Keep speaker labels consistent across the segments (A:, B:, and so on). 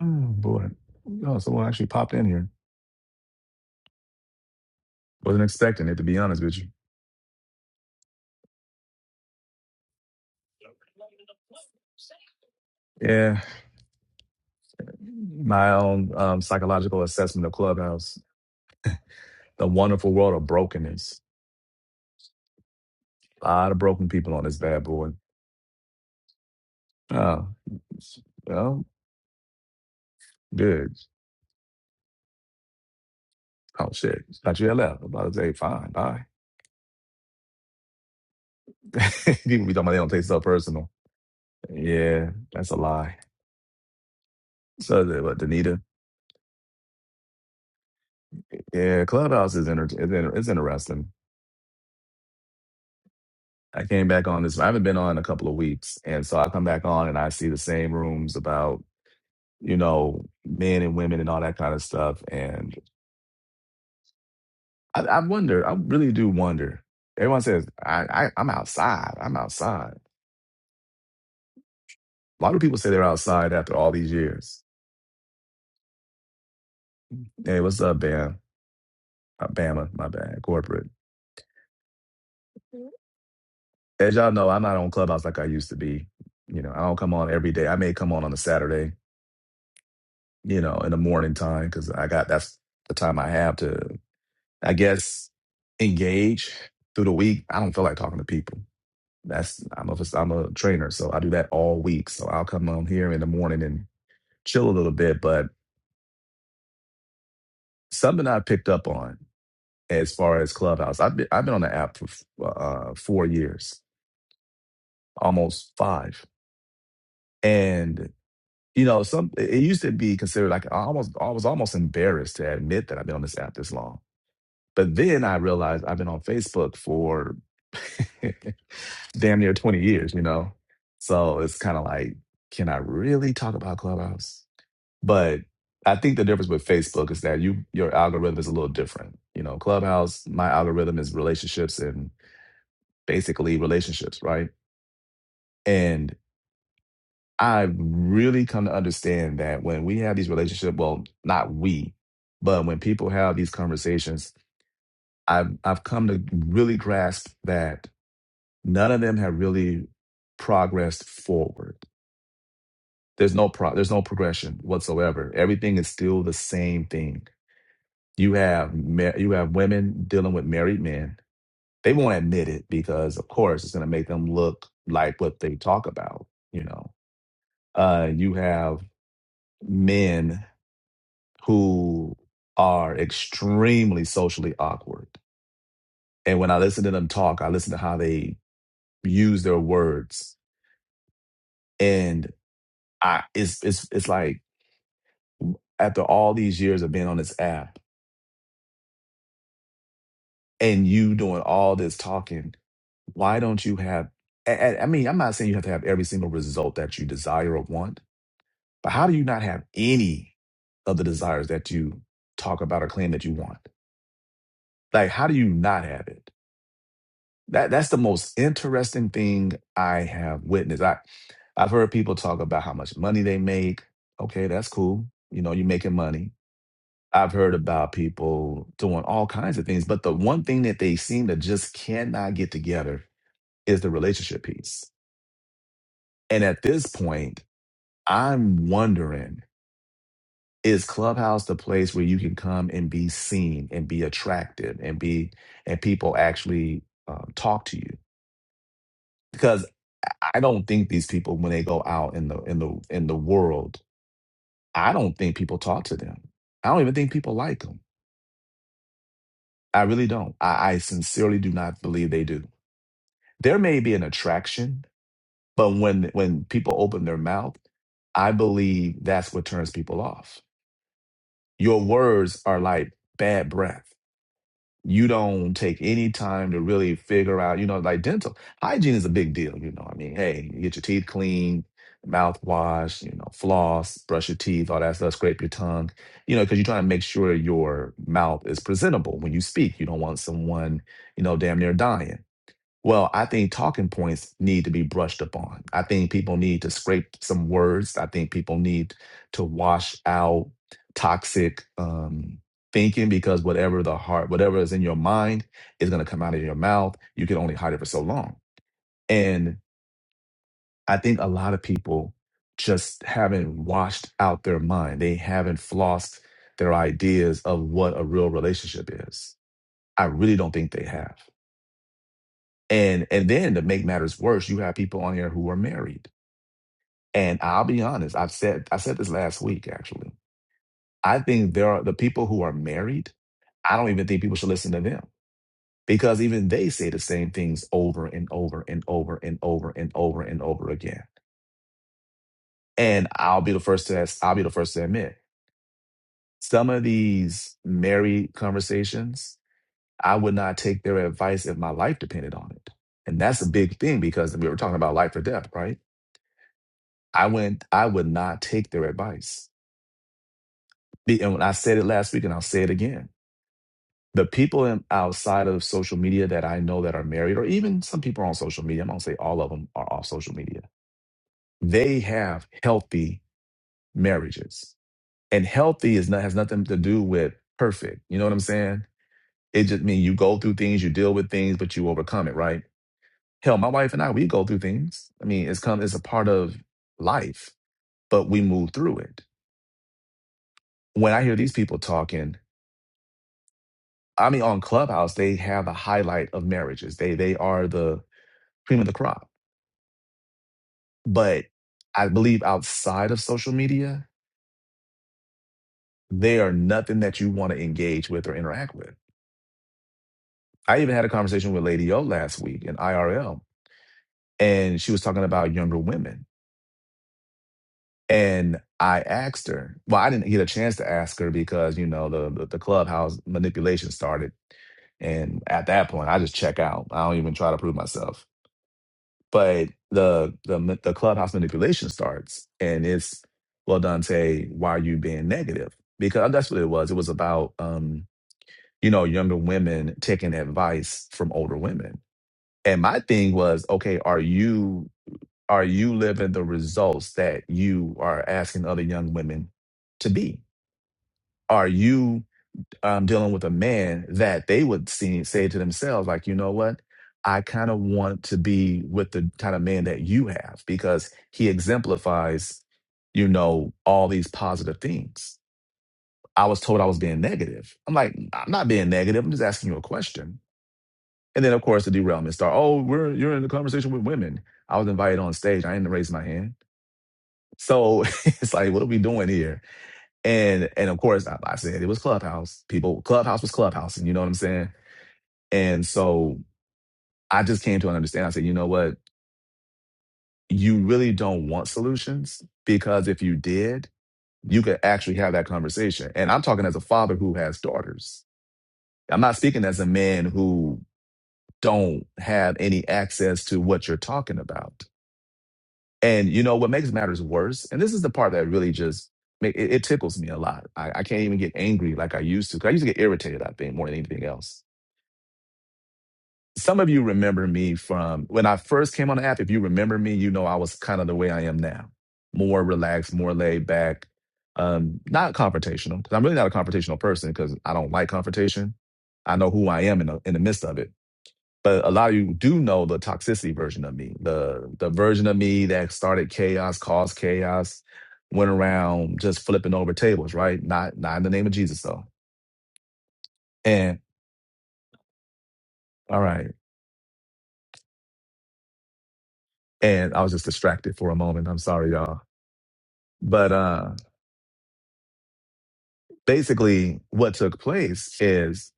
A: Oh boy. Oh, someone actually popped in here. Wasn't expecting it to be honest with you. Yeah. My own um, psychological assessment of Clubhouse. The wonderful world of brokenness. A lot of broken people on this bad boy. Oh. Well, good. Oh shit. Thought you had left. I'm about to say, fine, bye. people be talking about they don't take stuff personal. Yeah, that's a lie. So but Danita. Yeah, Clubhouse is inter- is, inter- is interesting. I came back on this. I haven't been on in a couple of weeks, and so I come back on and I see the same rooms about you know men and women and all that kind of stuff. And I, I wonder. I really do wonder. Everyone says I, I I'm outside. I'm outside. A lot of people say they're outside after all these years. Hey, what's up, Bam? Uh, Bama, my bad. Corporate. As y'all know, I'm not on Clubhouse like I used to be. You know, I don't come on every day. I may come on on a Saturday. You know, in the morning time because I got that's the time I have to. I guess engage through the week. I don't feel like talking to people. That's I'm a I'm a trainer, so I do that all week. So I'll come on here in the morning and chill a little bit. But something I picked up on as far as Clubhouse, I've been I've been on the app for uh, four years, almost five, and you know some it it used to be considered like I almost I was almost embarrassed to admit that I've been on this app this long. But then I realized I've been on Facebook for damn near 20 years, you know? So it's kind of like, can I really talk about Clubhouse? But I think the difference with Facebook is that you your algorithm is a little different. You know, Clubhouse, my algorithm is relationships and basically relationships, right? And I've really come to understand that when we have these relationships, well, not we, but when people have these conversations, I've I've come to really grasp that none of them have really progressed forward There's no pro. There's no progression whatsoever. Everything is still the same thing. You have ma- you have women dealing with married men. They won't admit it because, of course, it's going to make them look like what they talk about. You know, uh, you have men who are extremely socially awkward. And when I listen to them talk, I listen to how they use their words, and I it's it's it's like after all these years of being on this app. and you doing all this talking, why don't you have? I, I mean, I'm not saying you have to have every single result that you desire or want, but how do you not have any of the desires that you talk about or claim that you want? Like, how do you not have it? That that's the most interesting thing I have witnessed. I I've heard people talk about how much money they make. Okay, that's cool. You know, you're making money. I've heard about people doing all kinds of things, but the one thing that they seem to just cannot get together is the relationship piece. And at this point, I'm wondering is Clubhouse the place where you can come and be seen and be attractive and be, and people actually um, talk to you? Because I don't think these people, when they go out in the, in the, in the world, I don't think people talk to them. I don't even think people like them. I really don't. I, I sincerely do not believe they do. There may be an attraction, but when, when people open their mouth, I believe that's what turns people off. your words are like bad breath. You don't take any time to really figure out, you know, like dental hygiene is a big deal. You know, I mean, hey, you get your teeth clean, mouthwash, you know, floss, brush your teeth, all that stuff, scrape your tongue, you know, because you're trying to make sure your mouth is presentable when you speak. You don't want someone, you know, damn near dying. Well, I think talking points need to be brushed upon. I think people need to scrape some words. I think people need to wash out toxic um, thinking because whatever the heart, whatever is in your mind is going to come out of your mouth. You can only hide it for so long. And I think a lot of people just haven't washed out their mind. They haven't flossed their ideas of what a real relationship is. I really don't think they have. And and then to make matters worse, you have people on here who are married. And I'll be honest, I've said I said this last week actually. I think there are the people who are married, I don't even think people should listen to them because even they say the same things over and over and over and over and over and over again. And I'll be the first to ask, I'll be the first to admit some of these married conversations, I would not take their advice if my life depended on it. And that's a big thing because we were talking about life or death, right? I went, I would not take their advice. Be- And when I said it last week and I'll say it again. The people in, outside of social media that I know that are married, or even some people are on social media, I'm gonna say all of them are off social media. They have healthy marriages. And healthy is not has nothing to do with perfect. You know what I'm saying? It just means you go through things, you deal with things, but you overcome it, right? Hell, my wife and I, we go through things. I mean, it's come it's a part of life, but we move through it. When I hear these people talking, I mean, on Clubhouse, they have a highlight of marriages. They they are the cream of the crop. But I believe outside of social media, they are nothing that you want to engage with or interact with. I even had a conversation with Lady O last week in IRL, and she was talking about younger women. And I asked her, well, I didn't get a chance to ask her because, you know, the the, the clubhouse manipulation started. And at that point, I just check out. I don't even try to prove myself. but the the the clubhouse manipulation starts and it's well dante why are you being negative because uh, that's what it was it was about um you know younger women taking advice from older women and my thing was okay are you are you living the results that you are asking other young women to be are you um, dealing with a man that they would see, say to themselves, like, you know what? I kind of want to be with the kind of man that you have because he exemplifies, you know, all these positive things. I was told I was being negative. I'm like, I'm not being negative. I'm just asking you a question. And then, of course, the derailment start. Oh, we're you're in the conversation with women. I was invited on stage. I didn't raise my hand. So it's like, what are we doing here? And and of course, I, I said it was Clubhouse. People, Clubhouse was Clubhouse, and you know what I'm saying. And so I just came to an understanding. I said, you know what? You really don't want solutions because if you did, you could actually have that conversation. And I'm talking as a father who has daughters. I'm not speaking as a man who don't have any access to what you're talking about. And you know what makes matters worse, and this is the part that really just ma- it, it tickles me a lot. I, I can't even get angry like I used to. 'cause I used to get irritated, I think, more than anything else some of you remember me from when I first came on the app. If you remember me, you know I was kind of the way I am now more relaxed, more laid back, um, not confrontational, because I'm really not a confrontational person because I don't like confrontation. I know who I am in the, in the midst of it. But a lot of you do know the toxicity version of me, the the version of me that started chaos, caused chaos, went around just flipping over tables, right? Not not in the name of Jesus though. And all right, and I was just distracted for a moment. I'm sorry, y'all. But uh, basically, what took place is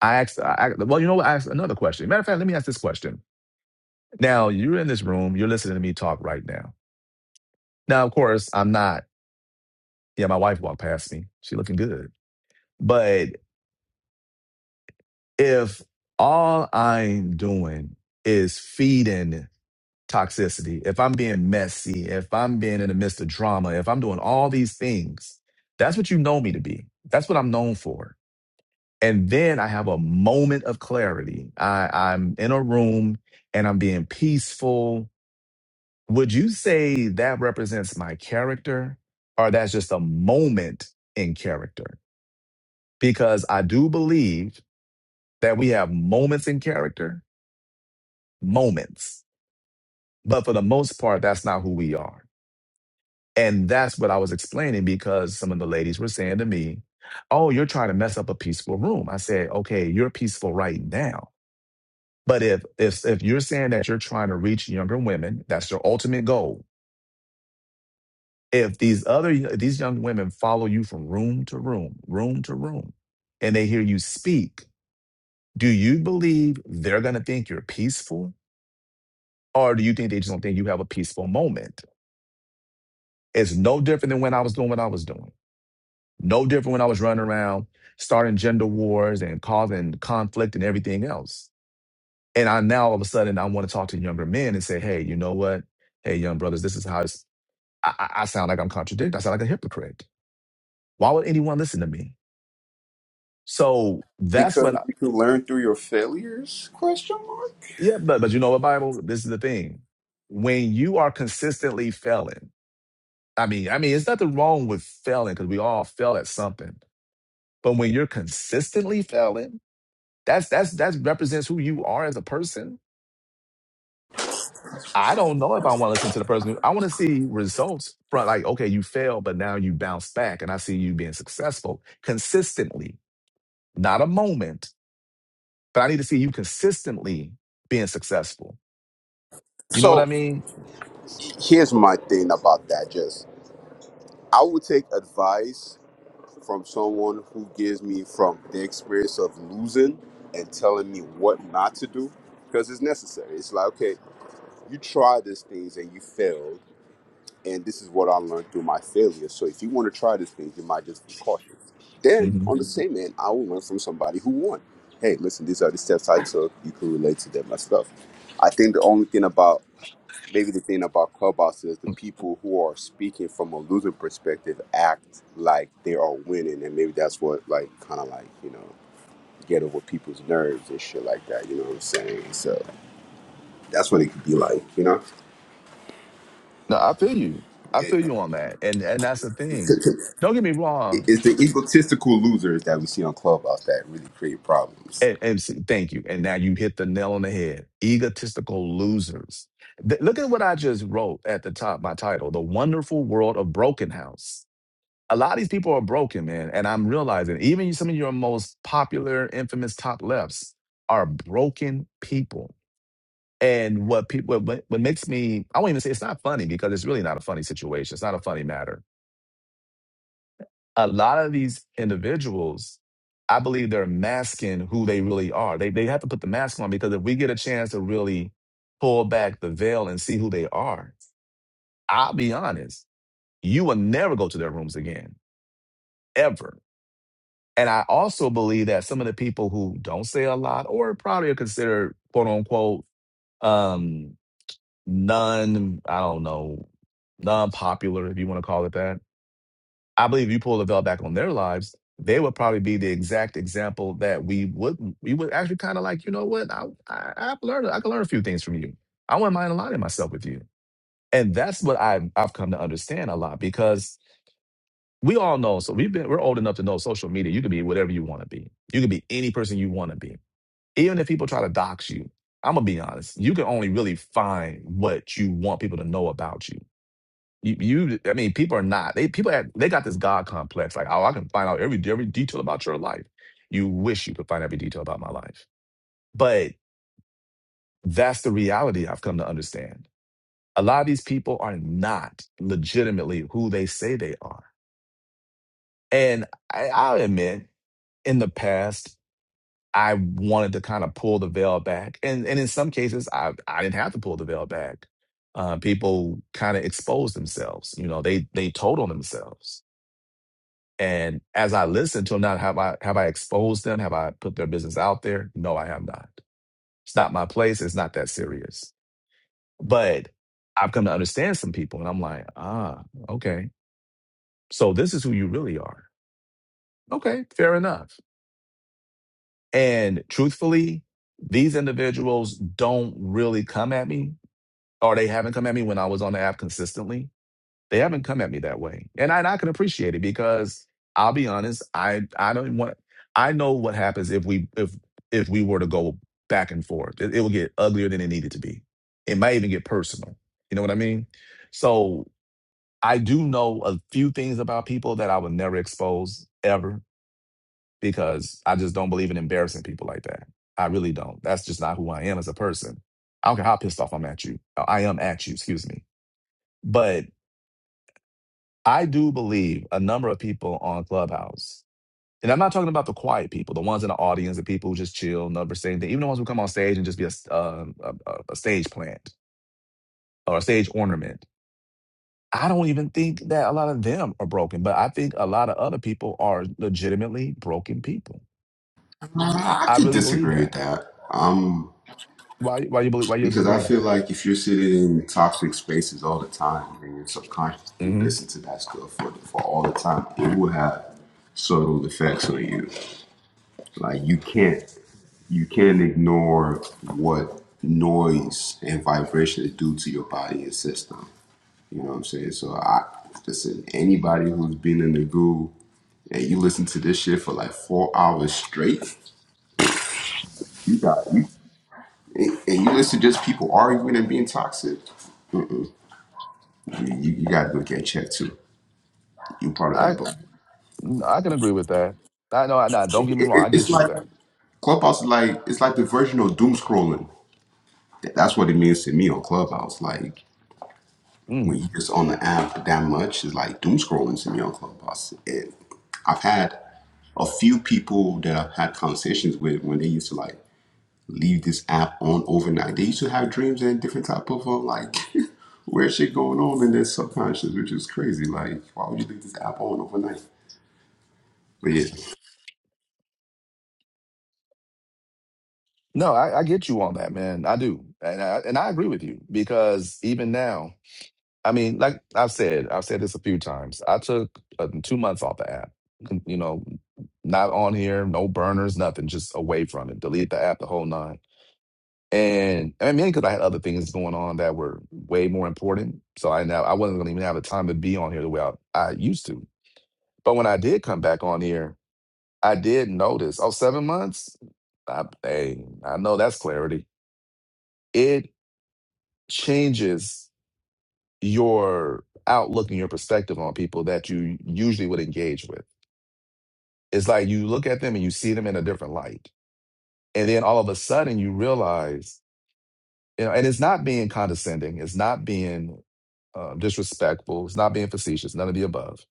A: I asked, I, I- well, you know what? I asked another question. Matter of fact, let me ask this question. Now, you're in this room, you're listening to me talk right now. Now, of course, I'm not. Yeah, my wife walked past me. She looking good. But if all I'm doing is feeding toxicity, if I'm being messy, if I'm being in the midst of drama, if I'm doing all these things, that's what you know me to be. That's what I'm known for And then I have a moment of clarity. I, I'm in a room and I'm being peaceful. Would you say that represents my character or that's just a moment in character? Because I do believe that we have moments in character, moments, but for the most part, that's not who we are. And that's what I was explaining because some of the ladies were saying to me, Oh, you're trying to mess up a peaceful room. I said, Okay, you're peaceful right now But if if if you're saying that you're trying to reach younger women, that's your ultimate goal. If these other these young women follow you from room to room, room to room, and they hear you speak, do you believe they're going to think you're peaceful, or do you think they just don't think you have a peaceful moment? It's no different than when I was doing what I was doing. No different when I was running around starting gender wars and causing conflict and everything else. And I now all of a sudden I want to talk to younger men and say, hey, you know what? hey, young brothers, this is how. it's. I, I I sound like I'm contradicting. I sound like a hypocrite. Why would anyone listen to me? So that's what.
B: because
A: I,
B: you can learn through your failures question mark
A: yeah, but but you know what, Bible. This is the thing. When you are consistently failing, I mean, I mean, it's nothing wrong with failing because we all fail at something. But when you're consistently failing, that's that's that represents who you are as a person. I don't know if I want to listen to the person. Who, I want to see results from like, okay, you failed, but now you bounce back, and I see you being successful consistently, not a moment but I need to see you consistently being successful. You know what I
B: so
A: mean?
B: here's my thing about that just i would take advice from someone who gives me from the experience of losing and telling me what not to do because it's necessary it's like okay you tried these things and you failed and this is what I learned through my failure. So if you want to try this thing, you might just be cautious. Then
A: hmm
B: on the same end, I will learn from somebody who won. Hey, listen, these are the steps I took. You can relate to them and stuff. I think the only thing about maybe the thing about Clubhouse is the people who are speaking from a losing perspective act like they are winning, and maybe that's what like kind of like you know get over people's nerves and shit like that. You know what I'm saying? So that's what it could be like. You
A: No, I feel you. I feel
B: know?
A: you on that, and and that's the thing. Don't get me
B: it-
A: wrong.
B: it's the egotistical losers that we see on Clubhouse that really create problems.
A: And, and see, thank you. And now you hit the nail on the head. Egotistical losers. Th- look at what I just wrote at the top. My title: The Wonderful World of Broken House. A lot of these people are broken, man, and I'm realizing even some of your most popular, infamous top lefts are broken people And what people what, what makes me I won't even say it's not funny because it's really not a funny situation. It's not a funny matter. A lot of these individuals, I believe they're masking who they really are. They they have to put the mask on because if we get a chance to really pull back the veil and see who they are, I'll be honest, you will never go to their rooms again. Ever. And I also believe that some of the people who don't say a lot or probably are considered quote unquote um, non, I don't know, non-popular, if you want to call it that. I believe if you pull the veil back on their lives, they would probably be the exact example that we would we would actually kind of like, you know what, I, I I've learned I can learn a few things from you. I wouldn't mind aligning myself with you. And that's what I've I've come to understand a lot because we all know, so we've been we're old enough to know social media, you can be whatever you want to be. You can be any person you want to be. Even if people try to dox you, I'm gonna be honest, you can only really find what you want people to know about you you, you, I mean, people are not. They people have, they got this God complex. Like, oh, I can find out every every detail about your life. You wish you could find every detail about my life, but that's the reality I've come to understand. A lot of these people are not legitimately who they say they are, and I, I'll admit, in the past, I wanted to kind of pull the veil back, and and in some cases, I I didn't have to pull the veil back. Uh, people kind of exposed themselves. You know, they they told on themselves And as I listen to them now, have I have I exposed them? Have I put their business out there? No, I have not. It's not my place. It's not that serious. But I've come to understand some people, and I'm like, ah, okay. So this is who you really are. Okay, fair enough. And truthfully, these individuals don't really come at me, or they haven't come at me when I was on the app consistently They haven't come at me that way. And I, and I can appreciate it because I'll be honest, I, I don't want I know what happens if we if if we were to go back and forth. It, it will get uglier than it needed to be. It might even get personal. You know what I mean? So I do know a few things about people that I would never expose ever because I just don't believe in embarrassing people like that. I really don't. That's just not who I am as a person. I don't care how pissed off I'm at you. uh, I am at you, excuse me. But I do believe a number of people on Clubhouse, and I'm not talking about the quiet people, the ones in the audience, the people who just chill, never say anything, even the ones who come on stage and just be a, s- uh, a, a a stage plant or a stage ornament. I don't even think that a lot of them are broken, but I think a lot of other people are legitimately broken people.
B: I, I
A: I
B: could
A: really believe
B: disagree with
A: that.
B: that. Um,
A: Why? Why you believe? Why you
B: because I
A: disagree?
B: feel like if you're sitting in toxic spaces all the time and you're subconsciously
A: hmm
B: listen to that stuff for, for all the time, it will have subtle effects on you. Like you can't you can't ignore what noise and vibrations do to your body and system. You know what I'm saying? So I listen, anybody who's been in the goo and you listen to this shit for like four hours straight, you got you and, and you listen to just people arguing and being toxic. Mm-mm. You, you, gotta go get checked too. You part of
A: I
B: that, but
A: I can agree with that. I know. I, now, don't get
B: it,
A: me wrong.
B: it,
A: I
B: it's
A: get you with
B: like Clubhouse is like it's like the version of doom scrolling. That- That's what it means to me on Clubhouse. Like
A: that.
B: when you just on the app that much, it's like doom scrolling to me on Clubhouse. And I've had a few people that I've had conversations with when they used to like leave this app on overnight. They used to have dreams and different type of uh, like weird shit going on in their subconscious, which is crazy. Like, why would you leave this app on overnight? But yeah,
A: No, I, I get you on that, man. I do, and I, and I agree with you because even now, I mean, like I've said, I've said this a few times. I took uh, two months off the app. Con- You know, not on here, no burners, nothing, just away from it. Delete the app, the whole nine. And I mean, because I had other things going on that were way more important, so I now I wasn't going to even have the time to be on here the way I, I used to. But when I did come back on here, I did notice. Oh, seven months. I, hey, I know that's clarity it changes your outlook and your perspective on people that you usually would engage with. It's like you look at them and you see them in a different light. And then all of a sudden you realize, you know, and it's not being condescending, it's not being um, disrespectful, it's not being facetious, none of the above.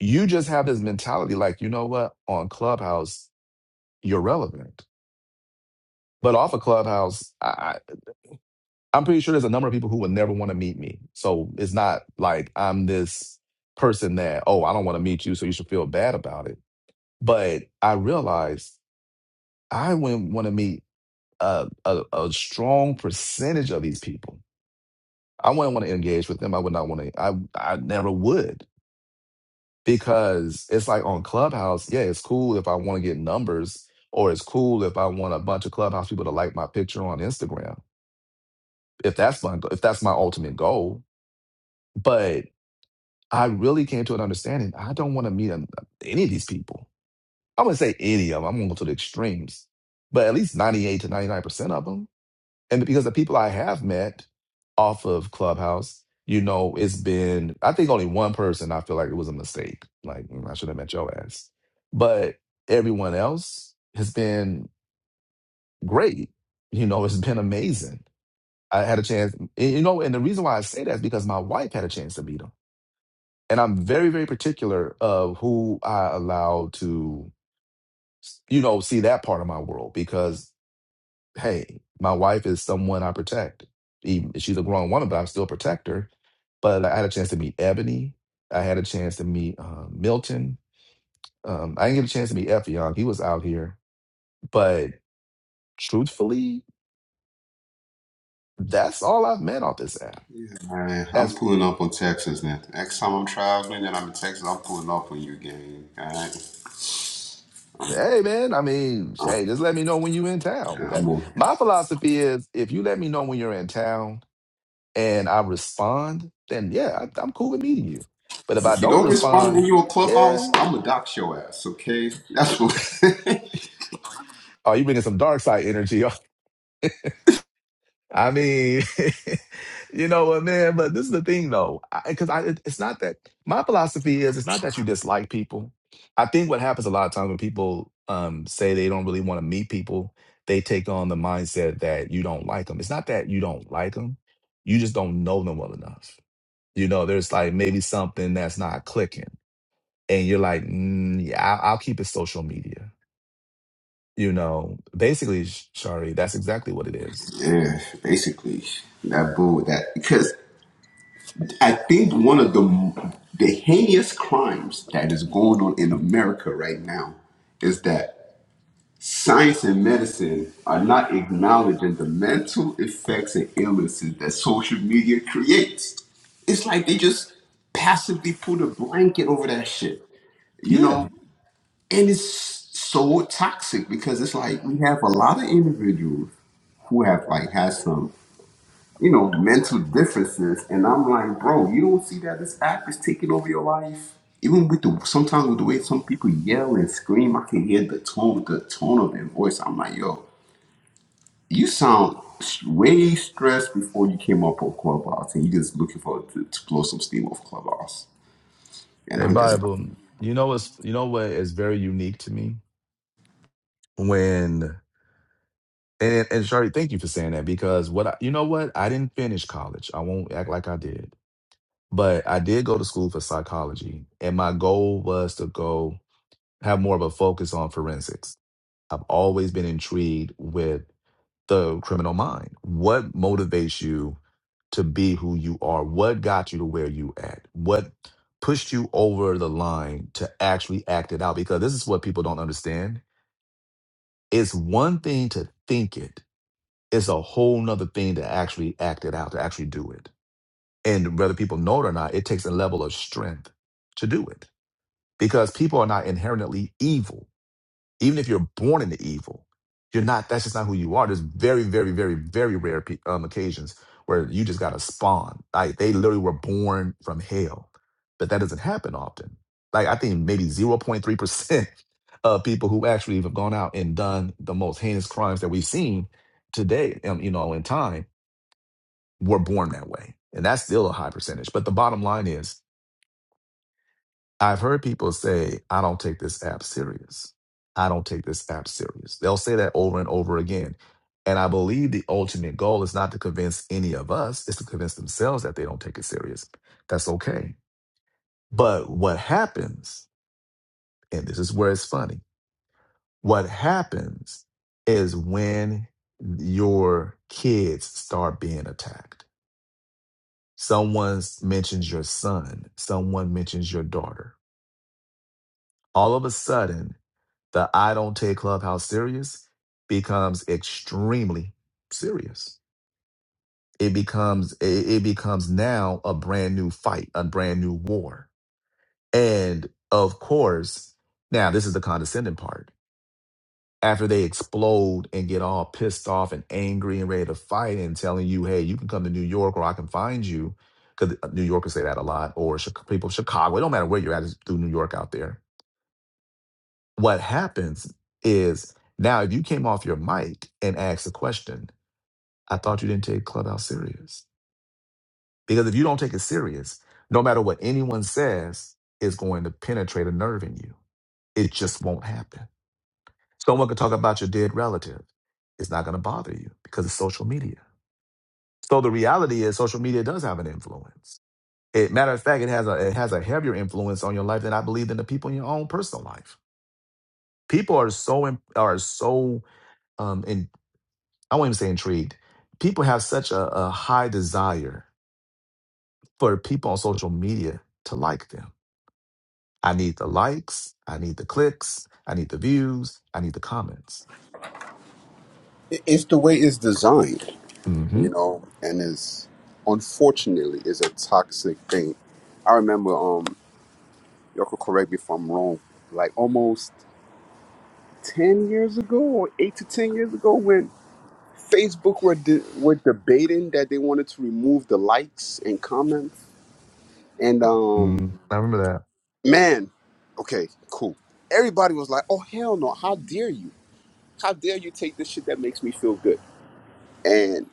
A: You just have this mentality like, you know what, on Clubhouse, you're relevant. But off of Clubhouse, I. I'm pretty sure there's a number of people who would never want to meet me. So it's not like I'm this person that, oh, I don't want to meet you, so you should feel bad about it. But I realized I wouldn't want to meet a, a, a strong percentage of these people. I wouldn't want to engage with them. I would not want to, I, I never would because it's like on Clubhouse, yeah, it's cool if I want to get numbers or it's cool if I want a bunch of Clubhouse people to like my picture on Instagram. If that's my, if that's my ultimate goal, but I really came to an understanding. I don't want to meet an- any of these people. I wouldn't say any of them. I'm going to go to the extremes, but at least 98 to 99% of them. And because the people I have met off of Clubhouse, you know, it's been, I think only one person I feel like it was a mistake. Like, "Mm, I should have met your ass. But everyone else has been great. You know, it's been amazing. I had a chance, and, you know, and the reason why I say that is because my wife had a chance to meet them and I'm very, very particular of who I allow to, you know, see that part of my world because, hey, my wife is someone I protect. Even she's a grown woman, but I'm still a protector. But I had a chance to meet Ebony. I had a chance to meet uh, Milton. Um, I didn't get a chance to meet Effion. He was out here. But truthfully, that's all I've met off this app.
B: man, I'm
A: As
B: pulling up on Texas now. Next time I'm traveling and I'm in Texas, I'm pulling up on you, gang. All right.
A: hey man, I mean,
B: Uh,
A: hey, just let me know when you in town.
B: yeah, I'm
A: That,
B: gonna-
A: my philosophy is if you let me know when you're in town, and I respond, then yeah, I, I'm cool with meeting you. But if I
B: if you
A: don't
B: don't respond when
A: respond,
B: you're a clubhouse,
A: yeah,
B: I'm gonna dox your ass, okay? That's what.
A: oh, you bringing some dark side energy. I mean, you know what, man? But this is the thing, though, because I, 'cause I- it- it's not that my philosophy is it's not that you dislike people. I think what happens a lot of times when people um, say they don't really want to meet people, they take on the mindset that you don't like them. It's not that you don't like them; you just don't know them well enough. You know, there's like maybe something that's not clicking and you're like, mm, yeah, I'll, I'll keep it social media. You know, basically, Sh- Shari, that's exactly what it is.
B: yeah, basically that bull that because I think one of the the heinous crimes that is going on in America right now is that science and medicine are not acknowledging the mental effects and illnesses that social media creates. It's like they just passively put a blanket over that shit, you
A: Yeah.
B: know? And it's so toxic because it's like we have a lot of individuals who have like had some you know, mental differences. And I'm like, bro, you don't see that this app is taking over your life. Even with the sometimes with the way some people yell and scream, I can hear the tone, the tone of their voice. I'm like, yo, you sound s- way stressed before you came up on Clubhouse, and you just looking for to, to blow some steam off Clubhouse. And
A: Hey,
B: I'm just like,
A: Bible, you know what's you know what is very unique to me when and and Shari, thank you for saying that because what I, you know what I didn't finish college. I won't act like I did, but I did go to school for psychology, and my goal was to go have more of a focus on forensics. I've always been intrigued with the criminal mind. What motivates you to be who you are? What got you to where you at? What pushed you over the line to actually act it out? Because this is what people don't understand. It's one thing to think it. It's a whole nother thing to actually act it out, to actually do it. And whether people know it or not, it takes a level of strength to do it because people are not inherently evil even if you're born into evil, you're not. That's just not who you are. There's very, very, very, very rare pe- um, occasions where you just got to spawn. Like they literally were born from hell, but that doesn't happen often. Like I think maybe zero point 0.3 percent of people who actually have gone out and done the most heinous crimes that we've seen today, um, you know, in time, were born that way, and that's still a high percentage. But the bottom line is I've heard people say, I don't take this app serious. I don't take this app serious. They'll say that over and over again. And I believe the ultimate goal is not to convince any of us, it's to convince themselves that they don't take it serious. That's okay. But what happens, and this is where it's funny, what happens is when your kids start being attacked. Someone mentions your son, someone mentions your daughter. All of a sudden, The I don't take Clubhouse serious becomes extremely serious. It becomes it, it becomes now a brand new fight, a brand new war. And of course, now this is the condescending part. After they explode and get all pissed off and angry and ready to fight and telling you, hey, you can come to New York or I can find you. Because New Yorkers say that a lot, or Chi- people in Chicago, it don't matter where you're at, it's through New York out there What happens is now if you came off your mic and asked a question, I thought you didn't take Clubhouse serious. Because if you don't take it serious, no matter what anyone says, it's going to penetrate a nerve in you. It just won't happen. Someone could talk about your dead relative. It's not going to bother you because it's social media. So the reality is social media does have an influence. It, matter of fact, it has a it has a heavier influence on your life than I believe than the people in your own personal life. People are so im- are so um I won't even say intrigued. People have such a, a high desire for people on social media to like them. I need the likes. I need the clicks. I need the views. I need the comments.
B: It- It's the way it's designed,
A: Mm-hmm.
B: you know, and it's unfortunately is a toxic thing. I remember, um, y'all could correct me if I'm wrong. Like almost. ten years ago or eight to ten years ago when Facebook were de- were debating that they wanted to remove the likes and comments. And um,
A: mm I remember
B: man, okay, cool. Everybody was like, "Oh hell no! How dare you? How dare you take this shit that makes me feel good?" And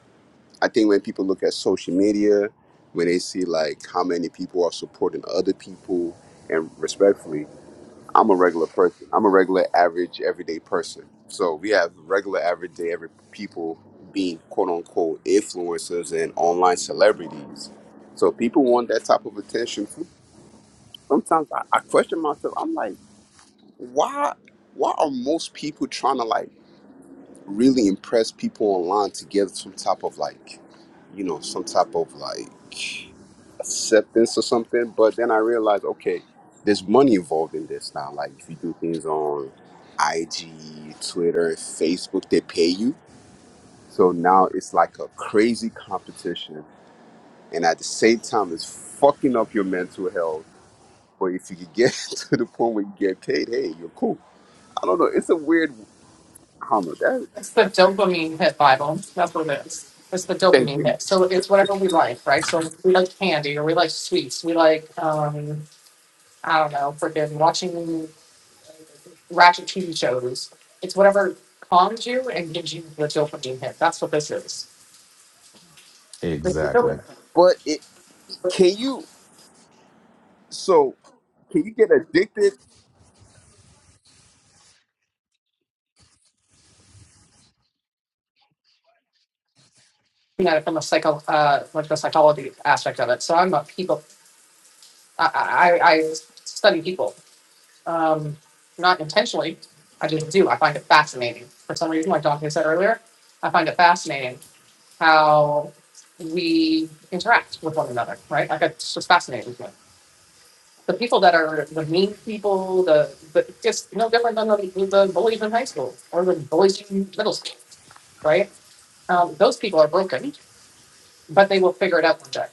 B: I think when people look at social media, when they see like how many people are supporting other people, and respectfully. I'm a regular person. I'm a regular, average, everyday person. So we have regular, everyday, every people being quote unquote influencers and online celebrities. So people want that type of attention too. Sometimes I, I question myself. I'm like, why? Why are most people trying to like? really impress people online to get some type of like, you know, some type of like acceptance or something. But then I realized, okay, there's money involved in this now. Like if you do things on IG, Twitter, Facebook, they pay you. So now it's like a crazy competition. And at the same time, it's fucking up your mental health. But if you could get to the point where you get paid, hey, you're cool. I don't know. It's a weird, I don't know. That,
C: It's the
B: that,
C: dopamine hit Bible. That's what it is. It's the
B: thank
C: dopamine
B: you.
C: hit. So it's whatever we like, right? So we like candy or we like sweets. We like, um, I don't know, freaking watching ratchet TV shows. It's whatever calms you and gives you the dopamine hit. That's what this is.
A: that
C: This is
A: exactly.
C: dopamine.
B: But it Can you so can you get addicted?
C: You know, from a psycho, uh, like the psychology aspect of it. So I'm a people. I, I I study people. um, not intentionally. I just do. I find it fascinating. For some reason, like Dante said earlier, I find it fascinating how we interact with one another, right? Like it's just fascinating to me. The people that are the mean people, the, the just no different than the, the bullies in high school or the bullies in middle school, right? Um, those people are broken, but they will figure it out one day.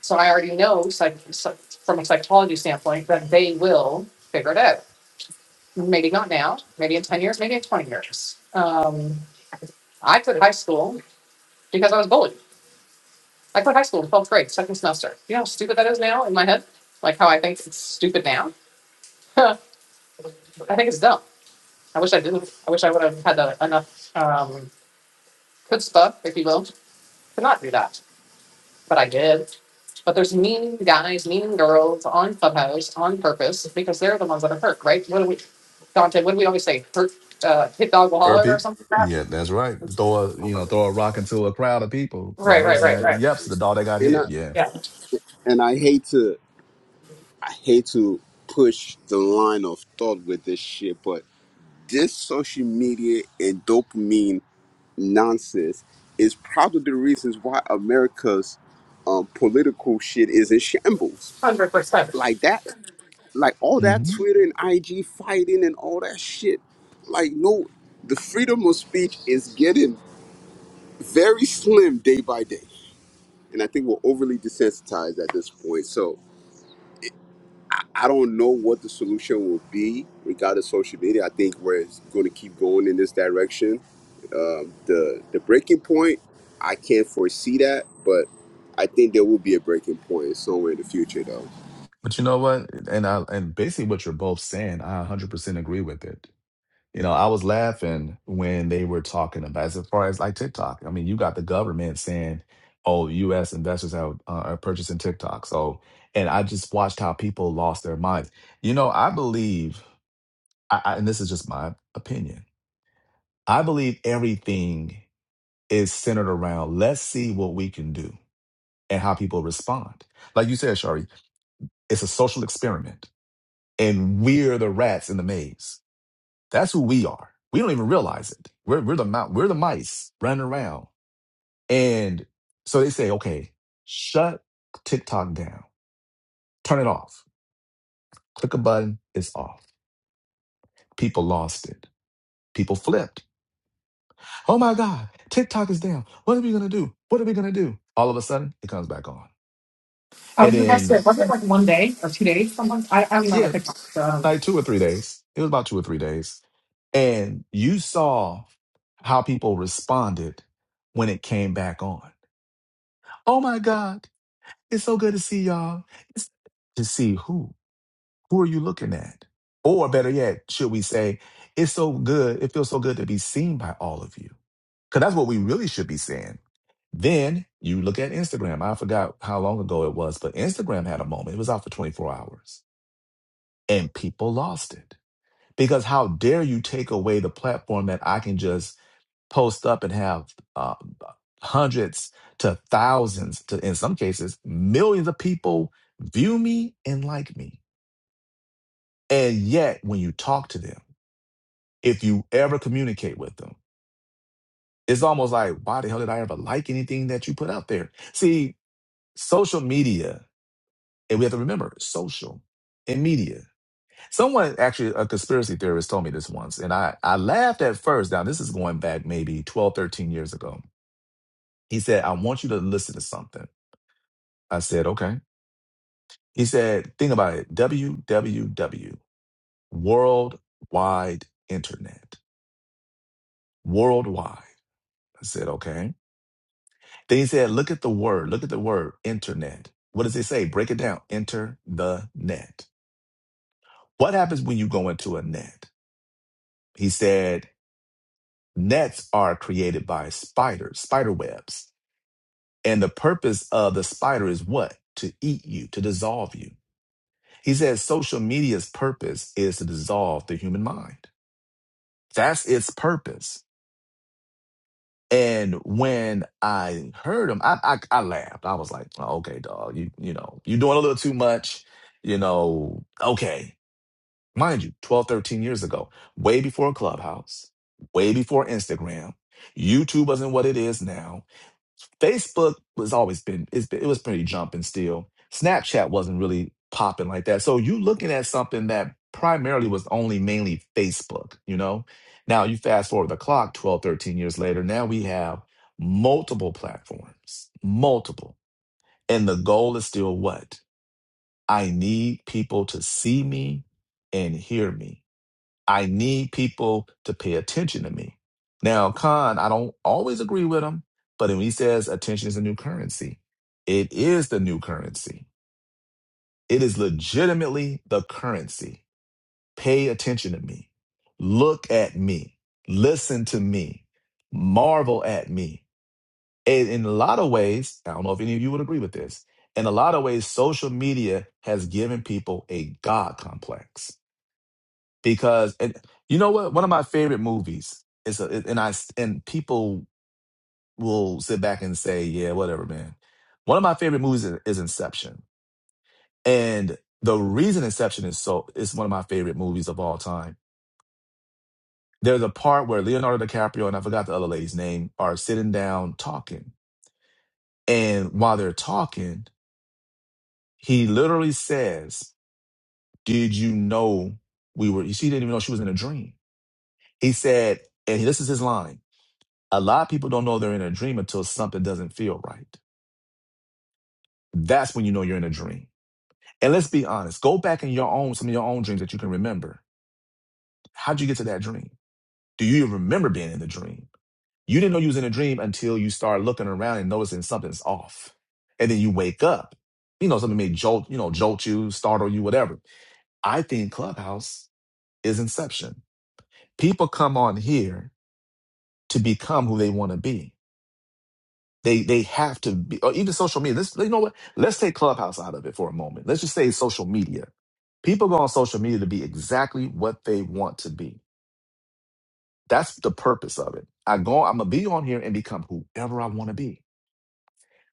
C: So I already know psych, psych, from a psychology standpoint that they will figure it out maybe not now, maybe in 10 years, maybe in 20 years. Um, I quit high school because I was bullied. I quit high school in 12th grade, second semester. You know how stupid that is now in my head? Like how I think it's stupid now? I think it's dumb. I wish I didn't. I wish I would have had the, enough um, chutzpah, if you will, to not do that. But I did. But there's mean guys, mean girls on Clubhouse on purpose because they're the ones that are hurt, right? What do we, Dante, what do we always say? Hurt, uh, hit dog will
A: Or
C: holler or
A: people,
C: something like that?
A: yeah, that's right. Throw a you know throw a rock into a crowd of people. The
C: Right, right,
A: person
C: right,
A: that
C: right.
A: yeps the dog that got
B: And I
A: hit. Yeah.
C: Yeah
B: and I hate to I hate to push the line of thought with this shit, but this social media and dopamine nonsense is probably the reasons why America's um, political shit is in shambles.
C: Hundred percent.
B: Like that like all that
A: hmm
B: Twitter and IG fighting and all that shit. Like, no, the freedom of speech is getting very slim day by day. and I think we're overly desensitized at this point. So I don't know what the solution will be regarding social media. I think we're going to keep going in this direction. Um, the the breaking point, I can't foresee that, but I think there will be a breaking point somewhere in the future, though.
A: But you know what? And I and basically what you're both saying, I 100% agree with it You know, I was laughing when they were talking about as far as like TikTok. I mean, you got the government saying, "Oh, U.S. investors have uh, are purchasing TikTok." So, and I just watched how people lost their minds. You know, I believe, I, I, and this is just my opinion. I believe everything is centered around let's see what we can do and how people respond. Like you said, Shari, it's a social experiment, and we're the rats in the maze That's who we are. We don't even realize it. We're we're the mou- we're the mice running around. And so they say, okay, shut TikTok down. Turn it off. Click a button, it's off. People lost it. People flipped. Oh my God, TikTok is down. What are we gonna do? What are we gonna do? All of a sudden, it comes back on.
C: I
A: And
C: was about to say,
A: then,
C: wasn't it like one day or two days? Someone, I, I'm not a
A: yeah,
C: TikTok, so I don't know.
A: like two or three days. It was about two or three days. And you saw how people responded when it came back on. Oh my God. It's so good to see y'all. It's to see who. Who are you looking at? Or better yet, should we say, it's so good, it feels so good to be seen by all of you. Because that's what we really should be saying. Then you look at Instagram. I forgot how long ago it was, but Instagram had a moment. It was out for 24 hours and people lost it. Because how dare you take away the platform that I can just post up and have uh, hundreds to thousands to in some cases millions of people view me and like me and yet when you talk to them if you ever communicate with them it's almost like why the hell did i ever like anything that you put out there see social media and we have to remember social and media someone actually a conspiracy theorist told me this once and i i laughed at first now this is going back maybe 12 13 years ago he said i want you to listen to something I said, okay. He said, think about it. W W W World Wide Internet. Worldwide. I said, okay. Then he said, look at the word. Look at the word internet. What does it say? Break it down. Enter the net. What happens when you go into a net? He said, nets are created by spiders, spider webs. And the purpose of the spider is what? To eat you, to dissolve you. He says social media's purpose is to dissolve the human mind. That's its purpose. And when I heard him, I, I I laughed. I was like, oh, okay, dog, you you know, you're doing a little too much, you know, okay. Mind you, 12 13 years ago, way before Clubhouse, way before Instagram, YouTube wasn't what it is now Facebook was always been, it's been it was pretty jumping still. Snapchat wasn't really popping like that. So you looking at something that primarily was only mainly Facebook, you know? Now you fast forward the clock 12, 13 years later, now we have multiple platforms, multiple. And the goal is still what? I need people to see me and hear me I need people to pay attention to me. Now, Khan, I don't always agree with him, but when he says attention is a new currency, it is the new currency. It is legitimately the currency. Pay attention to me. Look at me. Listen to me. Marvel at me. And in a lot of ways, I don't know if any of you would agree with this. In a lot of ways, social media has given people a God complex because and you know what one of my favorite movies is a, and I and people will sit back and say yeah whatever man one of my favorite movies is, is Inception and the reason Inception is so is one of my favorite movies of all time there's a part where Leonardo DiCaprio and I forgot the other lady's name are sitting down talking and while they're talking he literally says did you know we were she didn't even know she was in a dream he said and this is his line A lot of people don't know they're in a dream until something doesn't feel right. That's when you know you're in a dream. And let's be honest, go back in your own, some of your own dreams that you can remember. How'd you get to that dream? Do you even remember being in the dream? You didn't know you was in a dream until you start looking around and noticing something's off. And then you wake up. You know, something may jolt, you know, jolt you, startle you, whatever. I think Clubhouse is inception. People come on here to become who they want to be They they have to be, or even social media. Let's you know what? Let's take Clubhouse out of it for a moment. Let's just say social media. People go on social media to be exactly what they want to be. That's the purpose of it. I go, I'm gonna be on here and become whoever I want to be.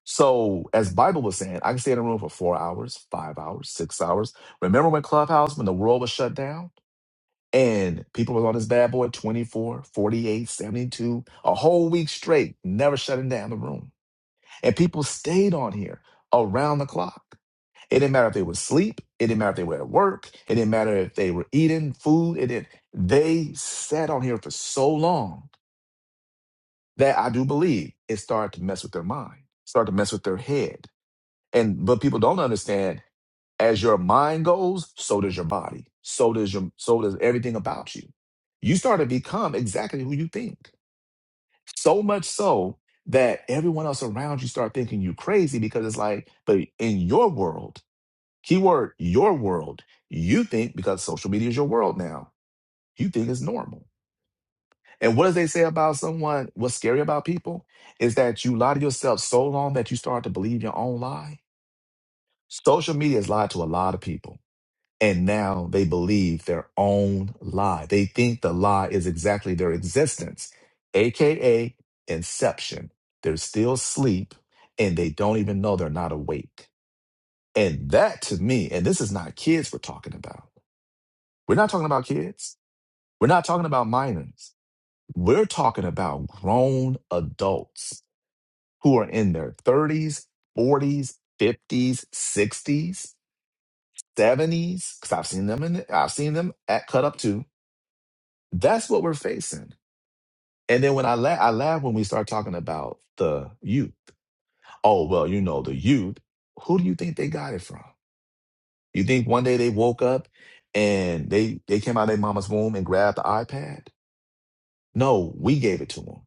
A: So, as Bible was saying, I can stay in a room for four hours, five hours, six hours. Remember when Clubhouse, when the world was shut down and people was on this bad boy 24, 48, 72, a whole week straight, never shutting down the room. And people stayed on here around the clock. It didn't matter if they were asleep. It didn't matter if they were at work. It didn't matter if they were eating food. It didn't. They sat on here for so long that I do believe it started to mess with their mind, started to mess with their head. And but people don't understand. As your mind goes, so does your body. So does your so does everything about you. You start to become exactly who you think. So much so that everyone else around you start thinking you crazy because it's like, but in your world, keyword your world, you think because social media is your world now, you think it's normal. And what does they say about someone? What's scary about people is that you lie to yourself so long that you start to believe your own lie. Social media has lied to a lot of people and now they believe their own lie. They think the lie is exactly their existence, AKA inception. They're still asleep and they don't even know they're not awake. And that to me, and this is not kids we're talking about. We're not talking about kids. We're not talking about minors. We're talking about grown adults who are in their 30s, 40s, 50s, 60s, 70s. Because I've seen them in, I've seen them at cut up too That's what we're facing. And then when I laugh, I laugh when we start talking about the youth. Oh, well, you know, the youth, who do you think they got it from? You think one day they woke up and they they came out of their mama's womb and grabbed the iPad? No, we gave it to them.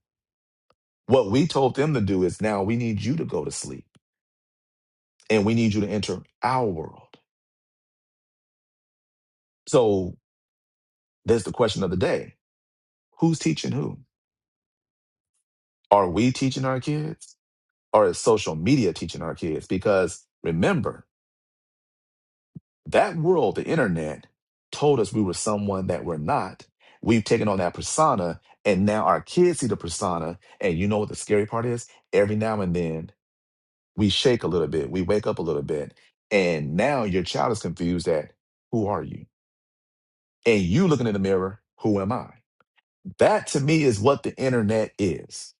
A: What we told them to do is now we need you to go to sleep and we need you to enter our world. So there's the question of the day. Who's teaching who? Are we teaching our kids? Or is social media teaching our kids? Because remember, That world, the internet, told us we were someone that we're not. We've taken on that persona, and now our kids see the persona. And you know what the scary part is? Every now and then, we shake a little bit, we wake up a little bit, and now your child is confused at who are you? And you looking in the mirror, who am I? That to me is what the internet is.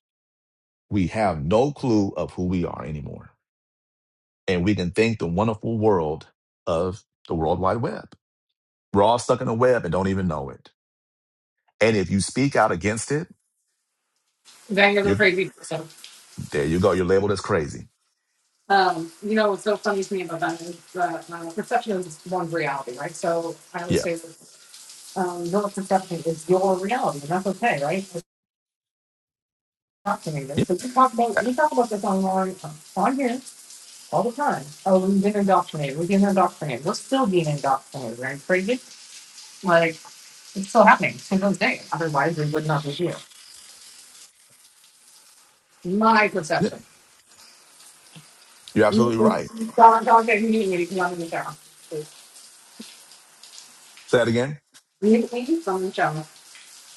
A: We have no clue of who we are anymore. And we can think the wonderful world of the World Wide Web. We're all stuck in a web and don't even know it. And if you speak out against it,
C: Daniel's a
A: you're
C: crazy person.
A: there. You go. You're labeled as crazy.
C: Um, you know what's so funny to me about that is that uh, perception is one's reality, right? So I would
A: Yeah.
C: say that um, your perception is your reality, and that's okay, right? It's not to me. This
A: Yeah.
C: so we talk about
A: That-
C: we talk about this online uh, on here all the time. Oh, we've been indoctrinated. We've been indoctrinated. We're still being indoctrinated, right? Crazy, like it's still happening to this day. Otherwise, we would not be here. My
A: yeah.
C: perception.
A: You're
C: You
A: absolutely
C: You
A: right.
C: to me if you want me. to go.
A: Say that again.
C: You please don't show.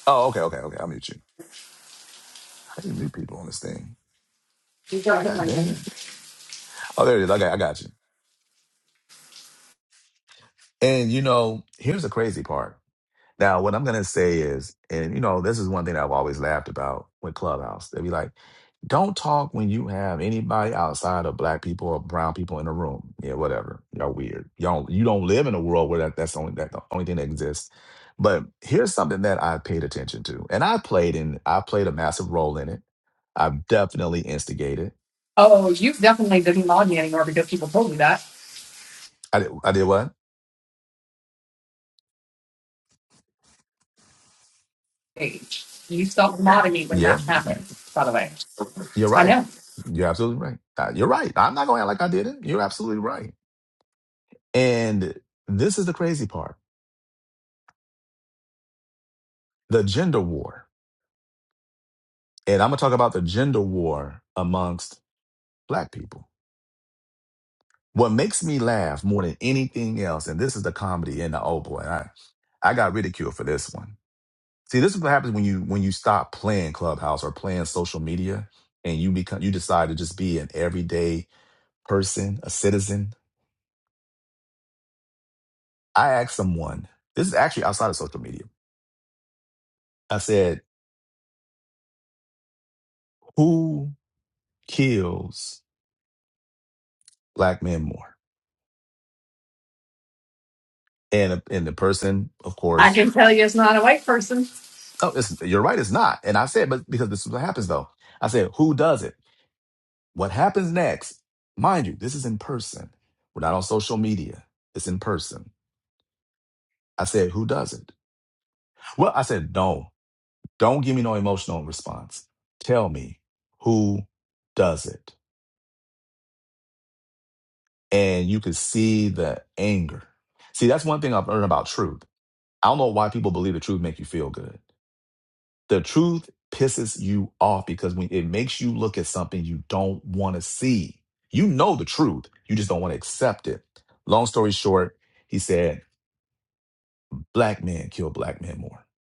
A: Oh, okay, okay, okay. I'll mute you. How do you mute people on this thing?
C: You don't hit
A: God
C: my name.
A: dang it. Oh, there it is. Okay, I got you. And you know, here's the crazy part. Now, what I'm going to say is, and you know, this is one thing I've always laughed about with Clubhouse. They'd be like, don't talk when you have anybody outside of black people or brown people in the room. Yeah, whatever. Y'all weird. Y'all, you don't live in a world where that, that's the only, that the only thing that exists. But here's something that I paid attention to. And I played in, I played a massive role in it. I definitely instigated.
C: Oh, you definitely didn't mod me anymore because people told me that.
A: I did, I did what?
C: Hey, you stopped modding me when
A: Yeah,
C: that happened, by the way.
A: you're
C: I
A: right.
C: know.
A: You're absolutely right. Uh, You're right. I'm not going to act like I didn't. You're absolutely right. And this is the crazy part the gender war. And I'm going to talk about the gender war amongst black people. What makes me laugh more than anything else, and this is the comedy in the oh boy, I, I got ridiculed for this one. See, this is what happens when you when you stop playing Clubhouse or playing social media and you become you decide to just be an everyday person, a citizen. I asked someone, this is actually outside of social media. I said, who kills black men more? and and the person, of
C: I
A: course,
C: can tell you it's not a white person.
A: oh, it's, you're right, it's not. And I said, but because this is what happens though. I said, who does it? What happens next? Mind you, this is in person. We're not on social media. It's in person. I said, who does it? Well, I said, no, don't give me no emotional response. Tell me who does it. And you could see the anger. See, that's one thing I've learned about truth. I don't know why people believe the truth make you feel good. The truth pisses you off because when it makes you look at something you don't want to see. You know the truth, you just don't want to accept it. Long story short, he said, Black men kill black men more. I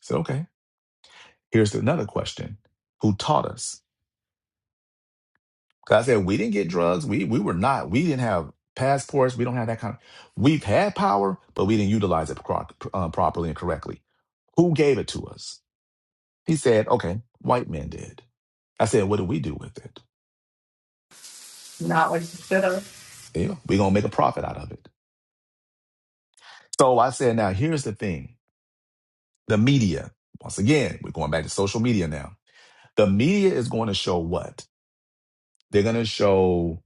A: said, okay. Here's another question Who taught us? Because I said, we didn't get drugs. We, we were not, we didn't have passports. We don't have that kind of, we've had power, but we didn't utilize it pro- uh, properly and correctly. Who gave it to us? He said, okay, white men did. I said, what do we do with it?
C: Not what you should
A: Yeah, we're gonna make a profit out of it. So I said, now here's the thing: the media. Once again, we're going back to social media now. The media is going to show what they're going to show.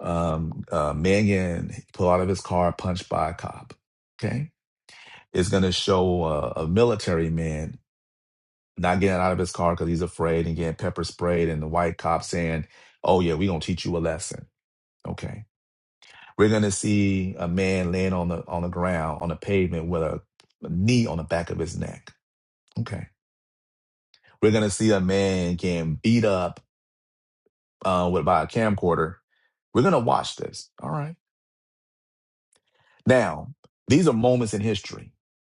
A: Um, uh, Mangan pull out of his car, punched by a cop. Okay, it's going to show uh, a military man not getting out of his car because he's afraid and getting pepper sprayed, and the white cop saying, "Oh yeah, we're gonna teach you a lesson." Okay, We're going to see a man laying on the on the ground on the pavement with a, a knee on the back of his neck. Okay. We're going to see a man getting beat up uh, with by a camcorder. We're going to watch this. All right. Now, these are moments in history.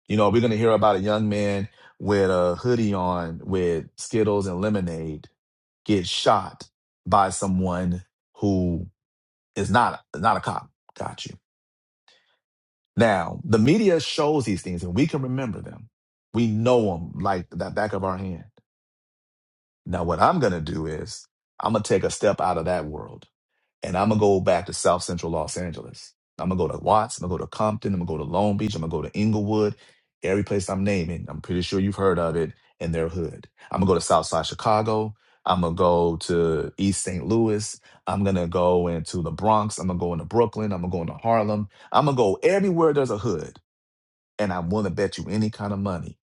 A: You know, we're going to hear about a young man with a hoodie on with Skittles and lemonade get shot by someone who is not not a cop. Gotcha. Now, the media shows these things and we can remember them. We know them like the back of our hand. Now, what I'm going to do is I'm going to take a step out of that world and I'm going to go back to South Central Los Angeles. I'm going to go to Watts. I'm going to go to Compton. I'm going to go to Long Beach. I'm going to go to Inglewood. Every place I'm naming, I'm pretty sure you've heard of it in their hood. I'm going to go to Southside Chicago. I'm going to go to East St. Louis. I'm going to go into the Bronx. I'm going to go into Brooklyn. I'm going to go into Harlem. I'm going to go everywhere there's a hood and I want to bet you any kind of money.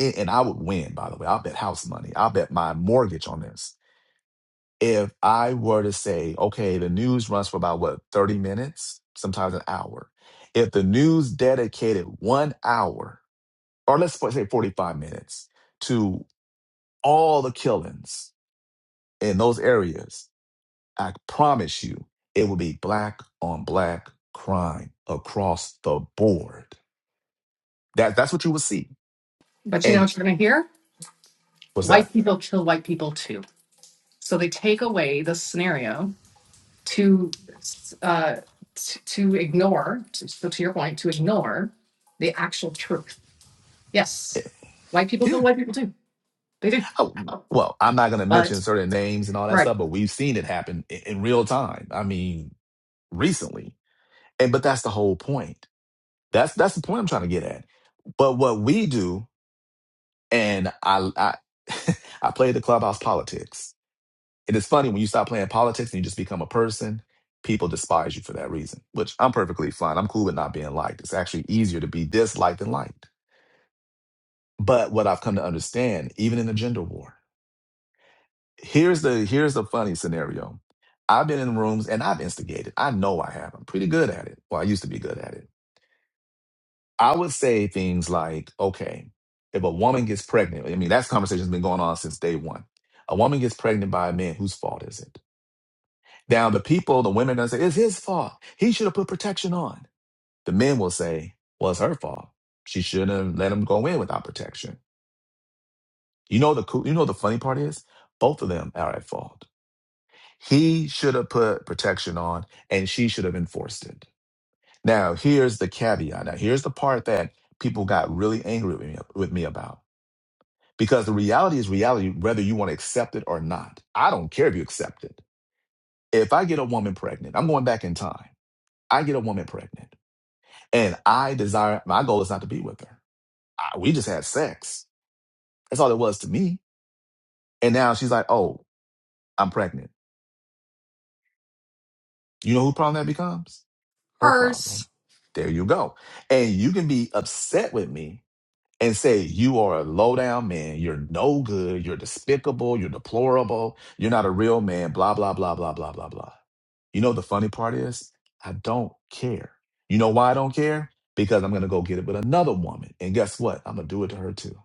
A: a- And I would win, by the way. I'll bet house money. I'll bet my mortgage on this. If I were to say, okay, the news runs for about what, 30 minutes, sometimes an hour. If the news dedicated one hour, or let's fo- say 45 minutes, to all the killings in those areas, I promise you it will be black on black crime across the board. That, that's what you will see.
C: But you know
A: And
C: what you're going to hear?
A: what's
C: White
A: that?
C: people kill white people too. So they take away the scenario to uh, t- to ignore, to, so to your point, to ignore the actual truth. Yes. White people
A: yeah.
C: kill white people too. They do.
A: Oh, well, I'm not going to mention
C: But
A: certain names and all that
C: right.
A: stuff, but we've seen it happen in, in real time. I mean, recently. And but that's the whole point. That's that's the point I'm trying to get at. But what we do, and I I, I play the clubhouse politics. It is funny when you stop playing politics and you just become a person. People despise you for that reason, which I'm perfectly fine. I'm cool with not being liked. It's actually easier to be disliked than liked. But what I've come to understand, even in a gender war. here's the here's the funny scenario. I've been in rooms and I've instigated. I know I have. I'm pretty good at it. Well, I used to be good at it. I would say things like, okay, if a woman gets pregnant, I mean, that conversation's been going on since day one. A woman gets pregnant by a man, whose fault is it? Now, the people, the women, that say, it's his fault. He should have put protection on. The men will say, well, it's her fault. She shouldn't have let him go in without protection. You know the cool, you know the funny part is, both of them are at fault He should have put protection on and she should have enforced it. Now, here's the caveat. Now, here's the part that people got really angry with me, with me about. Because the reality is reality, whether you want to accept it or not. I don't care if you accept it. If I get a woman pregnant, I'm going back in time. I get a woman pregnant and I desire, my goal is not to be with her. I, we just had sex. That's all it was to me. And now she's like, oh, I'm pregnant. You know who problem that becomes? her problem.
C: Hers,
A: There you go. And you can be upset with me and say, You are a low down man. You're no good. You're despicable. You're deplorable. You're not a real man. Blah, blah, blah, blah, blah, blah, blah. You know, the funny part is, I don't care. You know why I don't care? Because I'm going to go get it with another woman. And guess what? I'm going to do it to her too.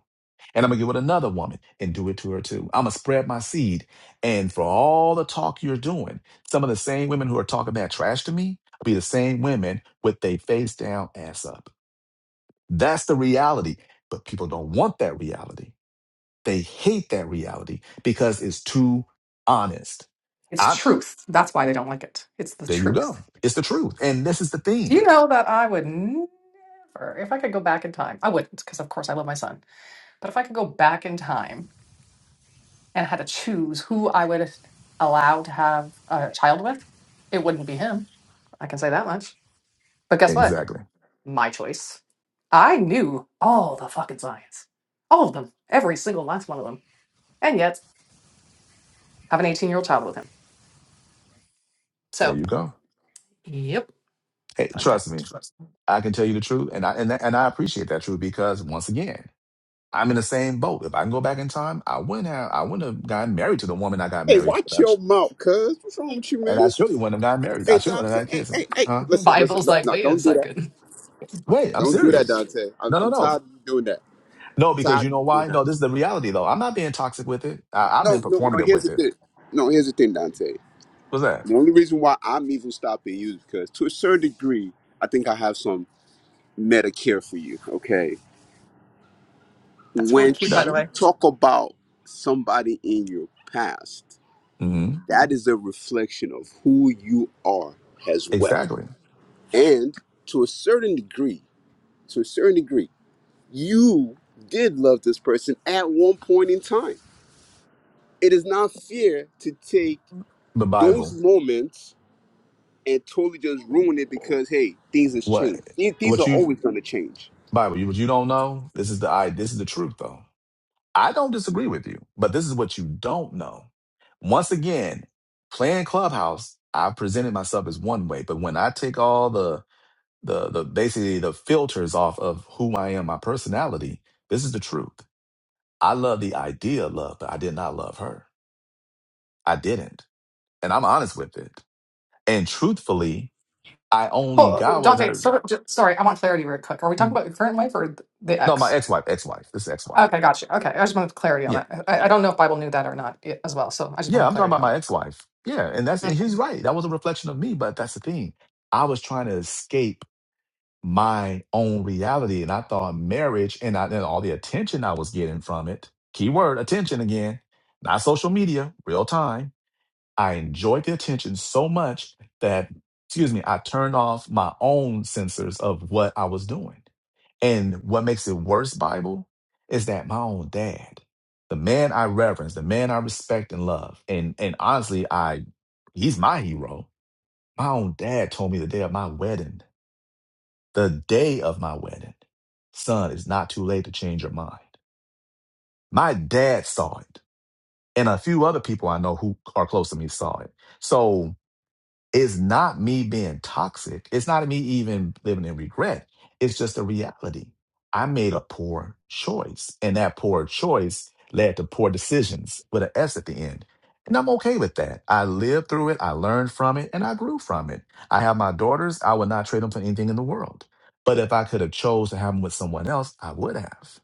A: And I'm gonna get with another woman and do it to her too. I'm gonna spread my seed. And for all the talk you're doing, some of the same women who are talking that trash to me will be the same women with their face down, ass up. That's the reality. But people don't want that reality. They hate that reality because it's too honest.
C: it's
A: I
C: truth. That's why they don't like it. It's the
A: there you go.
C: truth.
A: It's the truth. And this is the
C: Do you
A: thing.
C: know that I would never, if I could go back in time, I wouldn't, because of course I love my son, but if I could go back in time and had to choose who I would allow to have a child with, it wouldn't be him. I can say that much. But guess what?
A: Exactly.
C: My choice. I knew all the fucking science. All of them. Every single last one of them. And yet Have an 18 year old child with him.
A: There
C: So,
A: you go.
C: yep,
A: Hey,
C: fun fact.
A: trust me. I can tell you the truth, and I and, and I appreciate that truth because once again. I'm in the same boat. If I can go back in time, I wouldn't have. I wouldn't have gotten married to the woman I got
B: Hey,
A: married to,
B: watch
A: and
B: your
A: I
B: mouth, cuz. What's wrong with you,
A: and I
B: man?
A: surely wouldn't have gotten married. I
B: Hey,
A: surely wouldn't
B: Dante.
A: have had
B: Hey,
A: kids.
B: hey, hey.
A: Huh?
B: Listen, listen.
C: Bible's
B: No,
C: like,
B: no
C: wait a
B: don't do that.
C: second.
A: Wait, I'm
B: Don't do that,
A: serious.
B: Dante. I'm,
A: No, no,
B: I'm
A: no,
B: tired of you doing that.
A: no. Because
B: Tired
A: you
B: of
A: know
B: you doing
A: why?
B: that.
A: No, this is the reality though. I'm not being toxic with it. I, I've
B: No,
A: been
B: no, no.
A: performative
B: Here's
A: with
B: the
A: it.
B: thing. No, here's the thing, Dante.
A: What's that?
B: The only reason why I'm even stopping you is because, to a certain degree, I think I have some Medicare for you. Okay.
C: That's really
B: When
C: cute, by
A: No,
C: the
B: you
C: way.
B: talk about somebody in your past,
A: hmm
B: that is a reflection of who you are as well.
A: exactly.
B: And to a certain degree, to a certain degree, you did love this person at one point in time. It is not fair to take
A: The
B: those
A: Bible.
B: moments and totally just ruin it because hey, things has
A: What?
B: changed. These, these are
A: What
B: always
A: you
B: going to change.
A: Bible? You what you don't know? This is the I. This is the truth though. I don't disagree with you, but this is what you don't know. Once again, playing clubhouse, I presented myself as one way, but when I take all the the the basically the filters off of who I am, my personality, this is the truth. I love the idea of love, but I did not love her. I didn't. And I'm honest with it. And truthfully, I only
C: Oh,
A: got with
C: Dante,
A: her.
C: so, j- sorry, I want clarity real quick. Are we talking
A: mm,
C: about your current life or the
A: No, my
C: ex?
A: ex-wife, ex-wife. This is ex-wife.
C: Okay, gotcha. Okay, I just wanted clarity
A: Yeah.
C: on that. I, I don't know if Bible knew that or not i- as well, so I just
A: Yeah,
C: wanted
A: I'm talking
C: clarity
A: about
C: on
A: my
C: that.
A: ex-wife. Yeah, and that's and
C: Okay.
A: he's right. That was a reflection of me, but that's the thing. I was trying to escape my own reality, and I thought marriage and, I, and all the attention I was getting from it. Keyword attention again, not social media, real time I enjoyed the attention so much that, excuse me, I turned off my own sensors of what I was doing. And what makes it worse, Bible, is that my own dad, the man I reverence, the man I respect and love, and and honestly, I he's my hero. My own dad told me the day of my wedding, the day of my wedding, son, it's not too late to change your mind. My dad saw it, and a few other people I know who are close to me saw it. So It's not me being toxic. It's not me even living in regret. It's just a reality. I made a poor choice, and that poor choice led to poor decisions with an S at the end. And I'm okay with that. I lived through it, I learned from it, and I grew from it. I have my daughters. I would not trade them for anything in the world. But if I could have chose to have them with someone else, I would have.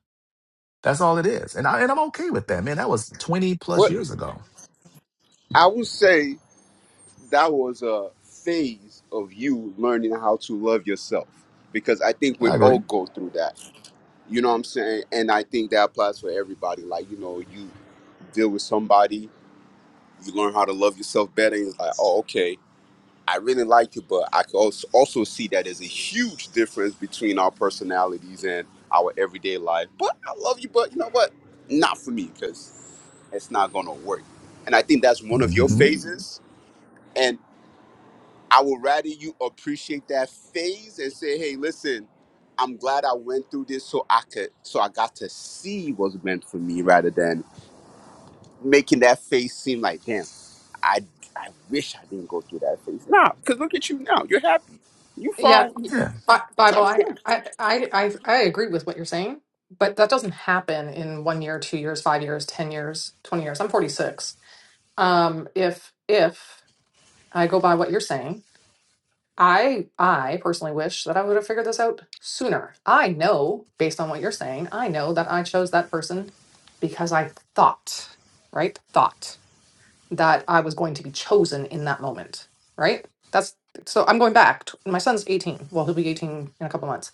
A: That's all it is. And, I, and I'm okay with that, man. That was 20 plus
B: But
A: years ago.
B: I would say that was a phase of you learning how to love yourself because I think we
A: I
B: all
A: agree.
B: go through that. You know what I'm saying? And I think that applies for everybody. Like, you know, you deal with somebody, you learn how to love yourself better, and it's like, oh, okay. I really like you, but I could also also see that there's a huge difference between our personalities and our everyday life. But I love you, but you know what? Not for me, because it's not gonna work. And I think that's one of your
A: hmm
B: phases. And I would rather you appreciate that phase and say, hey, listen, I'm glad I went through this so I could so I got to see what's meant for me rather than making that phase seem like damn. I I wish I didn't go through that phase. Nah, because look at you now. You're happy. You
C: Yeah,
B: found
A: Yeah,
C: Bi- Bible,
B: top
C: I,
B: ten.
C: I, I, I, I agree with what you're saying, but that doesn't happen in one year, two years, five years, ten years, twenty years. I'm 46. Um, if if I go by what you're saying. I I personally wish that I would have figured this out sooner. I know, based on what you're saying, I know that I chose that person because I thought, right? Thought that I was going to be chosen in that moment, right? That's so I'm going back. to- My son's 18. Well, he'll be 18 in a couple months.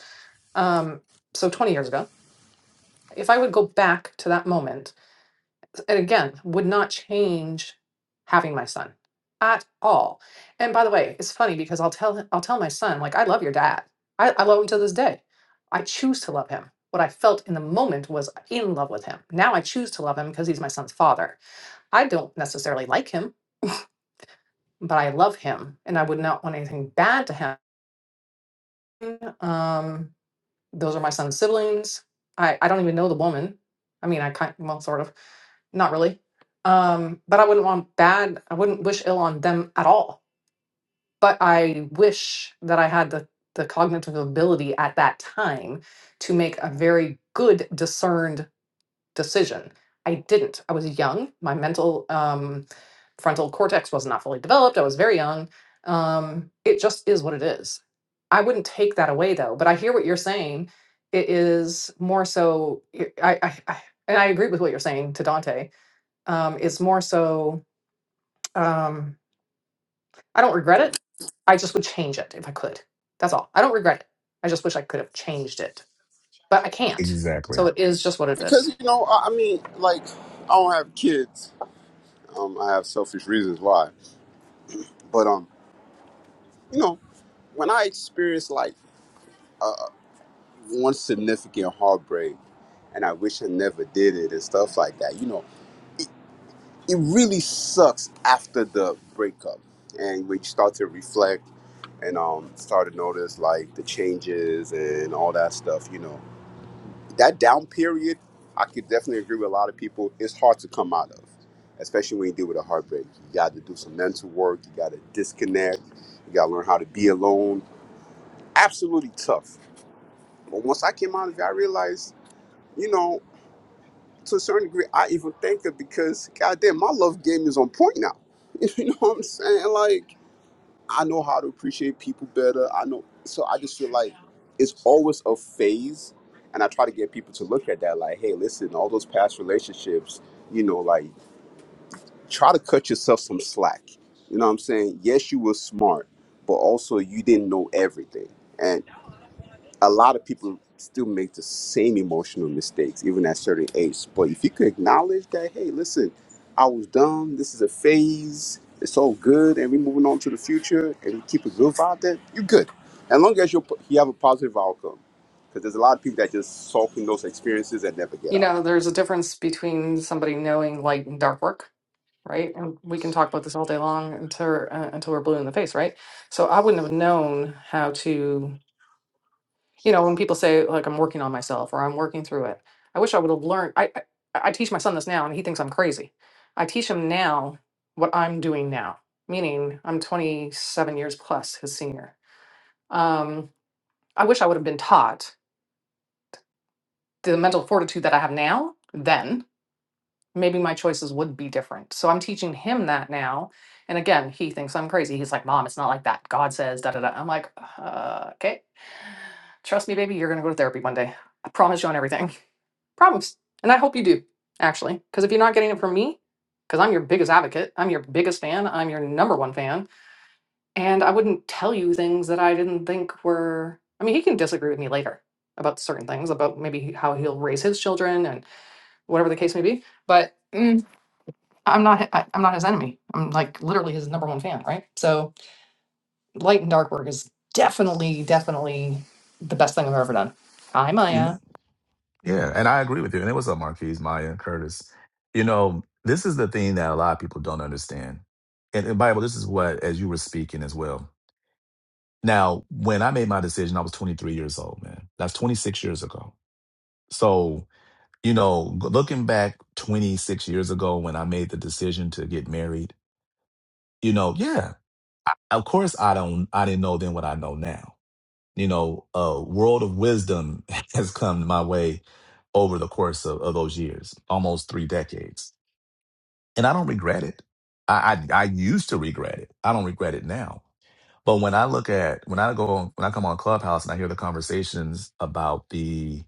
C: Um so 20 years ago. If I would go back to that moment and again, would not change having my son at all. And by the way, it's funny because I'll tell him, I'll tell my son, like, I love your dad. I, I love him to this day. I choose to love him. What I felt in the moment was in love with him. Now I choose to love him because he's my son's father. I don't necessarily like him, but I love him and I would not want anything bad to happen. Um, Those are my son's siblings. I, I don't even know the woman. I mean, I kind well, sort of, not really. Um, but I wouldn't want bad. I wouldn't wish ill on them at all. But I wish that I had the the cognitive ability at that time to make a very good discerned decision. I didn't. I was young. My mental um, frontal cortex was not fully developed. I was very young. Um, it just is what it is. I wouldn't take that away though. But I hear what you're saying. It is more so. I, I, I and I agree with what you're saying to Dante. Um, is more so. Um, I don't regret it. I just would change it if I could. That's all. I don't regret it. I just wish I could have changed it but I can't. So
A: exactly.
C: it is just what it
B: Because
C: is.
B: you know, I, I mean, like I don't have kids. Um, I have selfish reasons why. But um, you know, when I experienced like one significant heartbreak, and I wish I never did it and stuff like that. You know, it really sucks after the breakup, and when you start to reflect and um start to notice like the changes and all that stuff. You know that down period, I could definitely agree with a lot of people. It's hard to come out of, especially when you deal with a heartbreak. You got to do some mental work. You got to disconnect. You got to learn how to be alone. Absolutely tough. But once I came out of it, I realized, you know, to a certain degree, I even thank her because, goddamn, my love game is on point now. You know what I'm saying? Like. I know how to appreciate people better. I know. So I just feel like it's always a phase. And I try to get people to look at that like, hey, listen, all those past relationships, you know, like try to cut yourself some slack. You know what I'm saying? Yes, you were smart, but also you didn't know everything. and a lot of people still make the same emotional mistakes even at certain age but if you could acknowledge that hey listen i was dumb this is a phase it's all good and we're moving on to the future and we keep a good vibe then you're good as long as you you have a positive outcome because there's a lot of people that just sulk in those experiences and never get
C: You
B: out
C: know, there's a difference between somebody knowing light and dark work, right? And we can talk about this all day long until uh, until we're blue in the face, right? So I wouldn't have known how to. you know, when people say like I'm working on myself or I'm working through it, I wish I would have learned. I, I I teach my son this now, and he thinks I'm crazy. I teach him now what I'm doing now, meaning I'm 27 years plus his senior. Um, I wish I would have been taught the mental fortitude that I have now. Then maybe my choices would be different. So I'm teaching him that now. And again, he thinks I'm crazy. He's like, "Mom, it's not like that. God says da da da." I'm like, uh, "Okay, trust me, baby. You're gonna go to therapy one day. I promise you on everything." Promise. And I hope you do, actually. Because if you're not getting it from me, because I'm your biggest advocate, I'm your biggest fan, I'm your number one fan, and I wouldn't tell you things that I didn't think were. I mean, he can disagree with me later about certain things, about maybe how he'll raise his children and whatever the case may be. But mm, I'm not. I, I'm not his enemy. I'm like literally his number one fan, right? So light and dark work is definitely, definitely the best thing I've ever done. Hi,
A: You know.
C: Maya.
A: Yeah, and I agree with you. And it was up, Marquise, Maya, and Curtis. You know, this is the thing that a lot of people don't understand. And, and Bible, this is what, as you were speaking as well. Now, when I made my decision, I was 23 years old, man. That's 26 years ago. So, you know, g- looking back 26 years ago when I made the decision to get married, you know, yeah, I, of course I don't, I didn't know then what I know now. You know, a world of wisdom has come my way over the course of, of those years, almost three decades. And I don't regret it. I, I I used to regret it. I don't regret it now. But when I look at when I go on, when I come on Clubhouse and I hear the conversations about the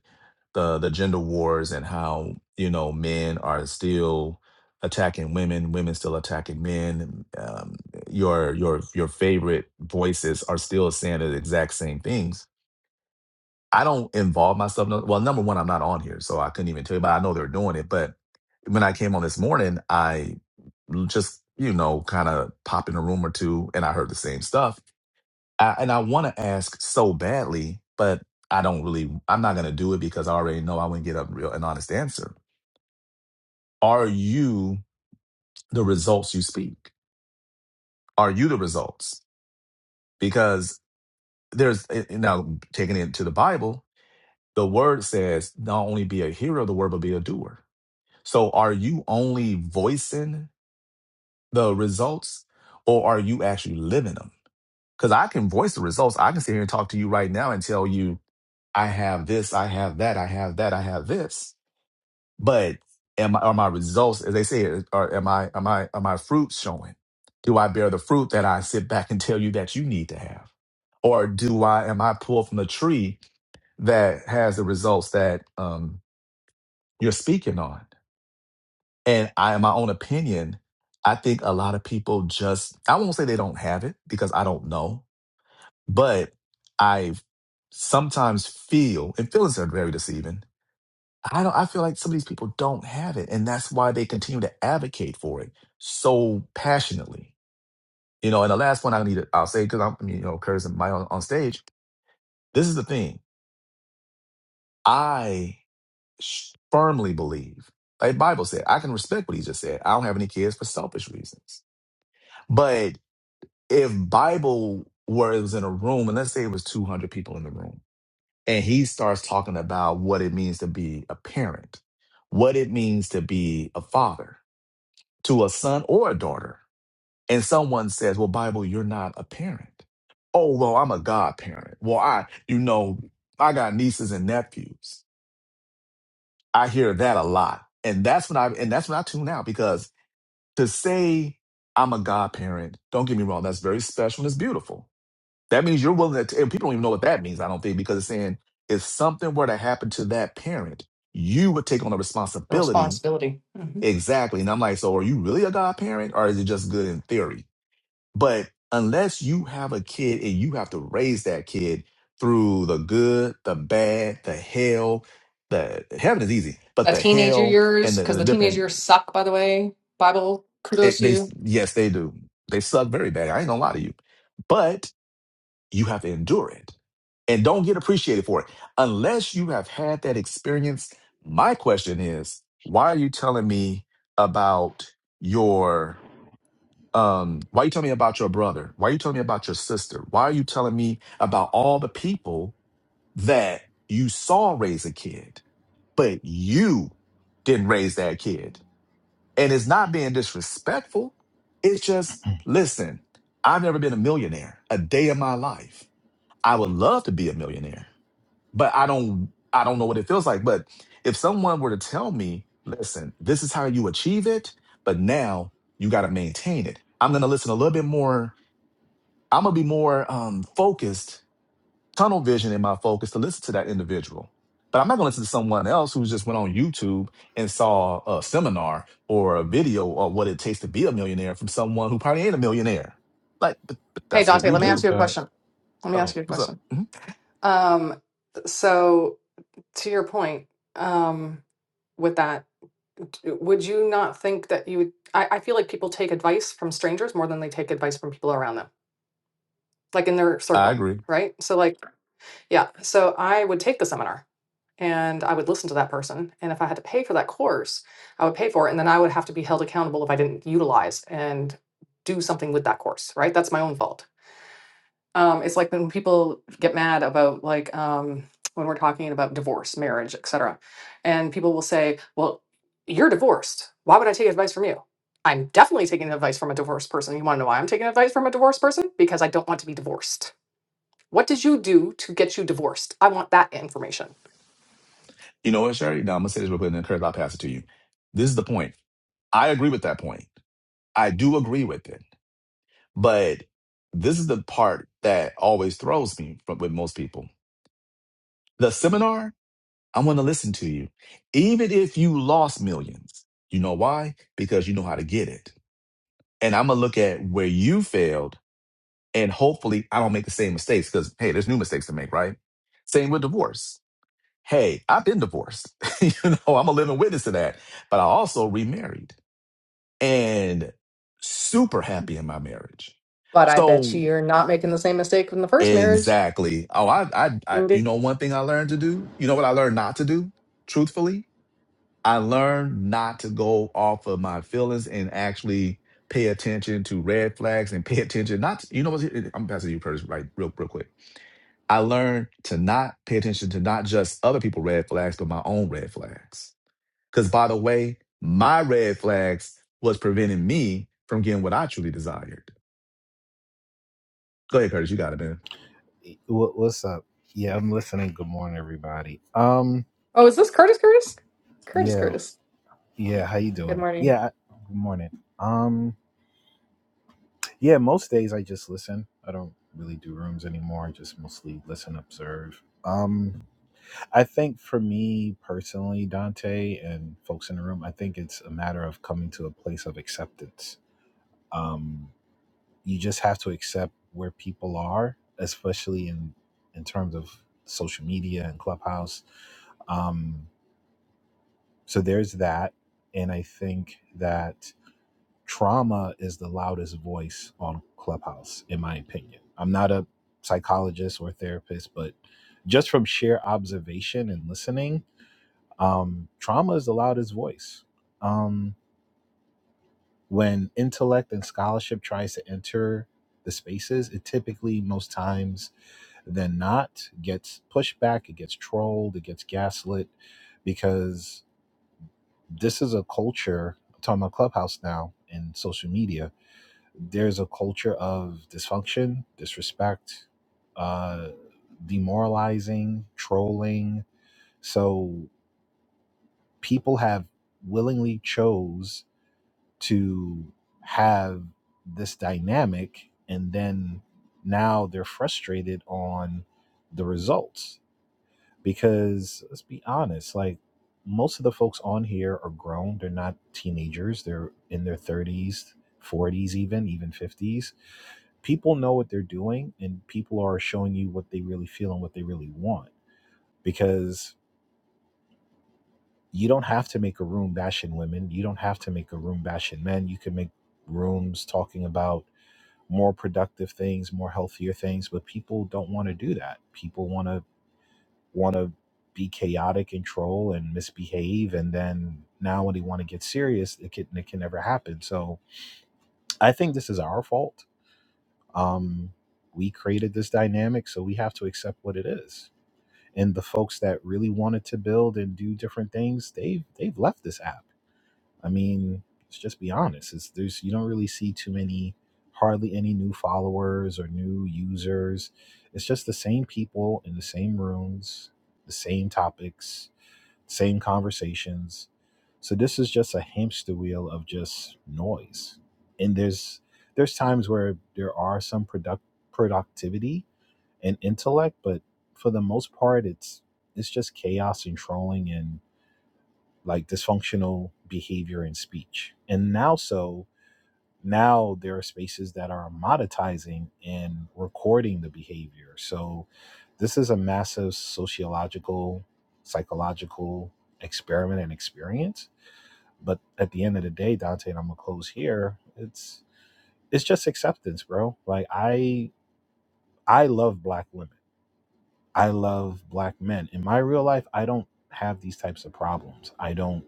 A: the the gender wars and how you know men are still attacking women, women still attacking men. Um, your your your favorite voices are still saying the exact same things I don't involve myself. no- Well, number one, I'm not on here, so I couldn't even tell you, but I know they're doing it. But when I came on this morning, I l- just, you know, kind of popped in a room or two and I heard the same stuff. I, and I want to ask so badly, but I don't really, I'm not going to do it because I already know I wouldn't get a real, an honest answer. Are you the results you speak? Are you the results? Because there's, eh, eh, now taking it to the Bible, the word says, not only be a hearer of the word, but be a doer So are you only voicing the results or are you actually living them? Because I can voice the results. I can sit here and talk to you right now and tell you, I have this, I have that, I have that, I have this. But am I, are my results, as they say, are am I am I are my fruits showing? Do I bear the fruit that I sit back and tell you that you need to have? Or do I am I pulled from the tree that has the results that um, you're speaking on? And I, in my own opinion, I think a lot of people just, I won't say they don't have it because I don't know, but I sometimes feel, and feelings are very deceiving. I don't, I feel like some of these people don't have it. And that's why they continue to advocate for it so passionately. You know, and the last one I need to, I'll say, because I'm, you know, cursing my on, on stage. This is the thing. I sh- firmly believe, like Bible said, I can respect what he just said. I don't have any kids for selfish reasons. But if Bible were it was in a room, and let's say it was 200 people in the room, and he starts talking about what it means to be a parent, what it means to be a father to a son or a daughter, and someone says, "Well, Bible, you're not a parent." Oh, well, I'm a godparent. Well, I, you know, I got nieces and nephews. I hear that a lot, and that's when I and that's when I tune out because to say I'm a godparent, don't get me wrong, that's very special and it's beautiful. That means you're willing to, and people don't even know what that means, I don't think, because it's saying if something were to happen to that parent, you would take on the
C: The
A: responsibility.
C: responsibility. hmm
A: Exactly. And I'm like, so are you really a godparent or is it just good in theory? But unless you have a kid and you have to raise that kid through the good, the bad, the hell, the heaven is easy, but
C: The
A: the
C: teenager
A: hell
C: years,
A: and the,
C: because
A: and the
C: the teenager
A: different,
C: years suck, by the way. Bible,
A: it,
C: kudos to
A: they,
C: you.
A: yes, they do. They suck very bad. I ain't gonna lie to you. but. You have to endure it and don't get appreciated for it unless you have had that experience. My question is, why are you telling me about your um why are you telling me about your brother? Why are you telling me about your sister? Why are you telling me about all the people that you saw raise a kid, but you didn't raise that kid? And it's not being disrespectful. It's just, listen, I've never been a millionaire a day in my life. I would love to be a millionaire, but I don't I don't know what it feels like. But if someone were to tell me, listen, this is how you achieve it, but now you got to maintain it. I'm going to listen a little bit more. I'm going to be more um, focused, tunnel vision in my focus to listen to that individual. But I'm not going to listen to someone else who just went on YouTube and saw a seminar or a video of what it takes to be a millionaire from someone who probably ain't a millionaire. Like, but, but
C: Hey,
A: that's what
C: Dante,
A: we
C: let me ask
A: do.
D: That
C: you a
D: that
C: question. Let me
A: Oh,
C: ask
D: oh.
C: you a
A: what's up?
C: question.
A: Mhm.
C: Um, so to your point um, with that, d- would you not think that you would? I, I feel like people take advice from strangers more than they take advice from people around them, like in their
A: I
C: circle,
A: agree.
C: right? So, like, yeah, so I would take the seminar and I would listen to that person. And if I had to pay for that course, I would pay for it. And then I would have to be held accountable if I didn't utilize and do something with that course, right? That's my own fault. um, it's like when people get mad about like um, when we're talking about divorce, marriage, etc. And people will say, "Well, you're divorced. Why would I take advice from you?" I'm definitely taking advice from a divorced person. You want to know why I'm taking advice from a divorced person? Because I don't want to be divorced. What did you do to get you divorced? I want that information.
A: You know what, Sherry? Now I'm gonna say this real quick, and then Curtis, I'll pass it to you. This is the point. I agree with that point. I do agree with it. But this is the part that always throws me from, with most people. The seminar, I'm gonna listen to you. Even if you lost millions. You know why? Because you know how to get it. And I'm gonna look at where you failed and hopefully I don't make the same mistakes because hey, there's new mistakes to make, right? Same with divorce. Hey, I've been divorced. you know, I'm a living witness to that. But I also remarried. and super happy in my marriage.
C: But I bet
A: So
C: you you're not making the same mistake in the first marriage.
A: exactly. Oh, I, I, I, you
C: Indeed.
A: know, one thing I learned to do. You know what I learned not to do? Truthfully, I learned not to go off of my feelings and actually pay attention to red flags and pay attention. Not, to- you know what? I'm passing you, Curtis, right? Real, real quick. I learned to not pay attention to not just other people' red flags, but my own red flags. Because by the way, my red flags was preventing me from getting what I truly desired. Go ahead, Curtis. You got it, man.
D: What what's up? Yeah, I'm listening. Good morning, everybody. Um,
C: Oh, is this Curtis? Curtis? Curtis?
D: yeah,
C: Curtis.
D: yeah. How you
C: Good
D: doing?
C: morning.
D: Yeah, I- good morning. Um, yeah. Most days I just listen. I don't really do rooms anymore. I just mostly listen, observe. Um, I think for me personally, Dante and folks in the room, I think it's a matter of coming to a place of acceptance. Um, you just have to accept where people are, especially in in terms of social media and clubhouse. Um, so there's that, and I think that trauma is the loudest voice on clubhouse, in my opinion. I'm not a psychologist or therapist, but just from sheer observation and listening, um, trauma is the loudest voice. Um, when intellect and scholarship tries to enter the spaces, it typically most times than not gets pushed back, it gets trolled, it gets gaslit because this is a culture. I'm talking about Clubhouse now and social media. There's a culture of dysfunction, disrespect, uh, demoralizing, trolling. So people have willingly chose to have this dynamic, and then now they're frustrated on the results because let's be honest, like most of the folks on here are grown. They're not teenagers. They're in their 30s, 40s, even, even 50s. People know what they're doing and people are showing you what they really feel and what they really want because you don't have to make a room bashing women. You don't have to make a room bashing men. You can make rooms talking about more productive things, more healthier things, but people don't want to do that. People want to want to be chaotic and troll and misbehave and then now when they want to get serious it can, it can never happen so i think this is our fault um we created this dynamic so we have to accept what it is and the folks that really wanted to build and do different things they've they've left this app i mean let's just be honest it's there's you don't really see too many hardly any new followers or new users it's just the same people in the same rooms the same topics same conversations. So this is just a hamster wheel of just noise. And there's there's times where there are some product productivity and intellect, but for the most part it's it's just chaos and trolling and like dysfunctional behavior and speech. And now so now there are spaces that are monetizing and recording the behavior. So this is a massive sociological, psychological experiment and experience. But at the end of the day, Dante, and I'm gonna close here, it's it's just acceptance, bro. Like I I love black women. I love black men. In my real life, I don't have these types of problems. I don't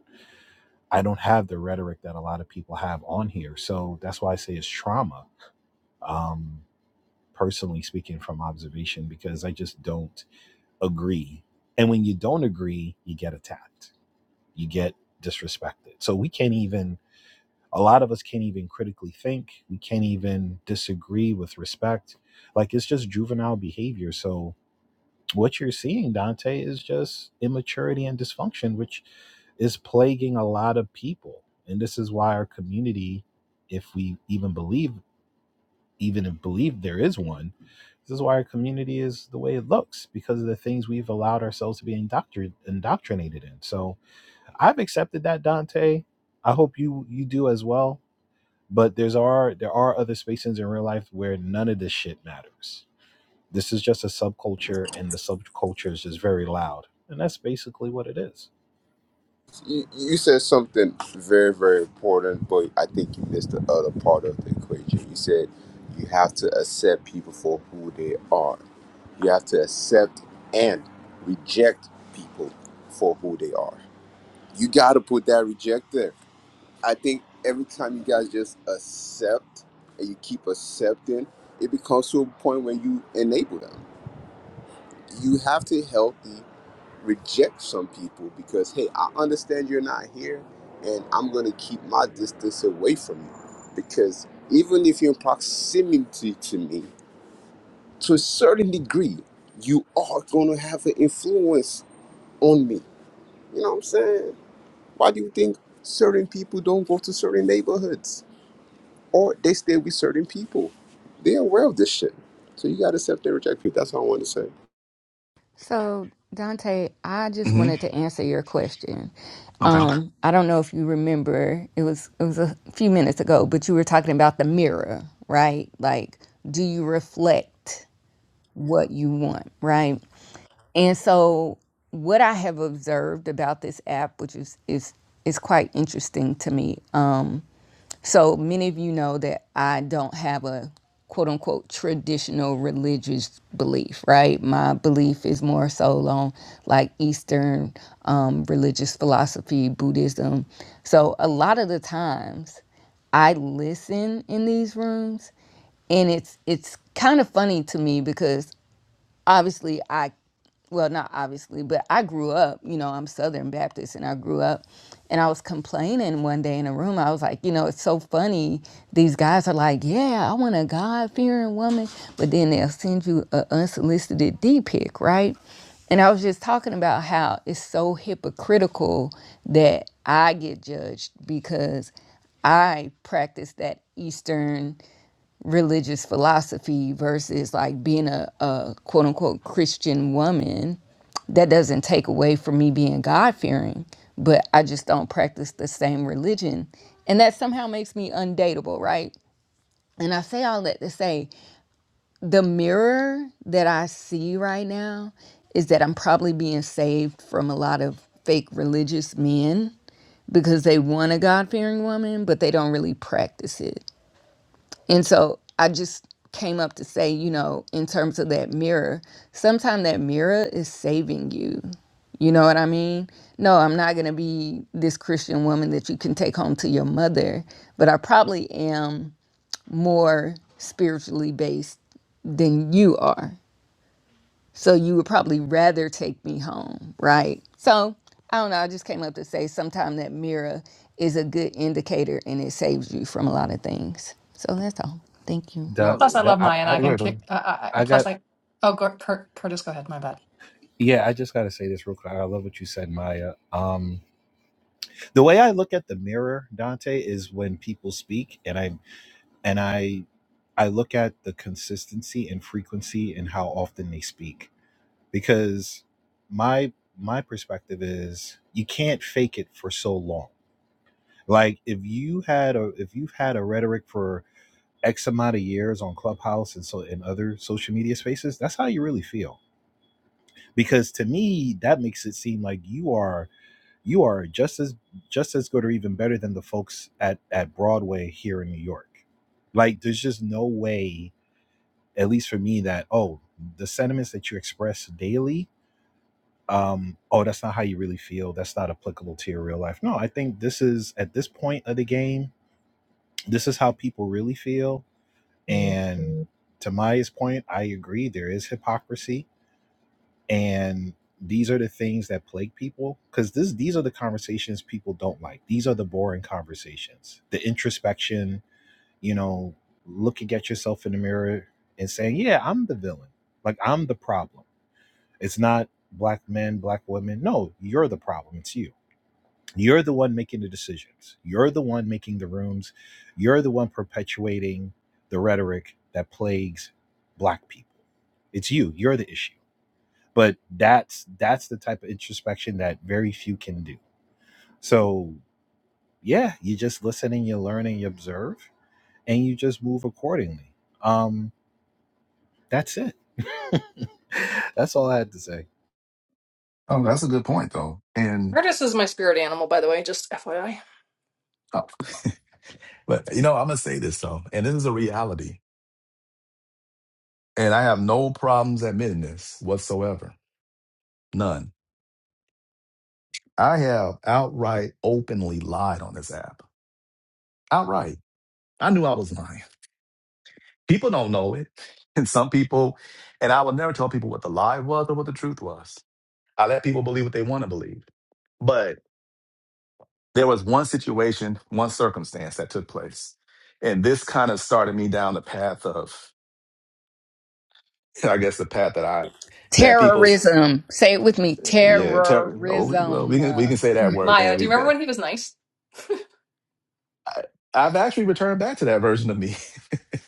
D: I don't have the rhetoric that a lot of people have on here. So that's why I say it's trauma. Um personally speaking from observation because I just don't agree. And when you don't agree, you get attacked, you get disrespected. So we can't even, a lot of us can't even critically think. We can't even disagree with respect. Like it's just juvenile behavior. So what you're seeing, Dante, is just immaturity and dysfunction, which is plaguing a lot of people. And this is why our community, if we even believe even if believe there is one. This is why our community is the way it looks because of the things we've allowed ourselves to be indoctr- indoctrinated in. So I've accepted that, Dante. I hope you you do as well. But there's are there are other spaces in real life where none of this shit matters. This is just a subculture, and the subculture is just very loud, and that's basically what it is.
B: you, you said something very, very important, but I think you missed the other part of the equation. You said you have to accept people for who they are. You have to accept and reject people for who they are. You got to put that reject there. I think every time you guys just accept and you keep accepting, it becomes to a point where you enable them. You have to help reject some people because hey i understand you're not here and i'm going to keep my distance away from you because even if you're in proximity to me to a certain degree you are going to have an influence on me you know what i'm saying why do you think certain people don't go to certain neighborhoods or they stay with certain people they're aware of this shit so you got to accept and reject people that's all i want to say
E: So, Dante, I just
A: hmm
E: wanted to answer your question.
A: Okay.
E: Um, I don't know if you remember, it was it was a few minutes ago, but you were talking about the mirror, right? Like, do you reflect what you want, right? And so what I have observed about this app, which is is is quite interesting to me. Um, so many of you know that I don't have a quote unquote traditional religious belief, right? My belief is more so along like Eastern um, religious philosophy, Buddhism. So a lot of the times I listen in these rooms and it's it's kind of funny to me because obviously I well not obviously, but I grew up, you know, I'm Southern Baptist and I grew up and I was complaining one day in a room. I was like, you know, it's so funny. These guys are like, yeah, I want a God fearing woman, but then they'll send you an unsolicited D pic, right? And I was just talking about how it's so hypocritical that I get judged because I practice that Eastern religious philosophy versus like being a, a quote unquote Christian woman. That doesn't take away from me being God fearing, but I just don't practice the same religion. And that somehow makes me undateable, right? And I say all that to say the mirror that I see right now is that I'm probably being saved from a lot of fake religious men because they want a God fearing woman, but they don't really practice it. And so I just came up to say, you know, in terms of that mirror, sometimes that mirror is saving you. You know what I mean? No, I'm not going to be this Christian woman that you can take home to your mother, but I probably am more spiritually based than you are. So you would probably rather take me home, right? So I don't know. I just came up to say sometimes that mirror is a good indicator and it saves you from a lot of things. So that's all. Thank you.
D: Da,
C: Plus, I
A: No.
D: da,
C: love
D: I,
C: Maya, and
D: I,
C: I can
A: Okay.
C: kick. Uh, uh, uh,
D: I
C: plus,
D: got.
C: I. Oh, go, Cur- Curtis, go ahead. My bad.
D: Yeah, I just gotta say this real quick. I love what you said, Maya. Um, the way I look at the mirror, Dante, is when people speak and I and I I look at the consistency and frequency and how often they speak. Because my my perspective is you can't fake it for so long. Like if you had a if you've had a rhetoric for X amount of years on Clubhouse and so in other social media spaces, that's how you really feel. Because to me, that makes it seem like you are you are just as just as good or even better than the folks at at Broadway here in New York. Like there's just no way, at least for me, that oh the sentiments that you express daily, um, oh that's not how you really feel. That's not applicable to your real life. No, I think this is at this point of the game, this is how people really feel. And to Maya's point, I agree. There is hypocrisy and these are the things that plague people because this these are the conversations people don't like these are the boring conversations the introspection you know looking at yourself in the mirror and saying yeah i'm the villain like i'm the problem it's not black men black women no you're the problem it's you you're the one making the decisions you're the one making the rooms you're the one perpetuating the rhetoric that plagues black people it's you you're the issue but that's that's the type of introspection that very few can do so yeah you just listen and you learn and you observe and you just move accordingly um that's it that's all i had to say
A: Oh, that's a good point though. And
C: Artist is my spirit animal, by the way, just FYI.
A: uh, But you know, I'm gonna say this though, and this is a reality, and I have no problems admitting this whatsoever. None. I have outright openly lied on this app. Outright. I knew I was lying. People don't know it. And some people, and I will never tell people what the lie was or what the truth was. I let people believe what they want to believe. But there was one situation, one circumstance that took place. And this kind of started me down the path of, I guess, the path that I, that people, s-
E: Terrorism. Say it with me.
A: yeah, ter- oh, we- well, we
E: Terrorism.
A: can, we
E: Uh,
A: can say that word.
C: Maya,
A: Man.
C: do
A: We,
C: you remember
A: that,
C: when he was nice?
A: I, I've actually returned back to that version of me.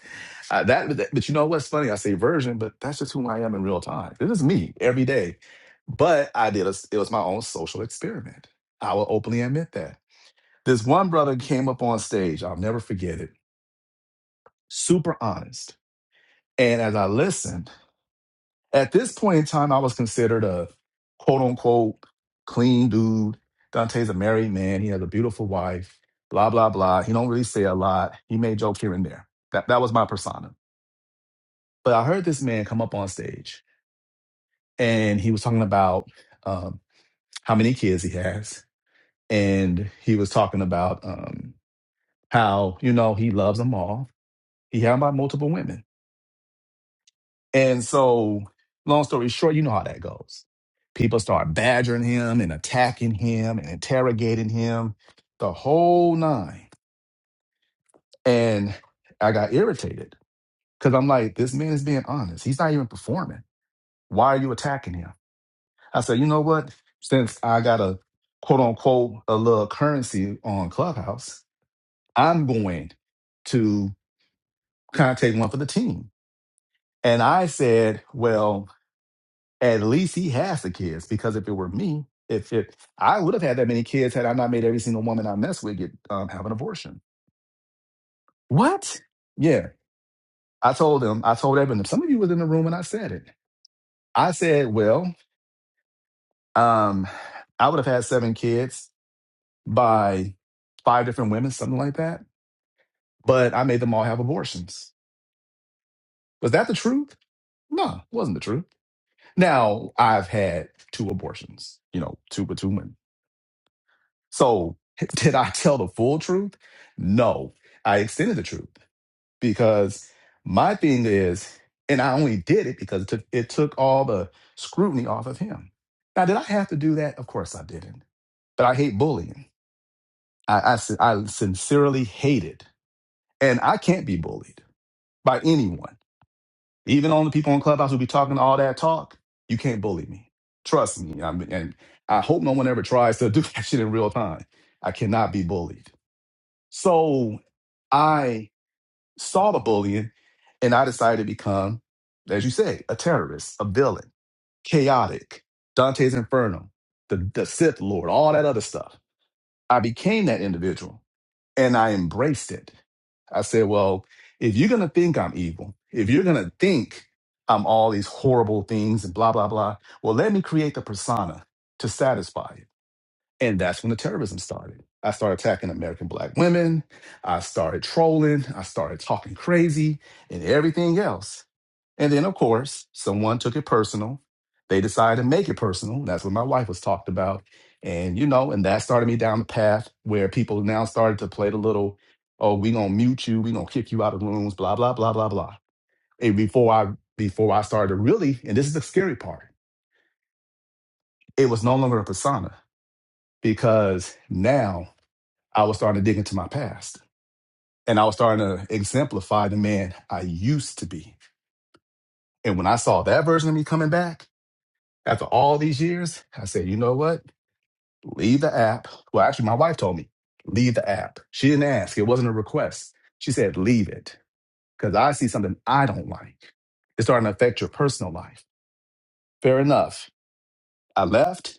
A: I, that, that- but you know what's funny? I say version, but that's just who I am in real time. This is me every day. But I did, a, it was my own social experiment. I will openly admit that. This one brother came up on stage. I'll never forget it. Super honest. And as I listened, at this point in time, I was considered a quote unquote clean dude. Dante's a married man. He has a beautiful wife. Blah blah blah. He don't really say a lot. He may joke here and there. That that was my persona. But I heard this man come up on stage, and he was talking about um, how many kids he has, and he was talking about um, how you know he loves them all. He had about multiple women And so, long story short, you know how that goes. People start badgering him and attacking him and interrogating him, the whole nine. And I got irritated because I'm like, this man is being honest. He's not even performing. Why are you attacking him? I said, you know what? Since I got a quote unquote a little currency on Clubhouse, I'm going to kind of take one for the team. And I said, well, At least he has the kids because if it were me, if if I would have had that many kids had I not made every single woman I mess with get um, have an abortion. What? Yeah, I told him. I told everyone. Some of you was in the room when I said it. I said, well, um, I would have had seven kids by five different women, something like that. But I made them all have abortions. Was that the truth? No, it wasn't the truth. Now I've had two abortions. You know, two with two women. So, did I tell the full truth? No, I extended the truth because my thing is, and I only did it because it took, it took all the scrutiny off of him. Now, did I have to do that? Of course I didn't. But I hate bullying. I, I, sin- I sincerely hate it. And I can't be bullied by anyone. Even on the people on Clubhouse who be talking all that talk, you can't bully me. Trust me. I mean, and I hope no one ever tries to do that shit in real time. I cannot be bullied. So I saw the bullying and I decided to become, as you say, a terrorist, a villain, chaotic, Dante's Inferno, the, the Sith Lord, all that other stuff. I became that individual and I embraced it. I said, well, if you're going to think I'm evil, if you're going to think I'm all these horrible things and blah, blah, blah, well, let me create the persona to satisfy you. And that's when the terrorism started. I started attacking American black women. I started trolling. I started talking crazy and everything else. And then, of course, someone took it personal. They decided to make it personal. That's what my wife was talked about. And, you know, and that started me down the path where people now started to play the little, oh, we gonna mute you, we gonna kick you out of rooms, blah, blah, blah, blah, blah. And before I before I started to really, and this is the scary part, it was no longer a persona because now I was starting to dig into my past and I was starting to exemplify the man I used to be. And when I saw that version of me coming back after all these years, I said, you know what? Leave the app. Well, actually, my wife told me, leave the app. She didn't ask, it wasn't a request. She said, leave it because I see something I don't like. It's starting to affect your personal life. Fair enough. I left,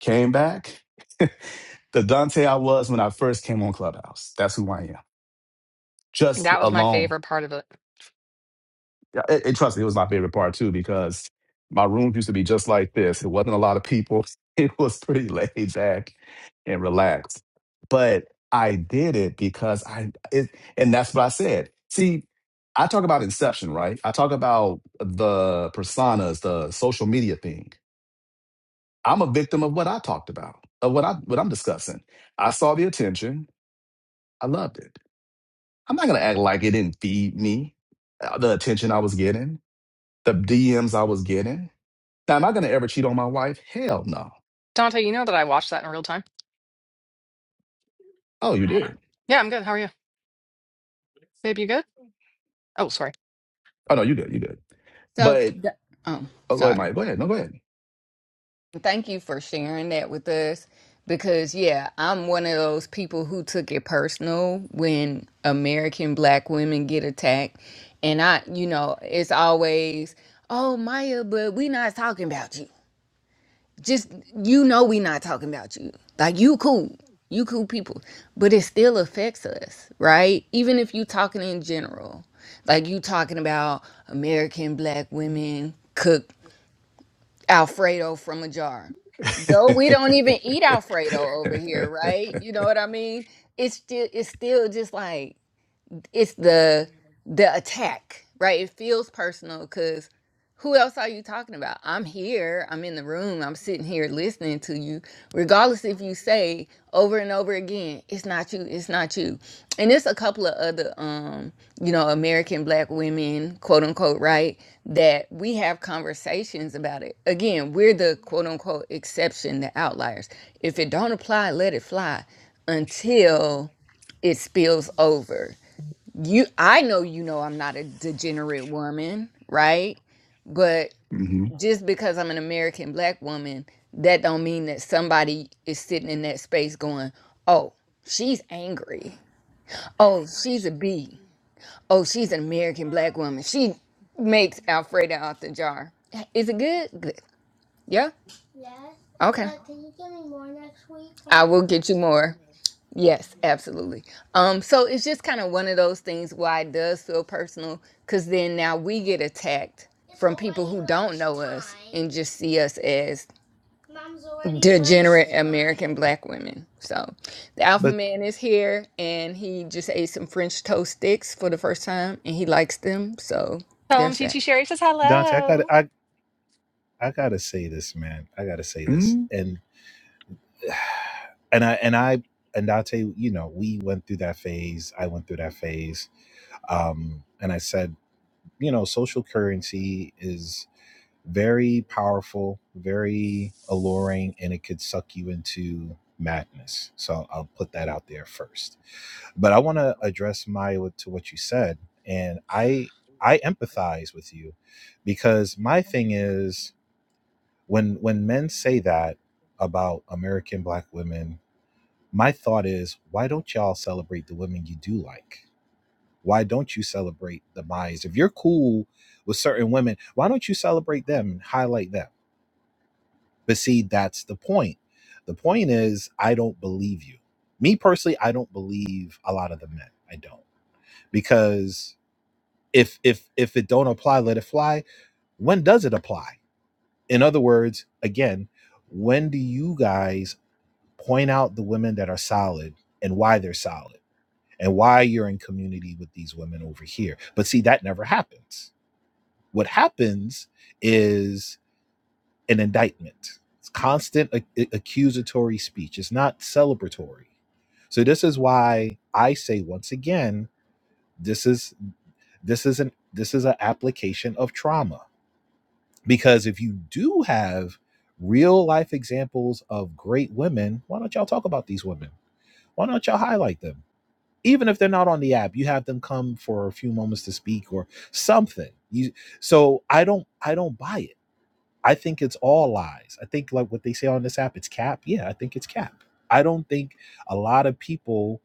A: came back. the Dante I was when I first came on Clubhouse. That's who I am. Just
C: That was my
A: alone
C: favorite part of it.
A: Yeah, and, and trust me, it was my favorite part too because my rooms used to be just like this. It wasn't a lot of people. It was pretty laid back and relaxed. But I did it because I it, and that's what I said. See, I talk about inception, right? I talk about the personas, the social media thing. I'm a victim of what I talked about, of what I what I'm discussing. I saw the attention. I loved it. I'm not gonna act like it didn't feed me uh, the attention I was getting, the DMs I was getting Now, am I going to ever cheat on my wife? Hell no.
C: Dante, you know that I watched that in real time.
A: Oh, you did.
C: Yeah, I'm good. How are you? Babe, you good? Oh, sorry.
A: Oh no, you good. You good.
E: So,
A: But
E: th- oh,
A: oh, go ahead,
E: sorry.
A: Mike. Go ahead. No, go ahead.
E: Thank you for sharing that with us because, yeah, I'm one of those people who took it personal when American black women get attacked. And I, you know, it's always, oh, Maya, but we not talking about you. just you know we not talking about you like you cool you cool people but it still affects us right even if you talking in general like you talking about american black women cook alfredo from a jar though we don't even eat alfredo over here right you know what i mean it's still it's still just like it's the the attack right it feels personal because who else are you talking about i'm here i'm in the room i'm sitting here listening to you regardless if you say over and over again it's not you it's not you and it's a couple of other um you know american black women quote unquote right that we have conversations about it again we're the quote unquote exception the outliers if it don't apply let it fly until it spills over you I know you know I'm not a degenerate woman, right? But
A: mm-hmm.
E: just because I'm an American black woman, that don't mean that somebody is sitting in that space going, "Oh, she's angry. Oh, she's a bee. Oh, she's an American black woman. She makes Alfredo out the jar." Is it good? Good. Yeah. Okay. I will get you more. Yes, absolutely. Um, so it's just kind of one of those things why it does feel personal, because then now we get attacked from people who don't know us and just see us as degenerate American black women. So the alpha
D: but
E: man is here, and he just ate some French toast sticks for the first time, and he likes them. So
C: Tell him
E: there's
C: T
E: that.
C: T Sherry.
D: dante i got
C: hello.
D: i, I gotta say this man i gotta say this
A: mm
D: and and i and i and dante you know we went through that phase i went through that phase um and i said you know social currency is. Very powerful, very alluring, and it could suck you into madness. So I'll put that out there first. But I want to address Maya to what you said, and I I empathize with you because my thing is when when men say that about American black women, my thought is why don't y'all celebrate the women you do like? Why don't you celebrate the Mayas? If you're cool with certain women, why don't you celebrate them and highlight them? But see, that's the point. The point is, I don't believe you. Me personally, I don't believe a lot of the men. I don't because if if if it don't apply, let it fly. When does it apply? In other words, again, when do you guys point out the women that are solid and why they're solid and why you're in community with these women over here? But see, that never happens. What happens is an indictment. It's constant ac- accusatory speech. It's not celebratory. So this is why I say once again, this is this is an this is an application of trauma because if you do have real life examples of great women, why don't y'all talk about these women? Why don't y'all highlight them? Even if they're not on the app, you have them come for a few moments to speak or something. You so I don't I don't buy it I think it's all lies. I think like what they say on this app, it's cap. Yeah, I think it's cap. I don't think a lot of people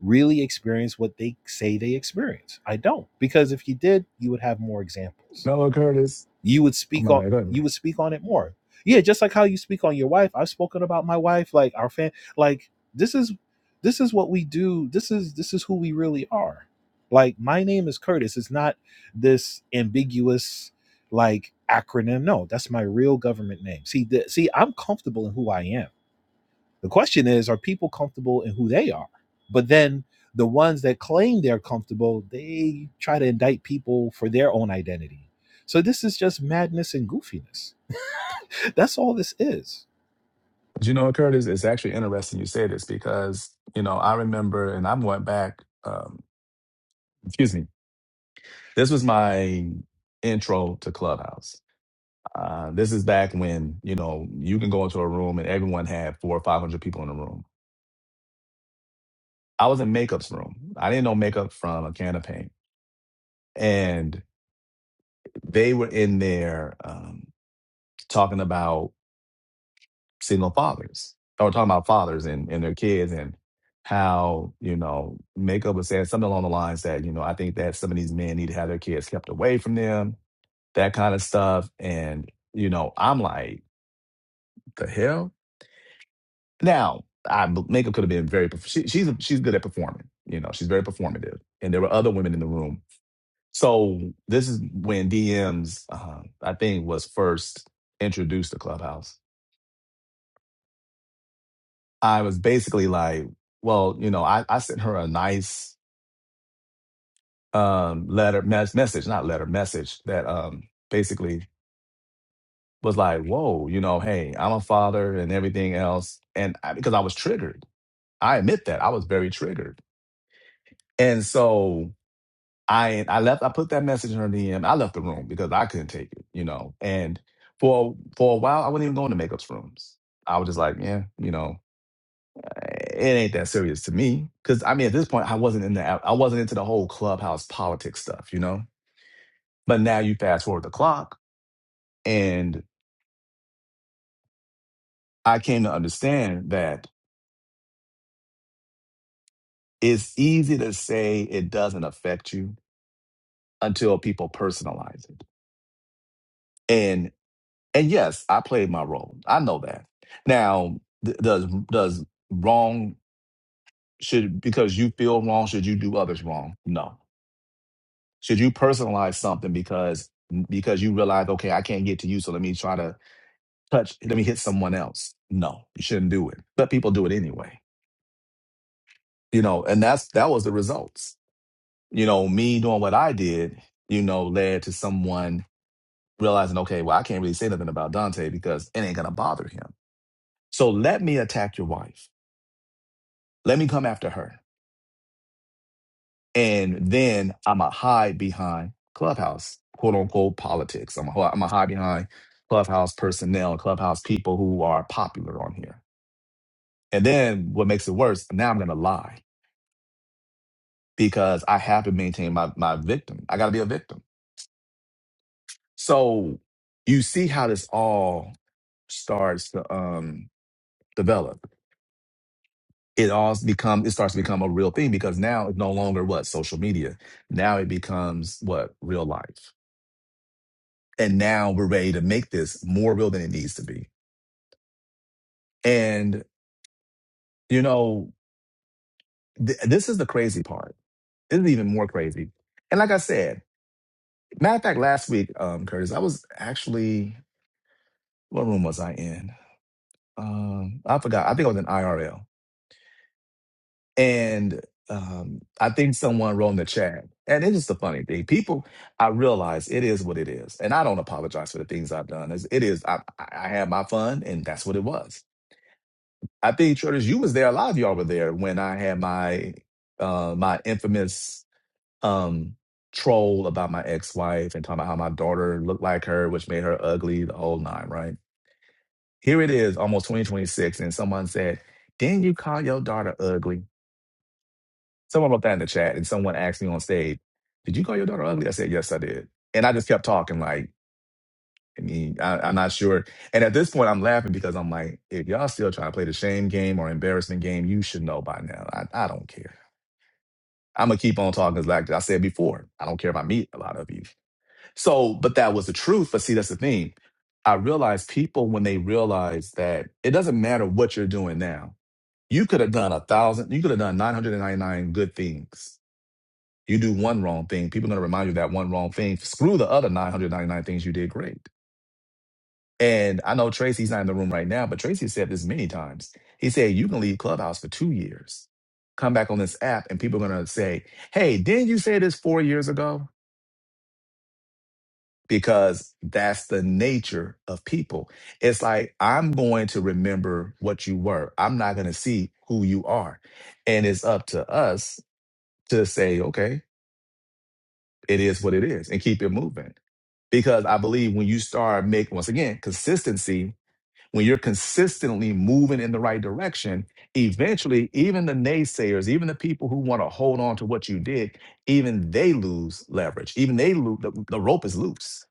D: really experience what they say they experience. I don't because if you did, you would have more
A: You
D: examples
A: know what, Curtis?
D: you would
A: Oh
D: speak
A: my
D: on
A: bad. Go ahead.
D: you
A: bro.
D: would speak on it more yeah just like how you speak on your wife i've spoken about my wife like our fan like this is this is what we do this is this is who we really are like my name is curtis it's not this ambiguous like acronym no that's my real government name see the, see i'm comfortable in who i am the question is, are people comfortable in who they are? But then the ones that claim they're comfortable, they try to indict people for their own identity. So this is just madness and goofiness. That's all this is.
A: But you know what, Curtis? It's actually interesting you say this because you know I remember, and I went back. Um, excuse me. This was my intro to Clubhouse. Uh, this is back when you know you can go into a room and everyone had four or five hundred people in the room I was in makeup's room. I didn't know makeup from a can of paint. And they were in there um, talking about single fathers. They were talking about fathers and, and their kids and how, you know, makeup was saying something along the lines that, you know, I think that some of these men need to have their kids kept away from them, that kind of stuff. And, you know, I'm like, the hell? Now, I, makeup could have been very, she, she's, she's good at performing. You know, she's very performative. And there were other women in the room So this is when DMs, uh, I think, was first introduced to Clubhouse. I was basically like, well, you know, I, I sent her a nice um, letter mes- message, not letter message, that um, basically was like, whoa, you know, hey, I'm a father and everything else, and I, because I was triggered, I admit that I was very triggered, and so. I I left. I put that message in her DM. I left the room because I couldn't take it, you know. And for for a while, I wasn't even going to makeups rooms. I was just like, yeah, you know, it ain't that serious to me. Because I mean, at this point, I wasn't in the I wasn't into the whole clubhouse politics stuff, you know. But now you fast forward the clock, and I came to understand that it's easy to say it doesn't affect you until people personalize it. and. And yes, I played my role. I know that. Now, th- does does wrong should because you feel wrong should you do others wrong? No. Should you personalize something because because you realize okay I can't get to you so let me try to touch let me hit someone else? No, you shouldn't do it. But people do it anyway. You know, and that's that was the results. You know, me doing what I did, you know, led to someone realizing okay, well I can't really say nothing about Dante because it ain't gonna bother him. So let me attack your wife Let me come after her. And then I'm going to hide behind Clubhouse, quote unquote politics. I'm going to hide behind Clubhouse personnel, Clubhouse people who are popular on here. And then what makes it worse, now I'm going to lie because I have to maintain my, my victim. I got to be a victim. So you see how this all starts to um, develop. It all become it starts to become a real thing because now it's no longer what social media. Now it becomes what real life. and now we're ready to make this more real than it needs to be. And you know, th- this is the crazy part. This is even more crazy. And like I said, matter of fact, last week, um, Curtis, I was actually what room was I in? Um, I forgot. I think I was in IRL, and um, I think someone wrote in the chat. And it's just a funny thing. People, I realize it is what it is, and I don't apologize for the things I've done. It's, it is. I, I I had my fun, and that's what it was I think Shorters, you was there. A lot of y'all were there when I had my uh my infamous um troll about my ex-wife and talking about how my daughter looked like her, which made her ugly, the whole nine, right? Here it is, almost 2026, and someone said, Didn't you call your daughter ugly? Someone wrote that in the chat and someone asked me on stage, Did you call your daughter ugly? I said, Yes, I did. And I just kept talking like I mean, I, I'm not sure. And at this point, I'm laughing because I'm like, if y'all still trying to play the shame game or embarrassment game, you should know by now. I, I don't care. I'm gonna keep on talking because, like I said before, I don't care if I meet a lot of you. So, but that was the truth. But see, that's the thing. I realize people when they realize that it doesn't matter what you're doing now. You could have done a thousand. You could have done 999 good things. You do one wrong thing, people are gonna remind you of that one wrong thing. Screw the other 999 things you did great. And I know Tracy's not in the room right now, but Tracy said this many times. He said, You can leave Clubhouse for two years, come back on this app, and people are going to say, Hey, didn't you say this four years ago? Because that's the nature of people. It's like, I'm going to remember what you were, I'm not going to see who you are. And it's up to us to say, Okay, it is what it is, and keep it moving. Because I believe when you start making, once again, consistency when you're consistently moving in the right direction, eventually, even the naysayers, even the people who want to hold on to what you did, even they lose leverage. Even they lose the, the rope is loose,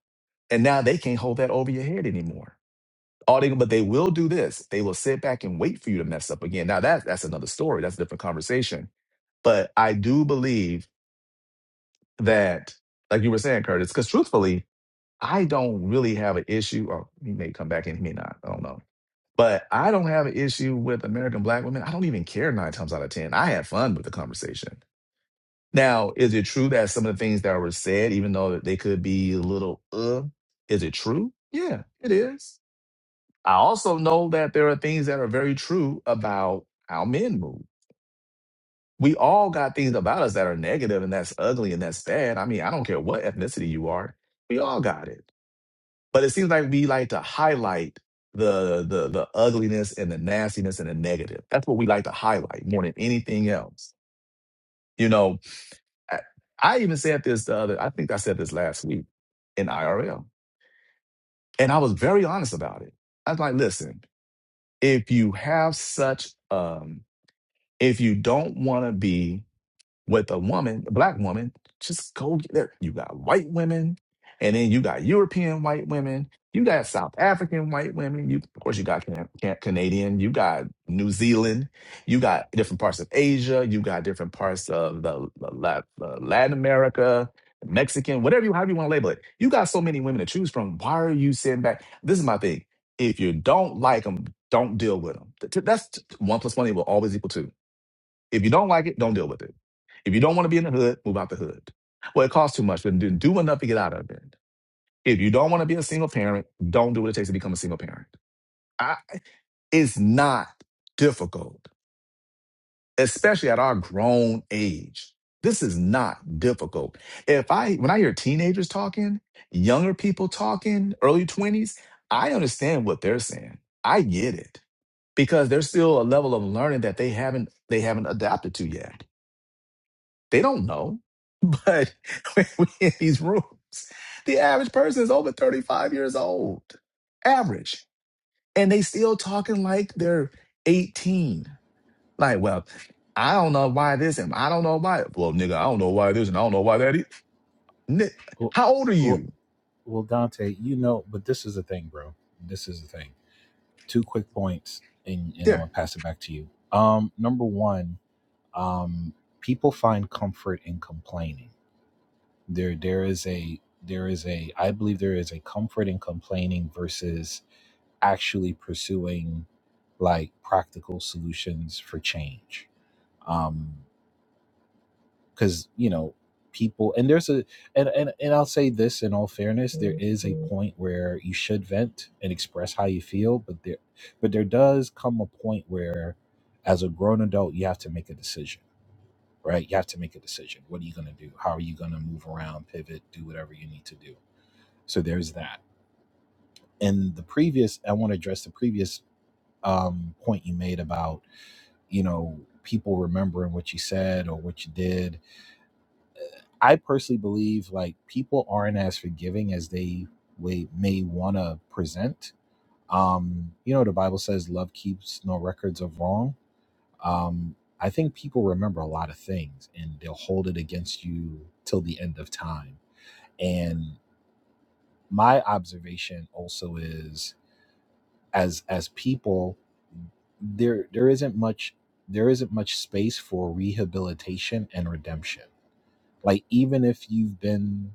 A: and now they can't hold that over your head anymore. All they, but they will do this. They will sit back and wait for you to mess up again. Now that's that's another story. That's a different conversation. But I do believe that, like you were saying, Curtis, because truthfully, I don't really have an issue. Or he may come back and he may not. I don't know but I don't have an issue with American black women. I don't even care nine times out of 10. I had fun with the conversation. Now, is it true that some of the things that were said, even though they could be a little, uh, is it true? Yeah, it is. I also know that there are things that are very true about how men move. We all got things about us that are negative and that's ugly and that's bad. I mean, I don't care what ethnicity you are. We all got it. But it seems like we like to highlight the the the ugliness and the nastiness and the negative. That's what we like to highlight more than anything else. You know, I, I even said this the other. I think I said this last week in IRL, and I was very honest about it. I was like, listen, if you have such, um, if you don't want to be with a woman, a black woman, just go get there. You got white women, and then you got European white women, you got South African white women, you of course you got Can- Can- Canadian, you got New Zealand, you got different parts of Asia, you got different parts of the, the La- uh, Latin America. Mexican, whatever you however you want to label it, you got so many women to choose from. Why are you sitting back? This is my thing. If you don't like them, don't deal with them. That's one plus one equal always equal two if you don't like it, don't deal with it. If you don't want to be in the hood, move out the hood. Well, it costs too much, but do do enough to get out of it. If you don't want to be a single parent, don't do what it takes to become a single parent. I, it's not difficult, especially at our grown age. This is not difficult. If I, when I hear teenagers talking, younger people talking, early 20s, I understand what they're saying. I get it because there's still a level of learning that they haven't, they haven't adapted to yet They don't know. But when we in these rooms, the average person is over 35 years old. Average. And they still talking like they're 18. Like, well, I don't know why this and I don't know why. Well, nigga, I don't know why this and I don't know why that is. Ni-
D: Well,
A: How old are
D: well,
A: you?
D: well, Dante, you know, but this is the thing, bro. This is the thing. Two quick points, and and I'm
A: Yeah.
D: gonna pass it back to you. Um, number one, um, people find comfort in complaining. there there is a there is a i believe there is a comfort in complaining versus actually pursuing like practical solutions for change um because you know people and there's a and, and and i'll say this in all fairness there is a point where you should vent and express how you feel but there but there does come a point where as a grown adult you have to make a decision right you have to make a decision what are you going to do how are you going to move around pivot do whatever you need to do so there's that. And the previous, I want to address the previous um, point you made about, you know, people remembering what you said or what you did. I personally believe like people aren't as forgiving as they may, may want to present. Um, you know, the Bible says love keeps no records of wrong. Um, I think people remember a lot of things and they'll hold it against you till the end of time. And my observation also is as as people there there isn't much there isn't much space for rehabilitation and redemption like even if you've been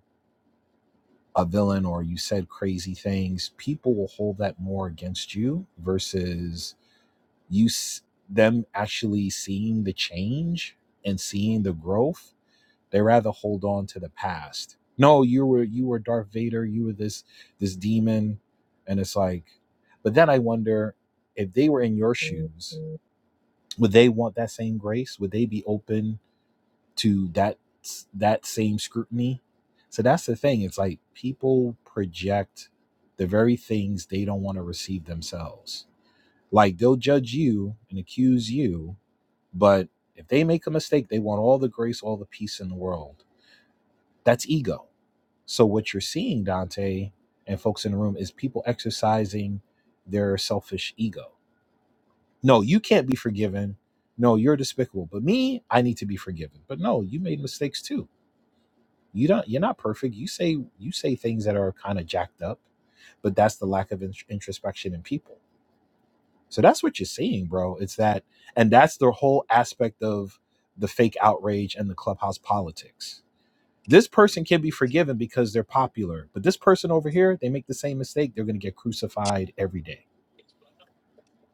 D: a villain or you said crazy things people will hold that more against you versus you s- them actually seeing the change and seeing the growth they rather hold on to the past. No, you were you were Darth Vader, you were this this demon. And it's like, but then I wonder if they were in your shoes, would they want that same grace? Would they be open to that that same scrutiny? So that's the thing. It's like people project the very things they don't want to receive themselves. Like they'll judge you and accuse you, but if they make a mistake, they want all the grace, all the peace in the world. That's ego. So what you're seeing, Dante, and folks in the room, is people exercising their selfish ego. No, you can't be forgiven. No, you're despicable. But me, I need to be forgiven. But no, you made mistakes too. You don't. You're not perfect. You say you say things that are kind of jacked up. But that's the lack of in- introspection in people. So that's what you're seeing, bro. It's that, and that's the whole aspect of the fake outrage and the clubhouse politics This person can be forgiven because they're popular, but this person over here, they make the same mistake. They're going to get crucified every day.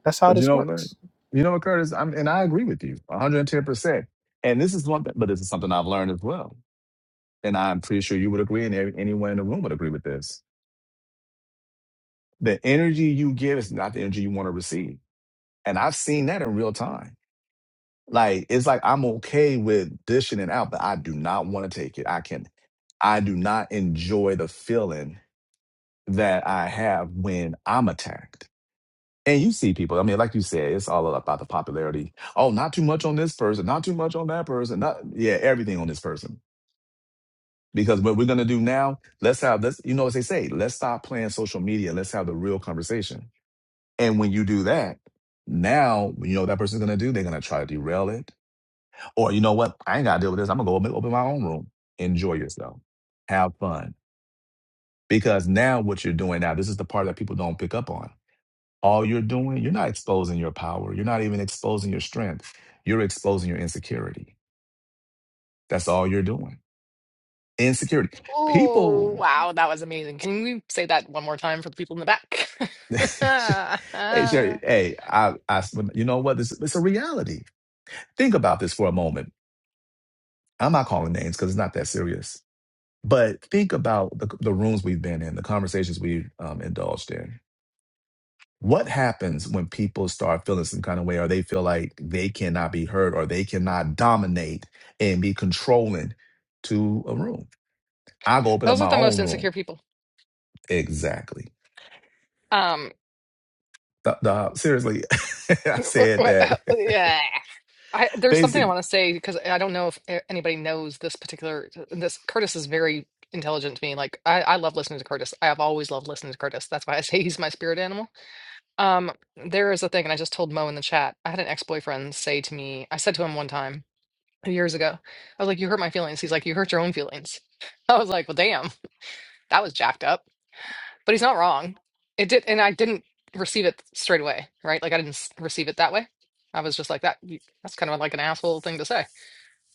D: That's how
A: But you
D: this
A: know, like,
D: works.
A: you know what, Curtis? I'm, and I agree with you 110%. And this is one, but this is something I've learned as well. And I'm pretty sure you would agree, and every- anyone in the room would agree with this the energy you give is not the energy you want to receive. And I've seen that in real time. Like it's like I'm okay with dishing it out, but I do not want to take it. I can I do not enjoy the feeling that I have when I'm attacked. And you see people, I mean, like you said, it's all about the popularity. Oh, not too much on this person, not too much on that person, not yeah, everything on this person. Because what we're gonna do now, let's have let's you know as they say, let's stop playing social media, let's have the real conversation And when you do that, now you know what that person's gonna do. They're gonna try to derail it, or you know what? I ain't gotta deal with this. I'm gonna go open open my own room, enjoy yourself, have fun. Because now what you're doing now, this is the part that people don't pick up on. All you're doing, you're not exposing your power. You're not even exposing your strength. You're exposing your insecurity. That's all you're doing. Insecurity.
C: Oh,
A: People.
C: wow. That was amazing. Can we say that one more time for the people in the back?
A: hey, Sherry. Hey, I, I. You know what? This it's a reality. Think about this for a moment I'm not calling names because it's not that serious. But think about the, the rooms we've been in, the conversations we've um, indulged in. What happens when people start feeling some kind of way or they feel like they cannot be heard or they cannot dominate and be controlling to a room? I go open up
C: Those are
A: my
C: the most
A: own room.
C: insecure people.
A: Exactly.
C: Um,
A: The, the- seriously, I said that.
C: yeah. I, there's something I
A: Basic.
C: want to say because I don't know if a- anybody knows this particular. This Curtis is very intelligent to me. Like I, I love listening to Curtis. I have always loved listening to Curtis. That's why I say he's my spirit animal. Um, there is a thing, and I just told Mo in the chat. I had an ex-boyfriend say to me. I said to him one time years ago. I was like, "You hurt my feelings." He's like, "You hurt your own feelings." I was like, "Well, damn, that was jacked up." But he's not wrong. It did, and I didn't receive it straight away. Right? Like I didn't s- receive it that way. I was just like that. That's kind of like an asshole thing to say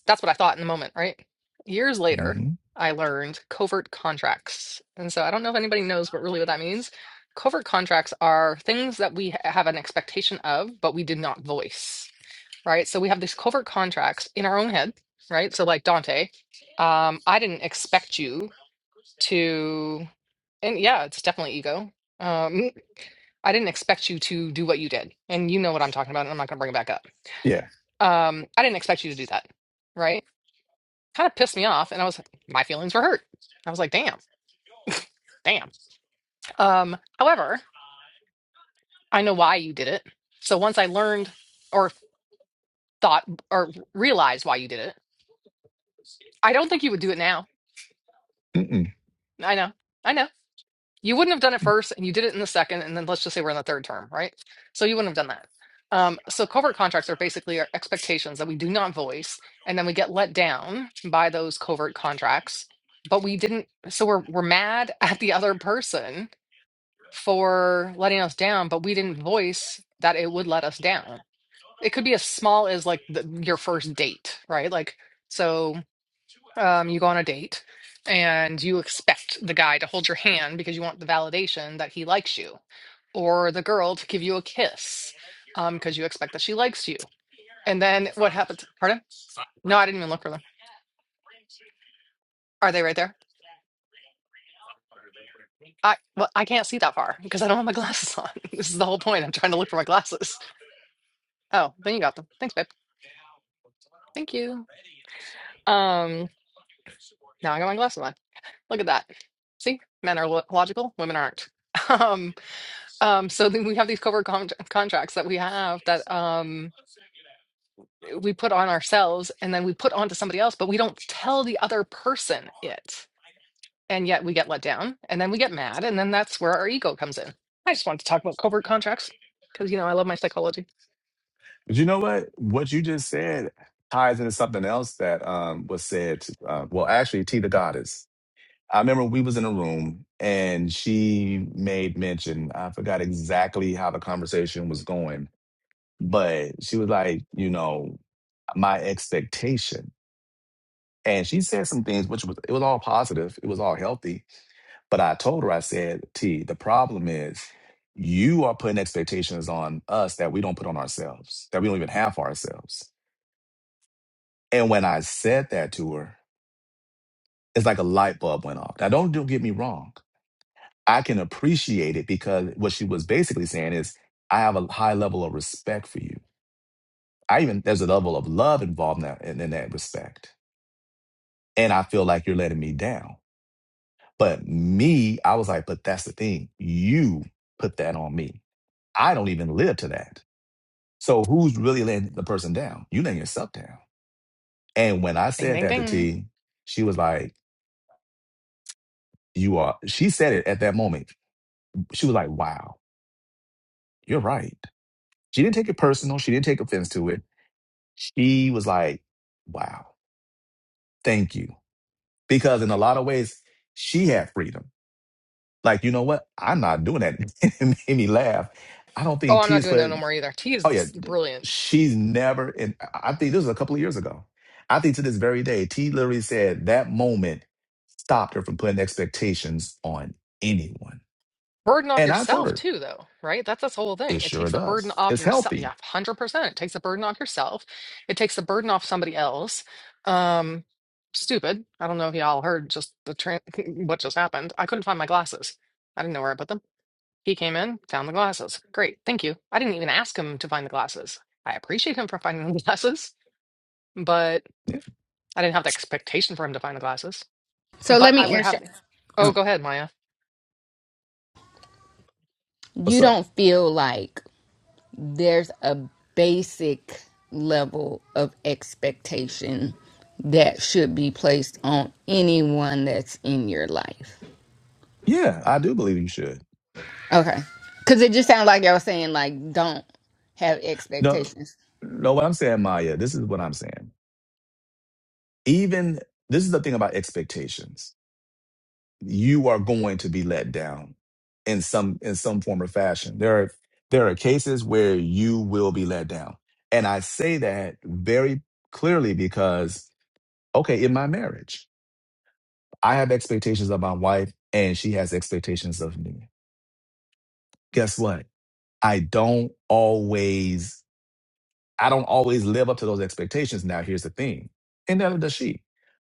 C: that's what I thought in the moment, right? Years later,
A: hmm
C: I learned covert contracts. And so I don't know if anybody knows what really what that means. Covert contracts are things that we ha- have an expectation of, but we did not voice, right? So we have these covert contracts in our own head, right? So like Dante, um, I didn't expect you to, and yeah, it's definitely ego. Um, I didn't expect you to do what you did. And you know what I'm talking about, and I'm not gonna bring it back up.
A: Yeah.
C: Um, I didn't expect you to do that, right? kind of pissed me off and I was like, my feelings were hurt. I was like, damn, damn. Um, however, I know why you did it. So once I learned or thought or realized why you did it, I don't think you would do it now.
A: Mm-mm.
C: I know. I know. You wouldn't have done it first and you did it in the second and then let's just say we're in the third term, right? So you wouldn't have done that. Um, so covert contracts are basically our expectations that we do not voice and then we get let down by those covert contracts, but we didn't so we're we're mad at the other person for letting us down, but we didn't voice that it would let us down. It could be as small as like the, your first date, right? Like, so um, you go on a date and you expect the guy to hold your hand because you want the validation that he likes you, or the girl to give you a kiss um, because you expect that she likes you. And then what happens? Pardon? No, I didn't even look for them. Are they right there? I well, I can't see that far because I don't have my glasses on. This is the whole point. I'm trying to look for my glasses. Oh, then you got them. Thanks, babe. Thank you. Um, now I got my glasses on. Look at that. See, men are lo logical, women aren't. Um, um, so then we have these covert con contracts that we have that um we put on ourselves and then we put onto somebody else, but we don't tell the other person it. And yet we get let down and then we get mad, and then that's where our ego comes in. I just wanted to talk about covert contracts because you know I love my psychology.
A: But you know what? What you just said ties into something else that um, was said. Uh, well, actually, T the goddess. I remember we was in a room and she made mention. I forgot exactly how the conversation was going, but she was like, you know, my expectation. And she said some things, which was it was all positive, it was all healthy. But I told her, I said, T, the problem is you are putting expectations on us that we don't put on ourselves, that we don't even have for ourselves. And when I said that to her, it's like a light bulb went off. Now, don't, don't get me wrong. I can appreciate it because what she was basically saying is, I have a high level of respect for you. I even, there's a level of love involved in that, in, in that respect. And I feel like you're letting me down. But me, I was like, but that's the thing. You put that on me. I don't even live to that. So who's really letting the person down? You letting yourself down. And when I
C: Ding
A: said
C: ding
A: that to
C: ding.
A: T, she was like, you are, she said it at that moment she was like, wow, you're right. She didn't take it personal. She didn't take offense to it. She was like, wow, thank you. Because in a lot of ways, she had freedom. Like, you know what? I'm not doing that. it made me laugh. I don't
C: Oh,
A: think
C: I'm
A: T
C: not
A: Tia's
C: doing that no
A: put,
C: more either. T
A: oh yeah,
C: is brilliant.
A: she's never, and I I think this was a couple of years ago. I think to this very day, T literally said that moment stopped her from putting expectations on anyone.
C: burden off
A: And I told
C: yourself
A: her,
C: too though right that's this whole thing
A: it
C: it
A: sure
C: takes the burden
A: does.
C: off
A: It's
C: yourself yeah
A: healthy.
C: 100% it takes the burden off yourself it takes the burden off somebody else um stupid i don't know if y'all heard just the tran what just happened i couldn't find my glasses i didn't know where i put them he came in found the glasses great thank you i didn't even ask him to find the glasses i appreciate him for finding the glasses but
A: Yeah.
C: i didn't have the expectation for him to find the glasses
E: So
C: but
E: let
C: i
E: me
C: would
E: answer.
C: have oh
E: Oh,
C: go ahead maya
E: you
A: What's up?
E: don't feel like there's a basic level of expectation that should be placed on anyone that's in your life.
A: Yeah, I do believe you should.
E: Okay. Cause it just sounded like y'all saying like don't have
A: No,
E: expectations.
A: no, what I'm saying, Maya, this is what I'm saying. Even this is the thing about expectations. You are going to be let down in some in some form or fashion. There are there are cases where you will be let down. And I say that very clearly because okay, in my marriage, I have expectations of my wife and she has expectations of me. Guess what? I don't always I don't always live up to those expectations. Now, here's the thing, and neither does she.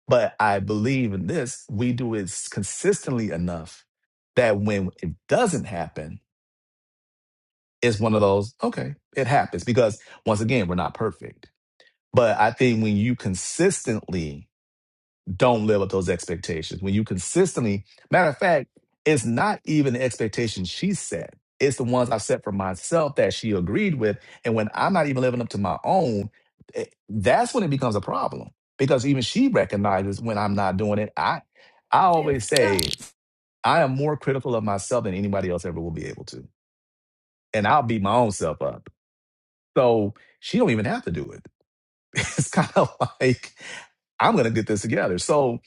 A: But I believe in this, we do it s- consistently enough that when it doesn't happen, it's one of those, okay, it happens. Because once again, we're not perfect. But I think when you consistently don't live up those expectations. When you consistently, matter of fact, it's not even the expectations she set. It's the ones I set for myself that she agreed with. And when I'm not even living up to my own, eh, that's when it becomes a problem. Because even she recognizes when I'm not doing it. I I
F: Sinds,
A: always
F: ja,
A: say I am more critical of myself than anybody else ever will be able to. And I'll beat my own self up. So she don't even have to do it it's kind of like I'm gonna get this together. So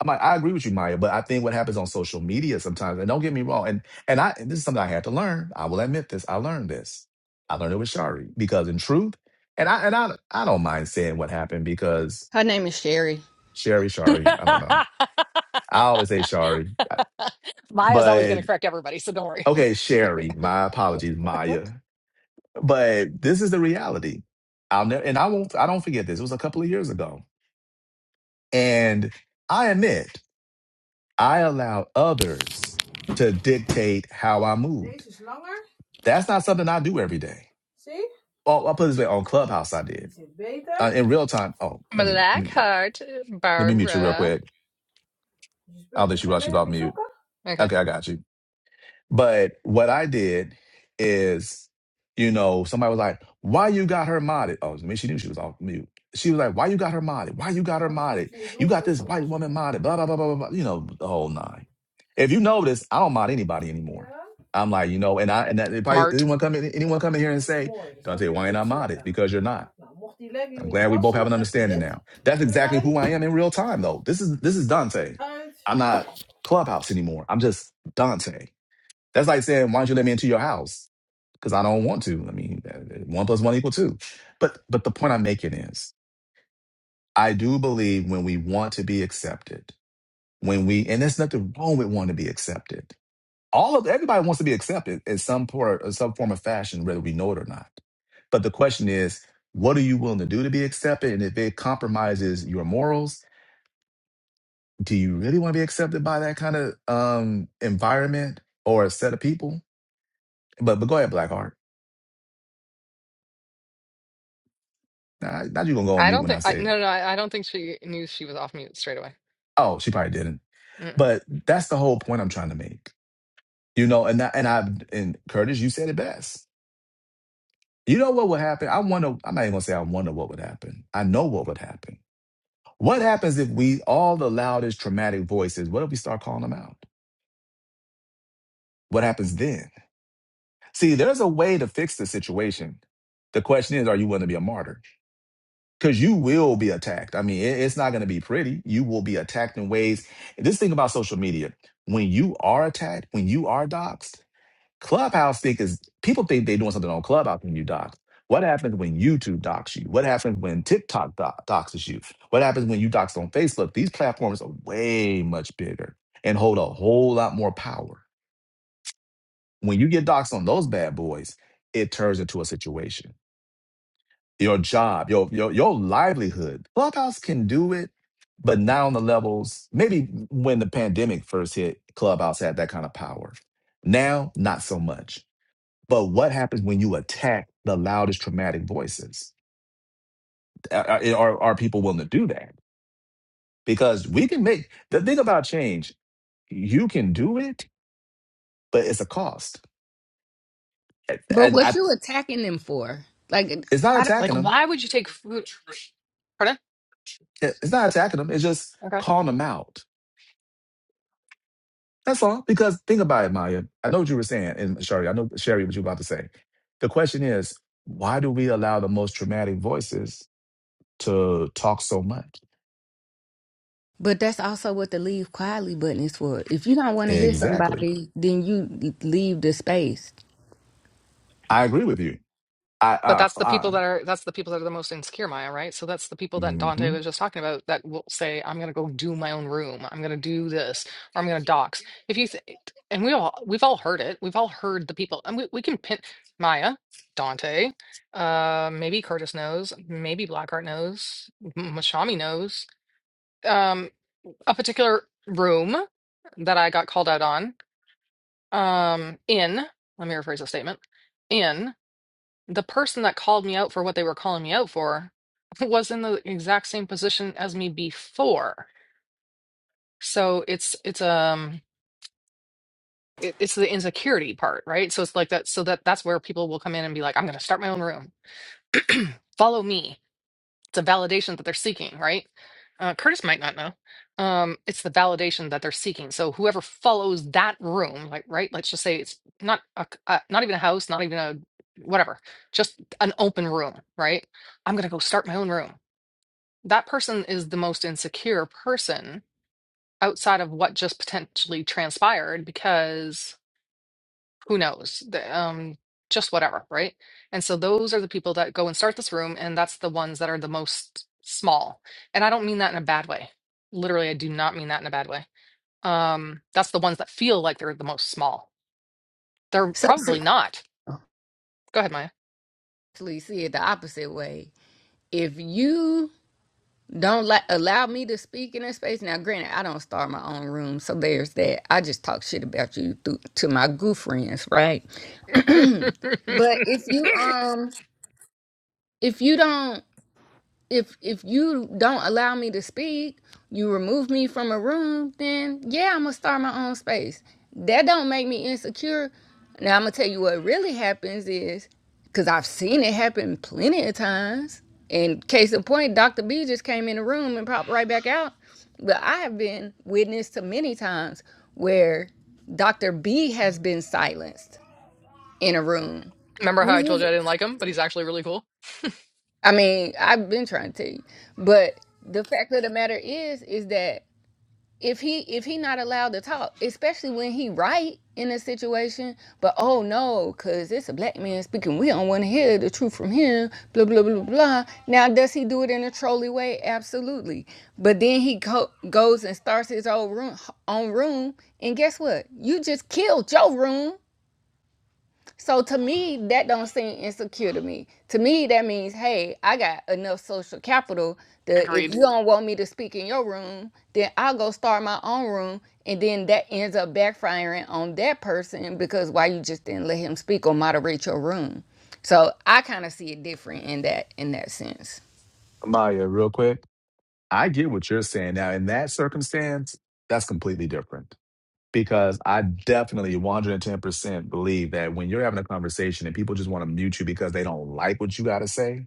A: I'm like, I agree with you, Maya, but I think what happens on social media sometimes, and don't get me wrong, and and I and this is something I had to learn. I will admit this. I learned this. I learned it with Shari because in truth, and I and I I don't mind saying what happened because
E: Her name is Sherry.
A: Sherry, Shari, I don't know. I always say Shari,
C: Maya's always going
A: but
C: to correct everybody, so don't worry.
A: okay, Sherry. My apologies, Maya, but this is the reality. I'll never, and I won't. I don't forget this. It was a couple of years ago, and I admit. I allowed others to dictate how I moved.
F: deze is langer.
A: That's not something I do every day.
F: Zie?
A: Well, I'll put it this way on Clubhouse, I
F: Die
A: did.
F: zit
A: Uh,
F: beter.
A: in real time, oh, let me, let me
C: Blackheart,
A: let me mute
F: Oké.
A: you real
F: Okay.
C: Barbara.
A: quick.
F: Dus je
A: I'll
F: spulletje
A: let you
F: ga je
A: rush
F: mee.
A: you
F: Heb
A: off
F: je
A: mute.
F: sokken?
C: Okay,
A: Okay, I got you. But what I did is, you know, somebody was like, why you got her modded? Oh, I mean, she knew she was off mute. She was like, why you got her modded? Why you got her
F: Anders moet
A: modded?
F: je nu
A: You got
F: donkere
A: this
F: sokken
A: white woman
F: zoeken.
A: modded, blah, blah, blah, blah, blah, blah, you know, the whole nine. If you notice, I don't mod anybody anymore.
F: Ja?
A: I'm like, you know, and I and that if I-
C: smart.
A: anyone come in,
F: Ja,
A: anyone come in here
F: want
A: and
F: dat is
A: say,
F: mooi. Dan
A: Don't tell
F: snap je,
A: you why
F: want
A: you
F: je
A: I
F: hebt zwart
A: modded,
F: aan.
A: because you're not.
F: Nou, mocht die legging
A: I'm
F: niet
A: glad we both
F: passen,
A: have an
F: dan heb je
A: understanding
F: dit
A: now. That's exactly
F: erbij.
A: who I am in real time, though. This is this is Dante.
F: Uit.
A: I'm not Clubhouse anymore. I'm just Dante. That's like saying, why don't you let me into your house? Because I don't want to. I mean, uh, one plus one equal two. But but the point I'm making is, I do believe when we want to be accepted, when we and there's nothing wrong with wanting to be accepted. All of everybody wants to be accepted in some part, in some form of fashion, whether we know it or not. But the question is, what are you willing to do to be accepted? And if it compromises your morals, do you really want to be accepted by that kind of um, environment or a set of people? But but go ahead, Blackheart. Nah, now you're gonna go on
C: I
A: mute
C: don't
A: when I
C: think I
A: say, it.
C: no no I, I don't think she knew she was off mute straight away.
A: "Oh, she probably didn't."
C: Mm-mm.
A: But that's the whole point I'm trying to make, you know. And I, and I and Curtis, you said it best. You know what would happen? I wonder. I'm not even gonna say I wonder what would happen. I know what would happen. What happens if we all allow this traumatic voices? What if we start calling them out? What happens then? See, there's a way to fix the situation. The question is, are you willing to be a martyr? because you will be attacked. I mean, it- it's not going to be pretty. You will be attacked in ways. This thing about social media, when you are attacked, when you are doxxed, Clubhouse think is people think they're doing something on Clubhouse when you dox. What happens when YouTube dox you? What happens when TikTok do- doxes you? What happens when you dox on Facebook? These platforms are way much bigger and hold a whole lot more power. When you get doxed on those bad boys, it turns into a situation your job, your your your livelihood. Clubhouse can do it, but not on the levels. Maybe when the pandemic first hit, Clubhouse had that kind of power. Now, not so much. But what happens when you attack the loudest traumatic voices? Are, are, are people willing to do that? Because we can make the thing about change. You can do it, but it's a cost.
E: But
A: And
E: what
A: I,
E: you attacking them for? Like
A: it's not
E: I don't
C: Like,
A: attacking them.
C: why would you take food? Pardon?
A: It- It's not attacking them. It's just calling them out That's all. Because think about it, Maya. I know what you were saying, and Sherry, I know Sherry what you were about to say. The question is, why do we allow the most traumatic voices to talk so much?
E: but that's also what the leave quietly button is for. If you don't want to hear
A: Exactly.
E: somebody, then you leave the space.
A: I agree with you. I,
C: But
A: uh,
C: that's the
A: I,
C: people that are that's the people that are the most insecure, Maya, right? So that's the people that Dante
A: hmm
C: was just talking about that will say, "I'm going to go do my own room. I'm going to do this, or I'm going to dox." If you th and we all we've all heard it. We've all heard the people, and we we can pin Maya, Dante, uh, maybe Curtis knows, maybe Blackheart knows, M- Mashami knows, um, a particular room that I got called out on, um, in. Let me rephrase the statement. In the person that called me out for what they were calling me out for was in the exact same position as me before. So it's it's um it, it's the insecurity part, right? So it's like that so that that's where people will come in and be like, I'm gonna start my own room. Follow me. It's a validation that they're seeking, right? Uh, Curtis might not know. Um, it's the validation that they're seeking. So whoever follows that room, like right, let's just say it's not a, c- uh, not even a house, not even a whatever, just an open room, right? I'm gonna go start my own room that person is the most insecure person outside of what just potentially transpired because who knows the, um just whatever right and so those are the people that go and start this room and that's the ones that are the most small and i don't mean that in a bad way literally i do not mean that in a bad way um that's the ones that feel like they're the most small they're
E: So see,
C: probably not go ahead maya
E: actually see it the opposite way. If you Don't let allow me to speak in that space. Now, granted, I don't start my own room, so there's that. I just talk shit about you through, to my goof friends, right? but if you um if you don't if if you don't allow me to speak, you remove me from a room, then yeah, I'm gonna start my own space. That don't make me insecure. Now I'm gonna tell you what really happens is because I've seen it happen plenty of times. And case in point, Dr. B just came in the room and popped right back out. But I have been witness to many times where Dr. B has been silenced in a room.
C: remember how i told you i didn't like him but he's actually really cool
E: I mean, I've been trying to tell you, but the fact of the matter is, is that if he if he not allowed to talk, especially when he right in a situation, but oh no, cause it's a black man speaking, we don't want to hear the truth from him, blah blah blah blah. Now does he do it in a trolley way? Absolutely. But then he go, goes and starts his own room, own room, and guess what? You just killed your room. So to me, that don't seem insecure to me. To me, that means, hey, I got enough social capital that if
C: agreed
E: you don't want me to speak in your room, then I'll go start my own room, and then that ends up backfiring on that person because why you just didn't let him speak or moderate your room. So I kind of see it different in that in that sense.
A: Maya, real quick. I get what you're saying. Now, in that circumstance, that's completely different because I definitely 110% believe that when you're having a conversation and people just want to mute you because they don't like what you got to say,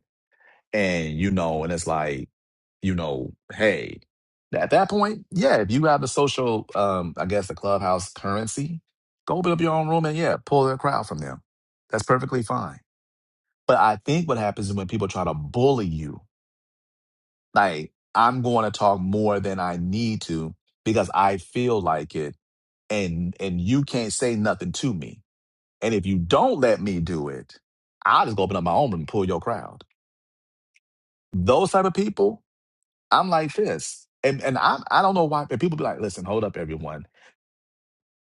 A: And you know, and it's like, you know, hey, at that point, yeah, if you have the social, um, I guess the clubhouse currency, go open up your own room and yeah, pull the crowd from them. That's perfectly fine. But I think what happens is when people try to bully you, like I'm going to talk more than I need to because I feel like it, and and you can't say nothing to me. And if you don't let me do it, I'll just go open up my own room and pull your crowd. Those type of people, I'm like this. And and I I don't know why and people be like, listen, hold up, everyone.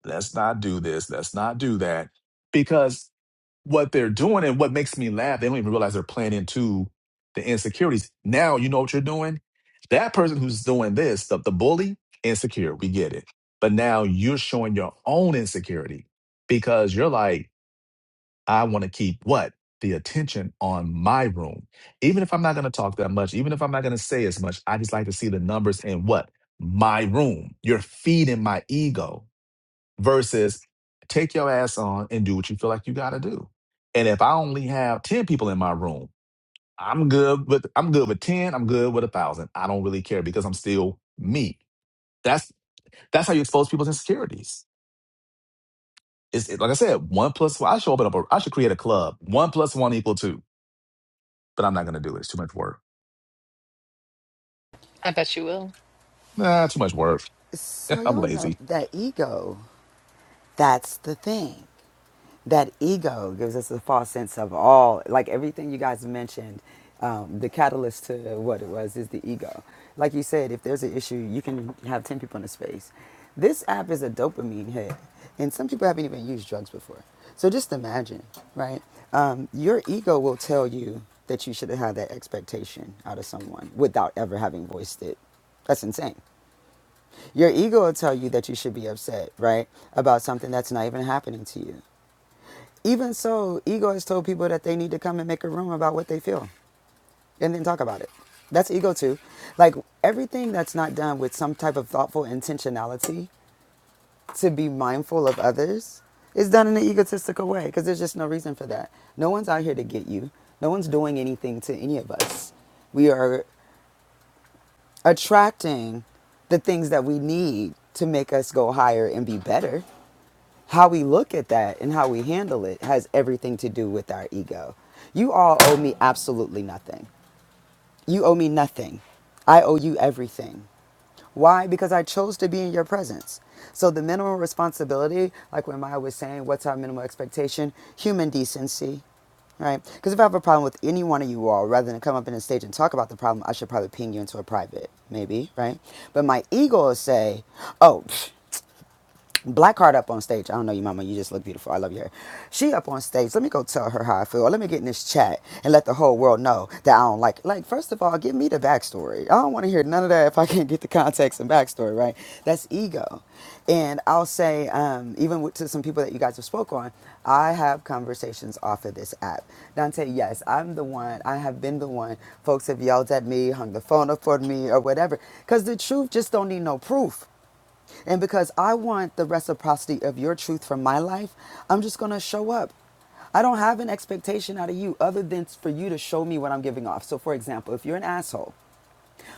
A: Let's not do this. Let's not do that. Because what they're doing and what makes me laugh, they don't even realize they're playing into the insecurities. Now you know what you're doing? That person who's doing this, the, the bully, insecure. We get it. But now you're showing your own insecurity because you're like, I want to keep what? The attention on my room. Even if I'm not going to talk that much, even if I'm not going to say as much, I just like to see the numbers in what? My room. You're feeding my ego versus take your ass on and do what you feel like you got to do. And if I only have 10 people in my room, I'm good with I'm good with 10, I'm good with a 1000. I don't really care because I'm still me. That's that's how you expose people's insecurities. It's it- like I said, one plus one. I should open up a I should create a club. One plus one equal two but I'm not going to do it. It's too much work.
C: i bet you will
A: Nah, too much work.
G: So
A: I'm
G: y'all know
A: lazy.
G: that ego, that's the thing. That ego gives us a false sense of all, like everything you guys mentioned, um, the catalyst to what it was is the ego. Like you said, if there's an issue, you can have 10 people in a space. This app is a dopamine hit, and some people haven't even used drugs before. So just imagine, right? Um, your ego will tell you that you should have had that expectation out of someone without ever having voiced it. That's insane. Your ego will tell you that you should be upset, right? About something that's not even happening to you. Even so, ego has told people that they need to come and make a room about what they feel and then talk about it. That's ego too. Like everything that's not done with some type of thoughtful intentionality to be mindful of others is done in an egotistical way because there's just no reason for that. No one's out here to get you, no one's doing anything to any of us. We are attracting the things that we need to make us go higher and be better. how we look at that and how we handle it has everything to do with our ego. You all owe me absolutely nothing. You owe me nothing. I owe you everything. Why? Because I chose to be in your presence. So the minimum responsibility, like when Maya was saying, what's our minimal expectation? Human decency, right? Because if I have a problem with any one of you all, rather than come up in the stage and talk about the problem, I should probably ping you into a private, maybe, right? But my ego will say, oh, Black Heart up on stage. I don't know you, mama. You just look beautiful. I love your hair. She up on stage. Let me go tell her how I feel. Or Let me get in this chat and let the whole world know that I don't like. it. Like, first of all, give me the backstory. I don't want to hear none of that if I can't get the context and backstory, right? That's ego. And I'll say, um, even with, to some people that you guys have spoke on, I have conversations off of this app. Dante, yes, I'm the one. I have been the one. Folks have yelled at me, hung the phone up for me, or whatever. Because the truth just don't need no proof. And because I want the reciprocity of your truth from my life, I'm just going to show up. I don't have an expectation out of you other than for you to show me what I'm giving off. So, for example, if you're an asshole,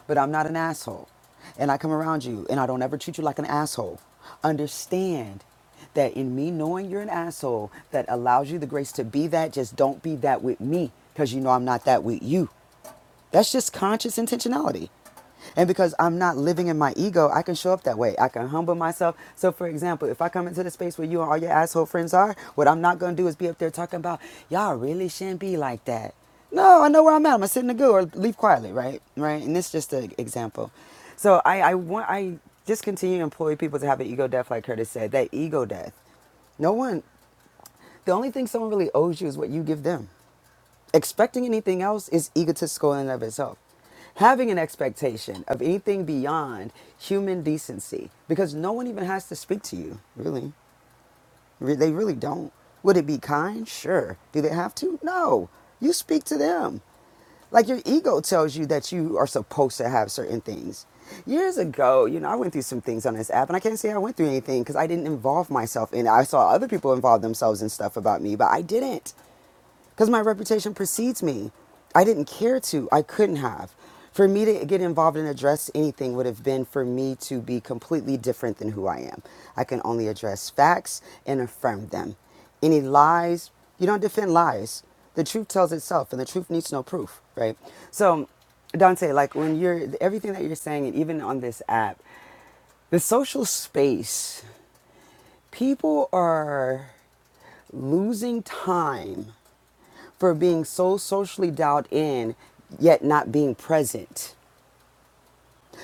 G: but I'm not an asshole, and I come around you and I don't ever treat you like an asshole, understand that in me knowing you're an asshole, that allows you the grace to be that. Just don't be that with me because you know I'm not that with you. That's just conscious intentionality. And because I'm not living in my ego, I can show up that way. I can humble myself. So, for example, if I come into the space where you and all your asshole friends are, what I'm not going to do is be up there talking about, y'all really shouldn't be like that. No, I know where I'm at. I'm going to sit in the goo or leave quietly, right? Right? And this is just an example. So, I, I want, I just continue to employ people to have an ego death, like Curtis said, that ego death. No one, the only thing someone really owes you is what you give them. Expecting anything else is egotistical in and of itself. Having an expectation of anything beyond human decency, because no one even has to speak to you, really. Re- They really don't. Would it be kind? Sure. Do they have to? No. You speak to them. Like your ego tells you that you are supposed to have certain things. Years ago, you know, I went through some things on this app, and I can't say I went through anything because I didn't involve myself in it. I saw other people involve themselves in stuff about me, but I didn't because my reputation precedes me. I didn't care to, I couldn't have. For me to get involved and address anything would have been for me to be completely different than who I am. I can only address facts and affirm them. Any lies, you don't defend lies. The truth tells itself, and the truth needs no proof, right? So, Dante, like when you're everything that you're saying, and even on this app, the social space, people are losing time for being so socially dialed in, yet not being present.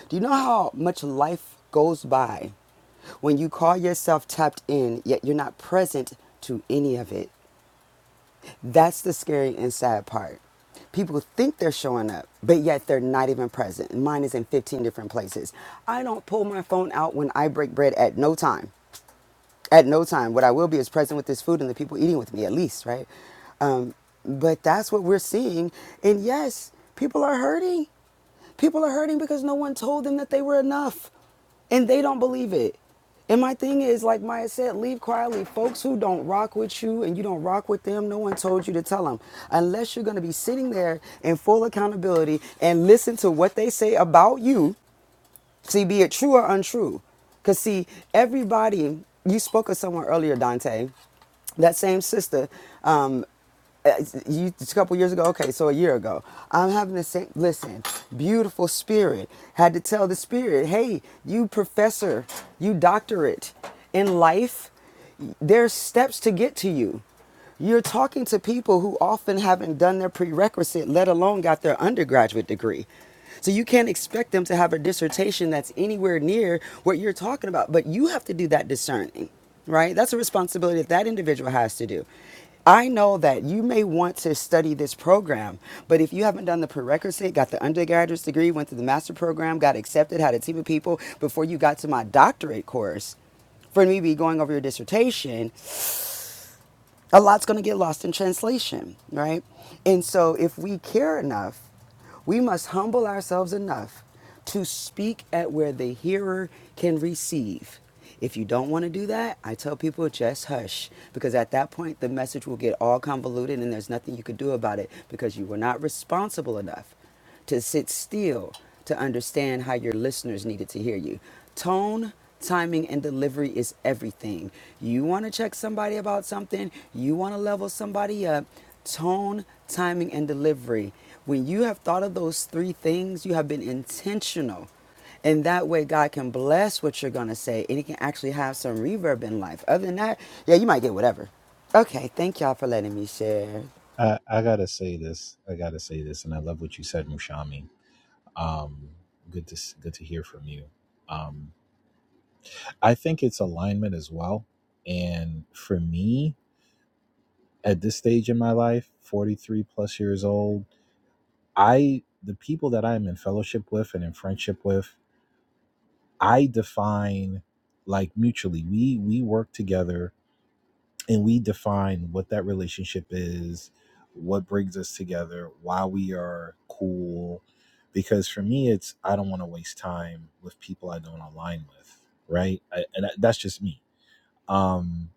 G: Do you know how much life goes by when you call yourself tapped in, yet you're not present to any of it? That's the scary and sad part. People think they're showing up, but yet they're not even present. Mine is in 15 different places. I don't pull my phone out when I break bread at no time. at no time. What I will be is present with this food and the people eating with me, at least, right? Um, but that's what we're seeing. And yes, people are hurting. People are hurting because no one told them that they were enough and they don't believe it. And my thing is, like Maya said, leave quietly. Folks who don't rock with you and you don't rock with them, no one told you to tell them. Unless you're going to be sitting there in full accountability and listen to what they say about you See, be it true or untrue. Because, see, everybody, you spoke of someone earlier, Dante, that same sister, um, uh, you, a couple years ago, okay, so a year ago, I'm having the same, listen, beautiful spirit. Had to tell the spirit, hey, you professor, you doctorate in life, there's steps to get to you. You're talking to people who often haven't done their prerequisite, let alone got their undergraduate degree. So you can't expect them to have a dissertation that's anywhere near what you're talking about, but you have to do that discerning, right? That's a responsibility that that individual has to do. I know that you may want to study this program, but if you haven't done the prerequisite, got the undergraduate degree, went through the master program, got accepted, had a team of people before you got to my doctorate course, for me to be going over your dissertation a lot's going to get lost in translation, right? And so if we care enough, we must humble ourselves enough to speak at where the hearer can receive. If you don't want to do that, I tell people just hush because at that point the message will get all convoluted and there's nothing you could do about it because you were not responsible enough to sit still to understand how your listeners needed to hear you. Tone, timing, and delivery is everything. You want to check somebody about something, you want to level somebody up. Tone, timing, and delivery. When you have thought of those three things, you have been intentional. And that way, God can bless what you're going to say and it can actually have some reverb in life. Other than that, yeah, you might get whatever. Okay, thank y'all for letting me share.
D: I, I gotta say this. I gotta say this, and I love what you said, Mushami. Um, good to good to hear from you. Um, I think it's alignment as well. And for me, at this stage in my life, forty three plus years old, I the people that I am in fellowship with and in friendship with, I define like mutually. We we work together and we define what that relationship is, what brings us together, why we are cool. Because for me, it's I don't want to waste time with people I don't align with, right? I, and that- that's just me. Um,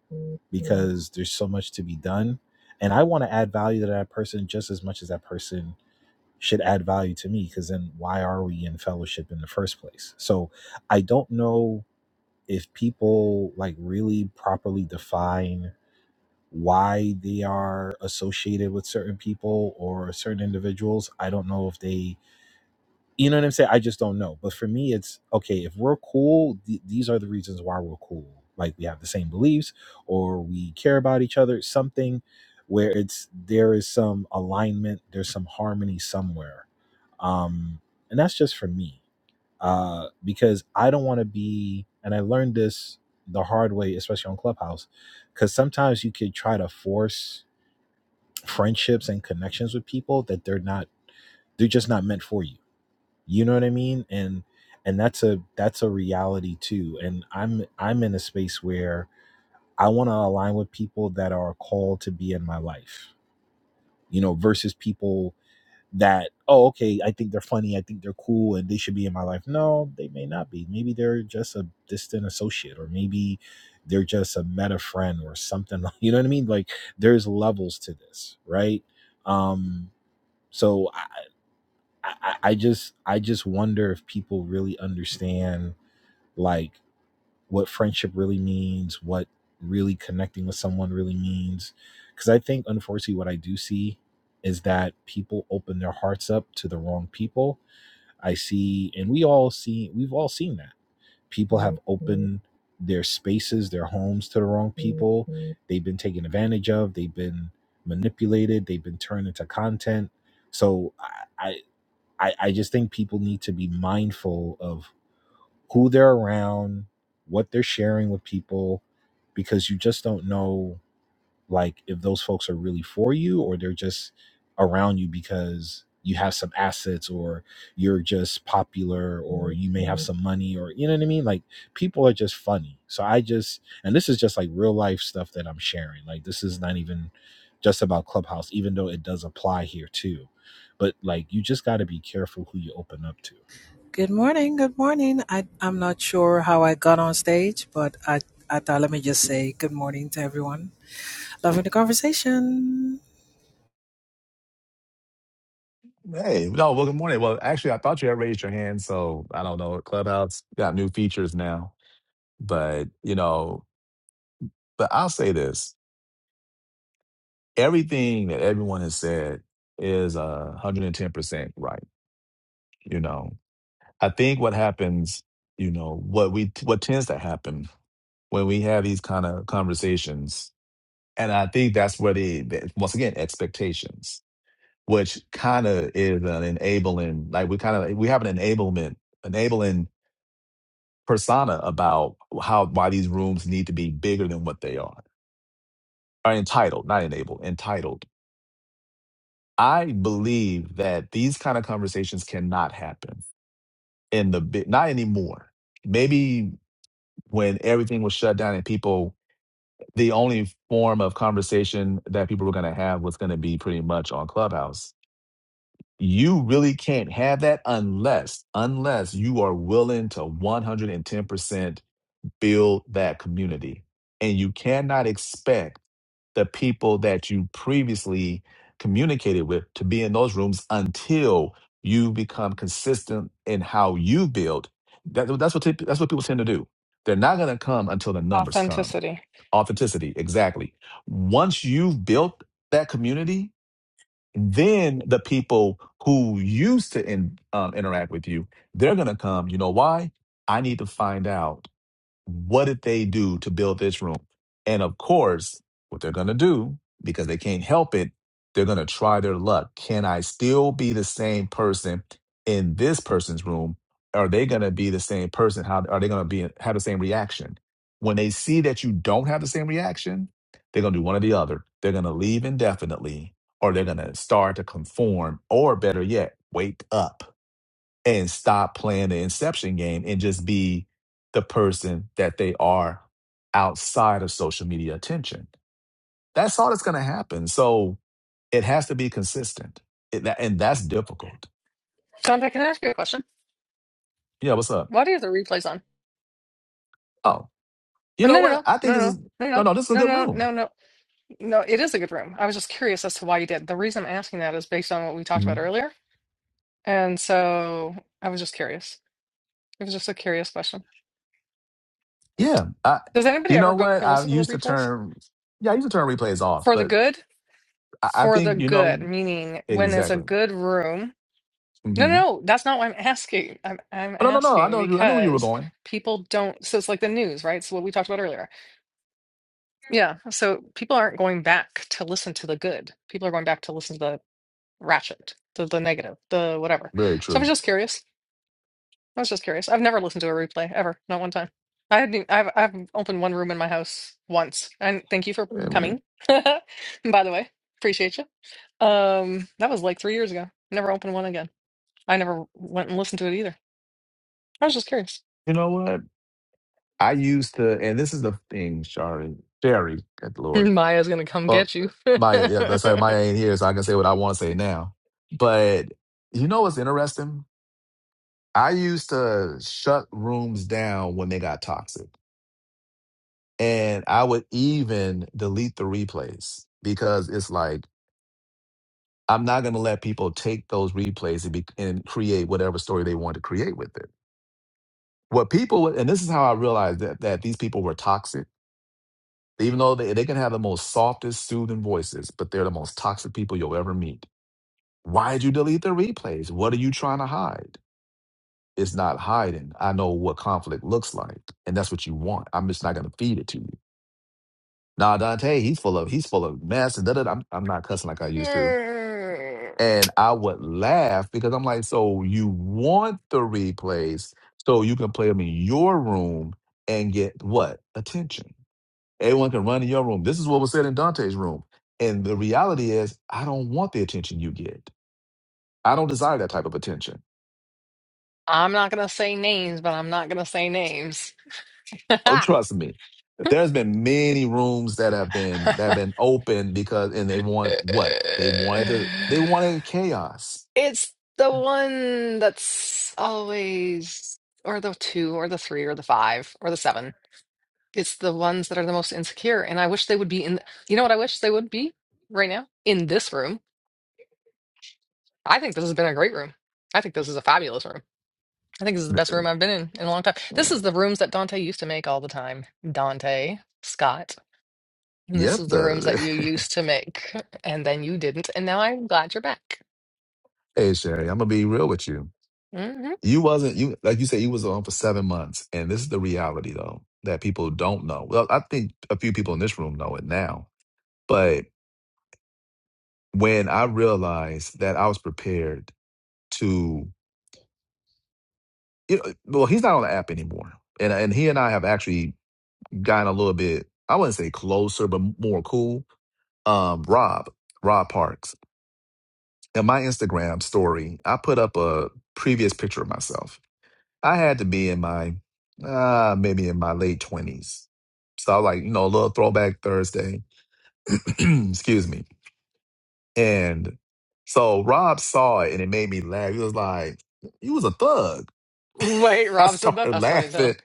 D: because there's so much to be done, and I want to add value to that person just as much as that person should add value to me. Because then, why are we in fellowship in the first place? So, I don't know if people like really properly define why they are associated with certain people or certain individuals. I don't know if they, you know what I'm saying? I just don't know. But for me, it's okay, if we're cool, th- these are the reasons why we're cool. Like we have the same beliefs or we care about each other, something where it's there is some alignment, there's some harmony somewhere. Um, and that's just for me. Uh, because I don't want to be, and I learned this the hard way, especially on Clubhouse, because sometimes you could try to force friendships and connections with people that they're not they're just not meant for you you know what i mean and and that's a that's a reality too and i'm i'm in a space where i want to align with people that are called to be in my life you know versus people that oh okay i think they're funny i think they're cool and they should be in my life no they may not be maybe they're just a distant associate or maybe they're just a meta friend or something you know what i mean like there's levels to this right um so I, I, I just I just wonder if people really understand like what friendship really means, what really connecting with someone really means. Because I think unfortunately what I do see is that people open their hearts up to the wrong people. I see, and we all see, we've all seen that people have opened their spaces, their homes to the wrong people. They've been taken advantage of. They've been manipulated. They've been turned into content. So I. I, I just think people need to be mindful of who they're around, what they're sharing with people, because you just don't know like if those folks are really for you or they're just around you because you have some assets or you're just popular or you may have Mhm. some money or you know what I mean? Like people are just funny. So I just and this is just like real life stuff that I'm sharing. Like this is not even just about Clubhouse, even though it does apply here too. But like you just gotta be careful who you open up to.
F: Good morning. Good morning. I, I'm not sure how I got on stage, but I, I thought let me just say good morning to everyone. Loving the conversation.
A: Hey, no, well, good morning. Well, actually, I thought you had raised your hand, so I don't know. Clubhouse got new features now, but you know, but I'll say this: everything that everyone has said is a hundred and ten percent right. You know, I think what happens, you know, what we what tends to happen when we have these kind of conversations, and I think that's where the the- once again expectations. which kind of is an enabling like we kind of we have an enablement enabling persona about how why these rooms need to be bigger than what they are are entitled not enabled entitled i believe that these kind of conversations cannot happen in the big not anymore maybe when everything was shut down and people the only form of conversation that people were going to have was going to be pretty much on clubhouse You really can't have that unless, unless you are willing to 110% build that community. And you cannot expect the people that you previously communicated with to be in those rooms until you become consistent in how you build. That, that's what typ- that's what people tend to do. They're not going to come until the numbers come.
C: authenticity
A: Authenticity, exactly. Once you've built that community, then the people who used to in, um, interact with you they're going to come you know why i need to find out what did they do to build this room? And of course, what they're going to do, because they can't help it, they're going to try their luck. Can I still be the same person in this person's room? Are they going to be the same person? How are they going to be have the same reaction? When they see that you don't have the same reaction, they're going to do one or the other. They're going to leave indefinitely or they're going to start to conform or better yet, wake up and stop playing the inception game and just be the person that they are outside of social media attention. That's all that's going to happen. So it has to be consistent. It- that- and that's difficult.
C: John, I can I ask you a question.
A: Yeah, what's up?
C: Why do you have the replays on?
A: Oh, you
C: Oh,
A: know
C: No, no,
A: what?
C: no,
A: I think this
C: no,
A: is,
C: no,
A: no,
C: no,
A: no, this is a
C: no, no,
A: good
C: no,
A: room.
C: no, no. No, it is a good room. I was just curious as to why you did. The reason I'm asking that is based on what we talked about
A: Mhm.
C: earlier. And so I was just curious. It was just a curious question.
A: Yeah. I,
C: Does anybody
A: you
C: ever
A: know
C: go back
A: what?
C: and
A: I
C: listen to the
A: used to
C: replays?
A: turn, yeah, I used to turn replays off,
C: For the
A: but
C: good?
A: I, I
C: For the
A: think, you know,
C: good, meaning when is a
A: exactly.
C: good room? No, no,
A: hmm
C: no, that's not what I'm asking. I'm I'm
A: Oh, no, no, no. I
C: asking
A: know you, I knew where you were
C: because
A: going.
C: people don't, so it's like the news, right? So what we talked about earlier Yeah. So people aren't going back to listen to the good. People are going back to listen to the ratchet, the, the negative, the whatever.
A: Very
C: So I was
A: true.
C: just curious. I was just curious. I've never listened to a replay ever, not one time. I hadn't, e- I've, I've opened one room in my house once. And thank you for
A: Yeah, man.
C: coming. by the way, appreciate you. Um, that was like three years ago. Never opened one again. I never went and listened to it either. I was just curious.
A: You know what? I used to, and this is the thing, Shari, Sherry, good Lord.
C: Maya's gonna come
A: Well,
C: get you.
A: Maya, yeah, that's how Maya ain't here, so I can say what I want to say now. But you know what's interesting? I used to shut rooms down when they got toxic. And I would even delete the replays because it's like, I'm not going to let people take those replays and, be, and create whatever story they want to create with it. What people, would- and this is how I realized that, that these people were toxic Even though they, they can have the most softest, soothing voices, but they're the most toxic people you'll ever meet. Why'd you delete the replays? What are you trying to hide? It's not hiding. I know what conflict looks like, and that's what you want. I'm just not gonna feed it to you. Nah, Dante, he's full of he's full of mess and da da. da. I'm I'm not cussing like I used to,
C: Err,
A: and I would laugh because I'm like, so you want the replays so you can play them in your room and get what attention? Everyone can run in your room. This is what was said in Dante's room. And the reality is, I don't want the attention you get. I don't desire that type of attention.
C: I'm not gonna say names, but I'm not gonna say names.
A: Oh, trust me. There's been many rooms that have been that have been open because and they want what? They wanted to they wanted chaos.
C: It's the one that's always, or the two, or the three, or the five, or the seven. It's the ones that are the most insecure, and I wish they would be in. You know what I wish they would be right now? In this room. I think this has been a great room. I think this is a fabulous room. I think this is the best room I've been in in a long time. This is
A: Mm,
C: the rooms that Dante used to make all the time. Dante, Scott, this
A: Yep.
C: is the rooms that
A: The
C: you used to make, and then you didn't, and now I'm glad you're back.
A: hey Sherry, I'm gonna be real with you.
C: hmm
A: You wasn't you like you said you was on for seven months, and this is the reality though that people don't know. Well, I think a few people in this room know it now, but. when I realized that I was prepared to, you know, well, he's not on the app anymore, and and he and I have actually gotten a little bit, I wouldn't say closer, but more cool. Um, Rob, Rob Parks, in my Instagram story, I put up a previous picture of myself. I had to be in my, uh, maybe in my late twenties, so I was like, you know, a little throwback Thursday. Excuse me, and so Rob saw it and it made me laugh. He was like you was a thug.
C: Wait,
A: I
C: Rob said that?
A: started
C: That's funny as hell.
A: laughing.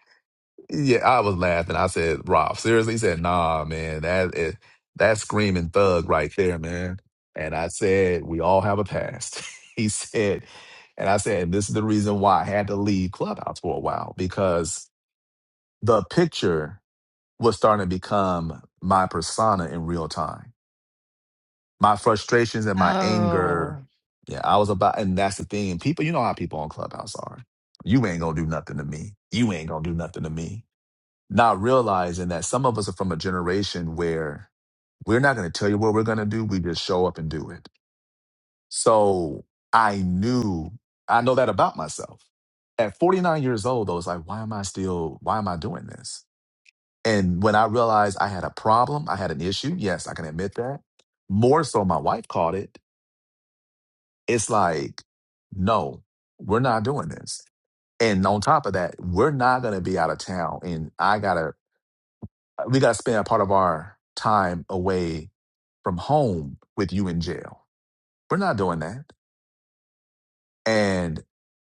A: Yeah, I was laughing. I said, Rob, seriously? He said, nah, man, that is that's screaming thug right there, man. And I said, we all have a past. he said, and I said, this is the reason why I had to leave Clubhouse for a while, because the picture was starting to become my persona in real time. My frustrations and my anger.
C: Oh.
A: Yeah, I was about, and that's the thing. People, you know how people on Clubhouse are. You ain't gonna do nothing to me. You ain't gonna do nothing to me not realizing that some of us are from a generation where we're not going to tell you what we're going to do. We just show up and do it. So I knew, I know that about myself. At 49 years old, I was like, why am I still, why am I doing this? And when I realized I had a problem, I had an issue, yes, I can admit that. More so, my wife caught it. It's like, no, we're not doing this. And on top of that, we're not going to be out of town. And I got to we got to spend a part of our time away from home with you in jail. We're not doing that. And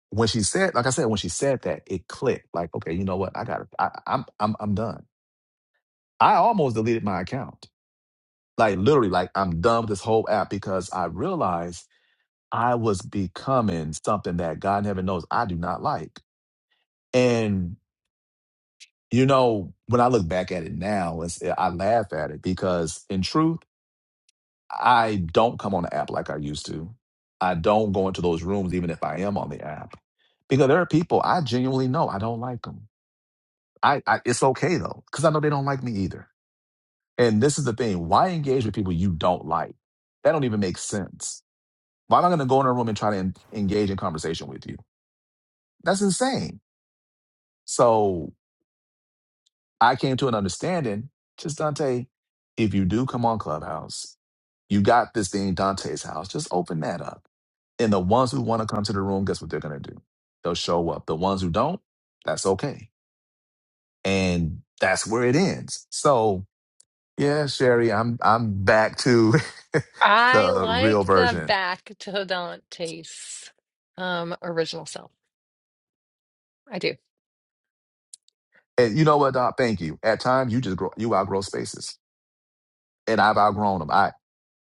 A: when she said, like I said, when she said that, it clicked. Like, okay, you know what? I got. I, I'm. I'm. I'm done. I almost deleted my account. Like literally, like I'm done with this whole app because I realized I was becoming something that God in heaven knows I do not like. And you know, when I look back at it now, it's, I laugh at it because in truth. I don't come on the app like I used to. I don't go into those rooms, even if I am on the app, because there are people I genuinely know I don't like them. I, I it's okay though, because I know they don't like me either. And this is the thing: why engage with people you don't like? That don't even make sense. Why am I going to go in a room and try to en- engage in conversation with you? That's insane. So I came to an understanding, just Dante. If you do come on Clubhouse, you got this thing, Dante's house. Just open that up And the ones who want to come to the room, guess what they're going to do? They'll show up. The ones who don't, that's okay. And that's where it ends. So, yeah, Sherry, I'm I'm back to
C: I
A: the real
C: like the
A: version.
C: back to Dante's um original self. I do.
A: And you know what, Doc? Thank you. At times, you just grow, you outgrow spaces, and I've outgrown them. I,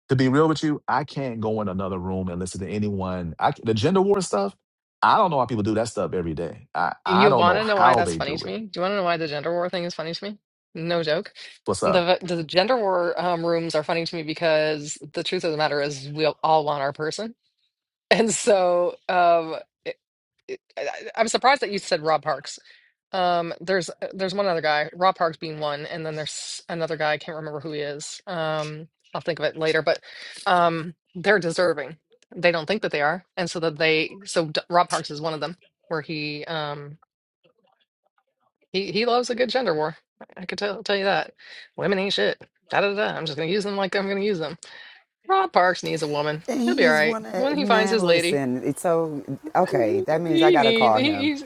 A: to be real with you, I can't go in another room and listen to anyone. I, the gender war stuff, I don't know how people do that stuff every day. I, I
C: You
A: don't
C: want
A: know
C: to know why
A: how
C: that's
A: they
C: funny
A: do
C: to
A: it.
C: me? Do you want to know why the gender war thing is funny to me? No joke.
A: What's up?
C: The the gender war um, rooms are funny to me because the truth of the matter is we all want our person, and so um, it, it, I, I'm surprised that you said Rob Parks. Um, there's uh, there's one other guy, Rob Parks being one, and then there's another guy. I can't remember who he is. Um, I'll think of it later. But um, they're deserving. They don't think that they are, and so that they so D- Rob Parks is one of them, where he um. He he loves a good gender war. I could tell tell you that. Women ain't shit. Da da da. I'm just gonna use them like I'm gonna use them. Rob Parks needs a woman. He'll
G: He
C: be all
G: is
C: right
G: one
C: when
G: of
C: he finds
G: man.
C: his lady.
G: Listen, it's so okay.
C: He,
G: That means I
C: he
G: gotta
C: needs.
G: call
C: He,
G: him.
C: he's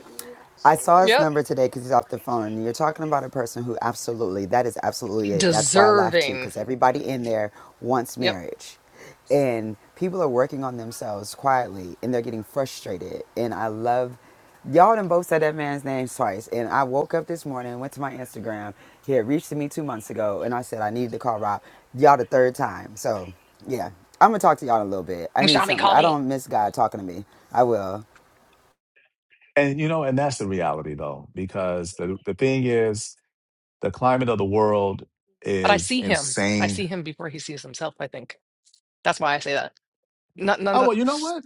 G: I saw his
C: yep
G: number today because he's off the phone. You're talking about a person who absolutely, that is absolutely it. That's why I laugh too,
C: deserving.
G: because everybody in there wants
C: Yep.
G: marriage. And people are working on themselves quietly and they're getting frustrated. And I love, y'all done both said that man's name twice. And I woke up this morning, went to my Instagram. He had reached to me two months ago and I said, I needed to call Rob. Y'all the third time. So yeah, I'm going to talk to y'all in a little bit. I need something. I don't miss God talking to me. I will.
A: And you know, and that's the reality though, because the the thing is, the climate of the world
C: But I
A: is
C: see him. I
A: insane.
C: see him before he sees himself. I think that's why I say that. Not not
A: Oh
C: that.
A: well, you know what?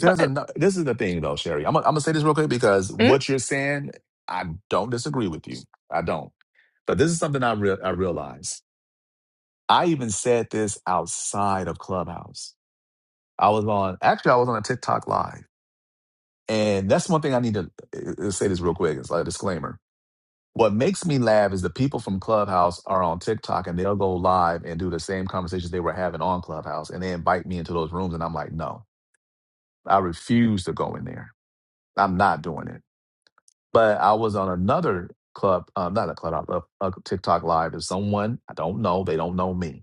C: But uh,
A: a this is the thing though, Sherry. I'm gonna- I'm gonna say this real quick because
C: mm,
A: what you're saying, I don't disagree with you. I don't. But this is something I real I realized. I even said this outside of Clubhouse. I was on actually I was on a TikTok live, and that's one thing I need to uh, uh, say this real quick. It's like a disclaimer What makes me laugh is the people from Clubhouse are on TikTok and they'll go live and do the same conversations they were having on Clubhouse and they invite me into those rooms and I'm like, no, I refuse to go in there. I'm not doing it. But I was on another club, uh, not a club, a, a TikTok live is someone I don't know. They don't know me.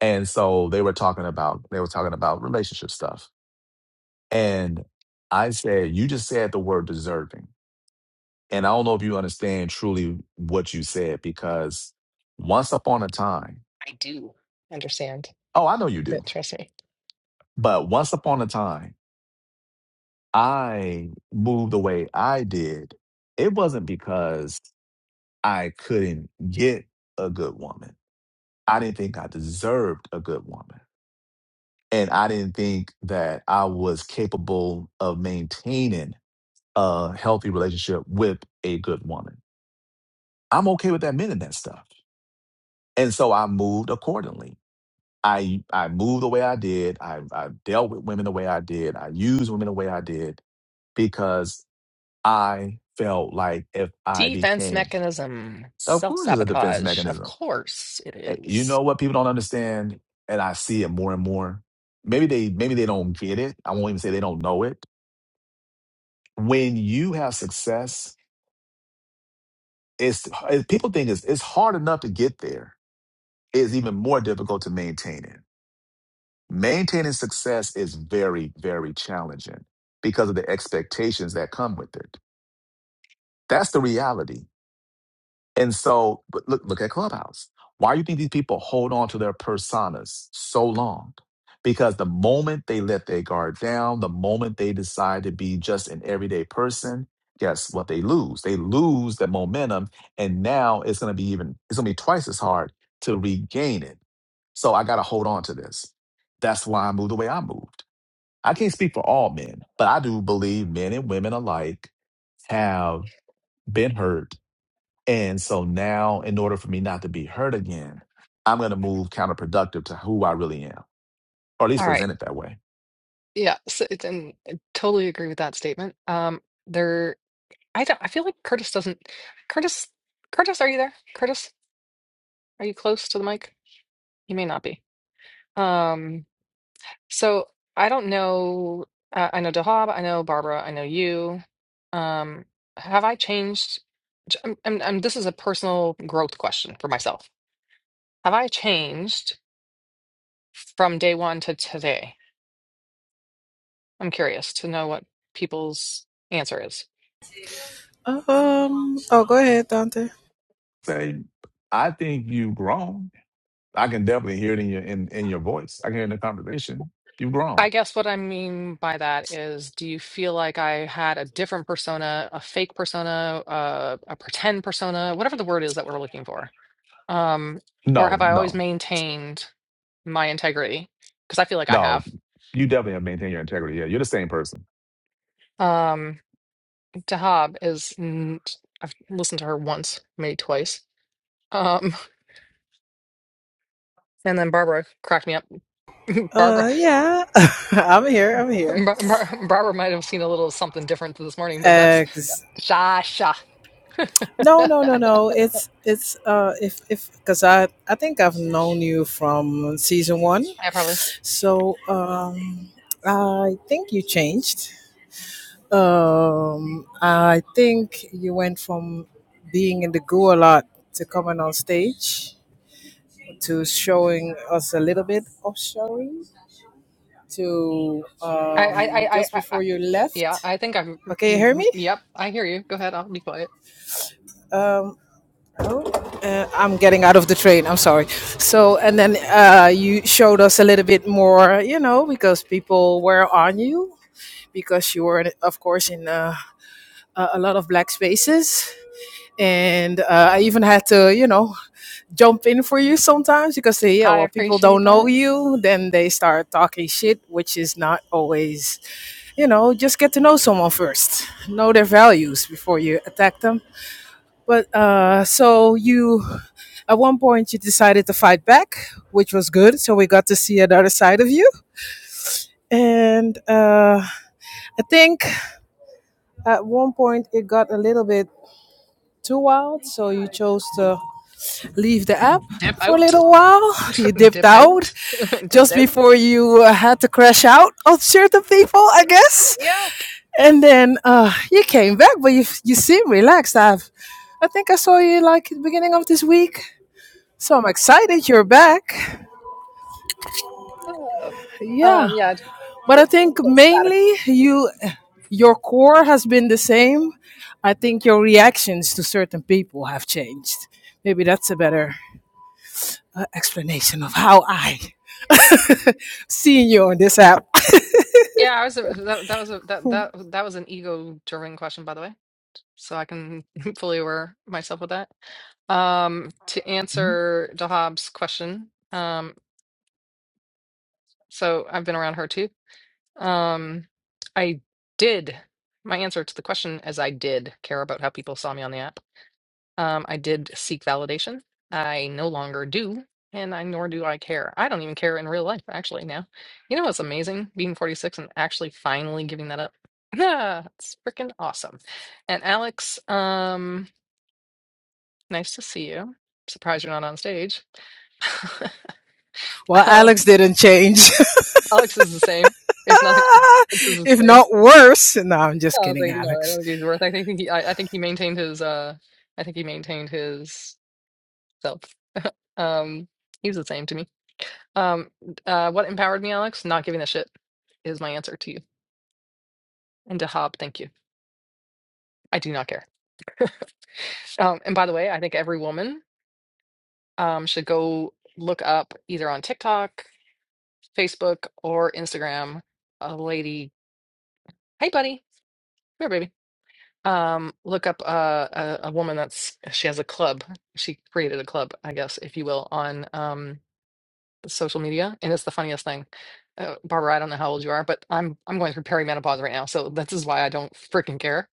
A: And so they were talking about, they were talking about relationship stuff. And I said, you just said the word deserving. And I don't know if you understand truly what you said because once upon a time,
C: I do understand
A: oh, I know you do,
C: it. Trust me.
A: but once upon a time, I moved the way I did. It wasn't because I couldn't get a good woman. I didn't think I deserved a good woman. And I didn't think that I was capable of maintaining a healthy relationship with a good woman. I'm okay with admitting that stuff. And so I moved accordingly I I moved the way I did. I I dealt with women the way I did. I used women the way I did because I felt like if I
C: Defense
A: became,
C: mechanism,
A: of
C: self
A: course, it's a defense
C: sabotage. Of
A: mechanism.
C: course it
A: Eh, You
C: is.
A: know what people don't understand, and I see it more and more. Maybe they maybe they don't get it. I won't even say they don't know it. When you have success, it's eh, people think it's it's hard enough to get there. It's even more difficult to maintain it Maintaining success is very, very challenging because of the expectations that come with it. That's the reality. And so, but look, look at Clubhouse. Why do you think these people hold on to their personas so long? Because the moment they let their guard down, the moment they decide to be just an everyday person, guess what they lose? They lose the momentum, and now it's going to be even it's going to be twice as hard to regain it. So I got to hold on to this. That's why I moved the way I moved. I can't speak for all men, but I do believe men and women alike have been hurt. And so now, in order for me not to be hurt again, I'm going to move counterproductive to who I really am, or at least
C: All right.
A: present it that way.
C: Yeah, so it, and I totally agree with that statement. Um, there, I don't, I feel like Curtis doesn't. Curtis, Curtis, are you there? Curtis, are you close to the mic? You may not be. Um, so I don't know. Uh, I know Dahab, I know Barbara, I know you. Um, have I changed? j- I'm, I'm, I'm- this is a personal growth question for myself. Have I changed from day one to today? I'm curious to know what people's answer is.
F: Um. Oh, go ahead, Dante.
A: Say, I think you've grown. I can definitely hear it in your in, in your voice. I can hear it in the conversation. You've grown.
C: I guess what I mean by that is, do you feel like I had a different persona, a fake persona, uh, a pretend persona, whatever the word is that we're looking for? Um, or
A: No,
C: have I always
A: no,
C: maintained my integrity? Because I feel like I
A: no.
C: have.
A: You definitely have maintained your integrity. Yeah, you're the same person.
C: Um, Dahab is, n- I've listened to her once, maybe twice. Um, and then Barbara cracked me up. Barbara,
F: Uh, yeah, I'm here. I'm here.
C: Bar- Bar- Barbara might have seen a little something different this morning, but that's
F: Ex-
C: Sha Sha.
F: no,
C: I
F: no, no, no. It's it's uh, if if because I I think I've known you from season one,
C: probably.
F: so um, I think you changed. Um, I think you went from being in the goo a lot to coming on stage to showing us a little bit of showing to
C: I, I,
F: um
C: I, I,
F: just
C: I-
F: before you
C: Yeah,
F: left.
C: I think I'm.
F: Okay, you hear
C: mm,
F: me?
C: Yep, I hear you. Go ahead. I'll be quiet.
F: Um, Uh, I'm getting out of the train. I'm sorry. So, and then uh, you showed us a little bit more, you know, because people were on you because you were, in- of course, in uh, a a lot of black spaces. And uh, I even had to, you know, jump in for you sometimes because they, yeah,
C: I
F: well, people
C: appreciate
F: don't know
C: that.
F: you. Then they start talking shit, which is not always, you know, just get to know someone first, know their values before you attack them but uh, so you, at one point, you decided to fight back, which was good. So we got to see another side of you. And uh, I think at one point it got a little bit too wild, so you chose to leave the app
C: Dip
F: for a
C: out.
F: little while. You dipped
C: Dip
F: out
C: out. Dipped
F: just
C: out.
F: before you uh, had to crash out on certain people, I guess.
C: Yeah.
F: And then uh, you came back, but you you seem relaxed. I've, I think I saw you like at the beginning of this week So I'm excited you're back. Yeah.
C: Um. Yeah. I took-
F: But I
C: took a
F: think
C: little bit of sabbatical.
F: mainly you your core has been the same. I think your reactions to certain people have changed. Maybe that's a better uh, explanation of how I seen you on this app.
C: Yeah. I was. That, that was a that that that was an ego driven question, by the way. So I can fully aware myself with that. Um. To
A: Mhm.
C: answer Dahab's question. Um. So I've been around her too. Um, I did. My answer to the question is I did care about how people saw me on the app. Um, I did seek validation. I no longer do, and I nor do I care. I don't even care in real life, actually, now. You know what's amazing? Being 46 and actually finally giving that up. Ah, it's freaking awesome. And Alex, um, nice to see you. Surprised you're not on stage.
F: Well,
C: um,
F: Alex didn't change.
C: Alex is the same. If nothing else, Alex is the
F: if
C: same.
F: not worse. No, I'm
C: I
F: just
C: don't
F: kidding,
C: think no, I
F: Alex.
C: don't think he's worth. I think he, I, I think he maintained his, uh, I think he maintained his self. Um, he's the same to me. Um, uh, what empowered me, Alex? Not giving a shit is my answer to you. And to Hob, thank you. I do not care. Um, and by the way, I think every woman um, should go look up either on TikTok, Facebook, or Instagram a lady. Hey, buddy. Here, baby. Um, look up uh, a a woman that's she has a club. She created a club, I guess, if you will, on um social media, and it's the funniest thing. Uh, Barbara, I don't know how old you are, but I'm I'm going through perimenopause right now, so this is why I don't freaking care.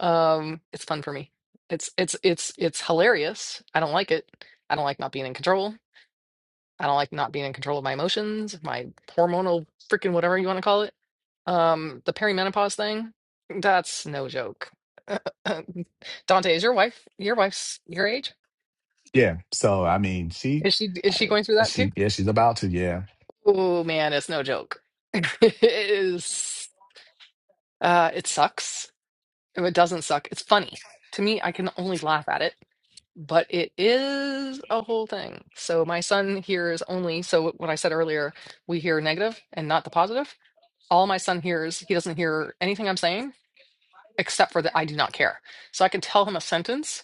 C: Um, it's fun for me. It's it's it's it's hilarious. I don't like it. I don't like not being in control. I don't like not being in control of my emotions, my hormonal freaking whatever you want to call it. Um, the perimenopause thing, that's no joke. Dante, is your wife your wife's your age?
A: Yeah. So I mean, she,
C: Is she is she
A: I-
C: going through that too?
A: she, yeah, she's about to. Yeah.
C: Oh man, it's no joke. It is uh it sucks. If it doesn't suck, it's funny. To me, I can only laugh at it, but it is a whole thing. So my son hears only so what I said earlier, we hear negative and not the positive all my son hears, he doesn't hear anything I'm saying except for the I do not care. So I can tell him a sentence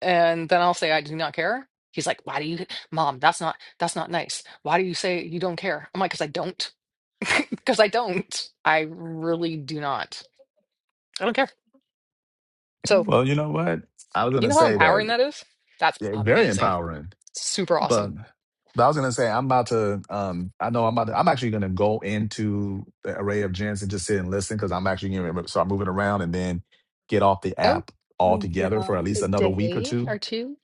C: and then I'll say I do not care. He's like, "Why do you Mom, that's not that's not nice. Why do you say you don't care?" I'm like, "Cuz I don't." Cuz I don't. I really do not. I don't care.
A: Yeah.
C: So,
A: Well, you know what? I was
C: you
A: gonna
C: know how
A: say that.
C: empowering that is? That's
A: Yeah, very
C: amazing.
A: empowering.
C: Super awesome.
A: But, but I was gonna say I'm about to. Um, I know I'm about. To, I'm actually gonna go into the array of gents and just sit and listen because I'm actually gonna start moving around and then get off the
C: Oh,
A: app
C: we get
A: altogether for at
C: off a
A: least another week or
C: day
A: two.
C: or two.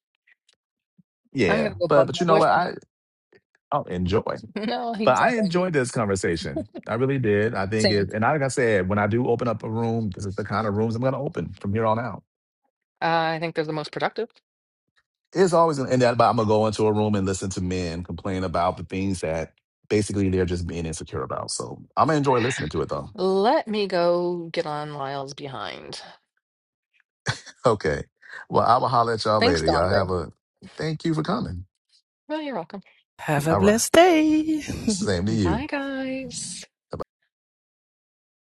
C: I'm going
A: Yeah.
C: to go
A: But
C: bug
A: but
C: my
A: you know what?
C: boyfriend.
A: I I'll enjoy.
C: No,
A: But
C: he's not
A: I
C: going to.
A: enjoyed this conversation. I really did. I think
C: Same.
A: it, and like I said, when I do open up a room, this is the kind of rooms I'm going to open from here on out.
C: Uh, I think they're the most productive.
A: It's always in that, but I'm going to go into a room and listen to men complain about the things that basically they're just being insecure about. So I'm going to enjoy listening to it though.
C: Let me go get on Lyle's behind.
A: Okay. Well, I will holler at y'all
C: Thanks,
A: later. Y'all
C: Dante.
A: have a thank you for coming.
C: Oh, you're welcome.
F: Have a
A: All right.
F: blessed day.
A: Same to you.
C: Bye, guys.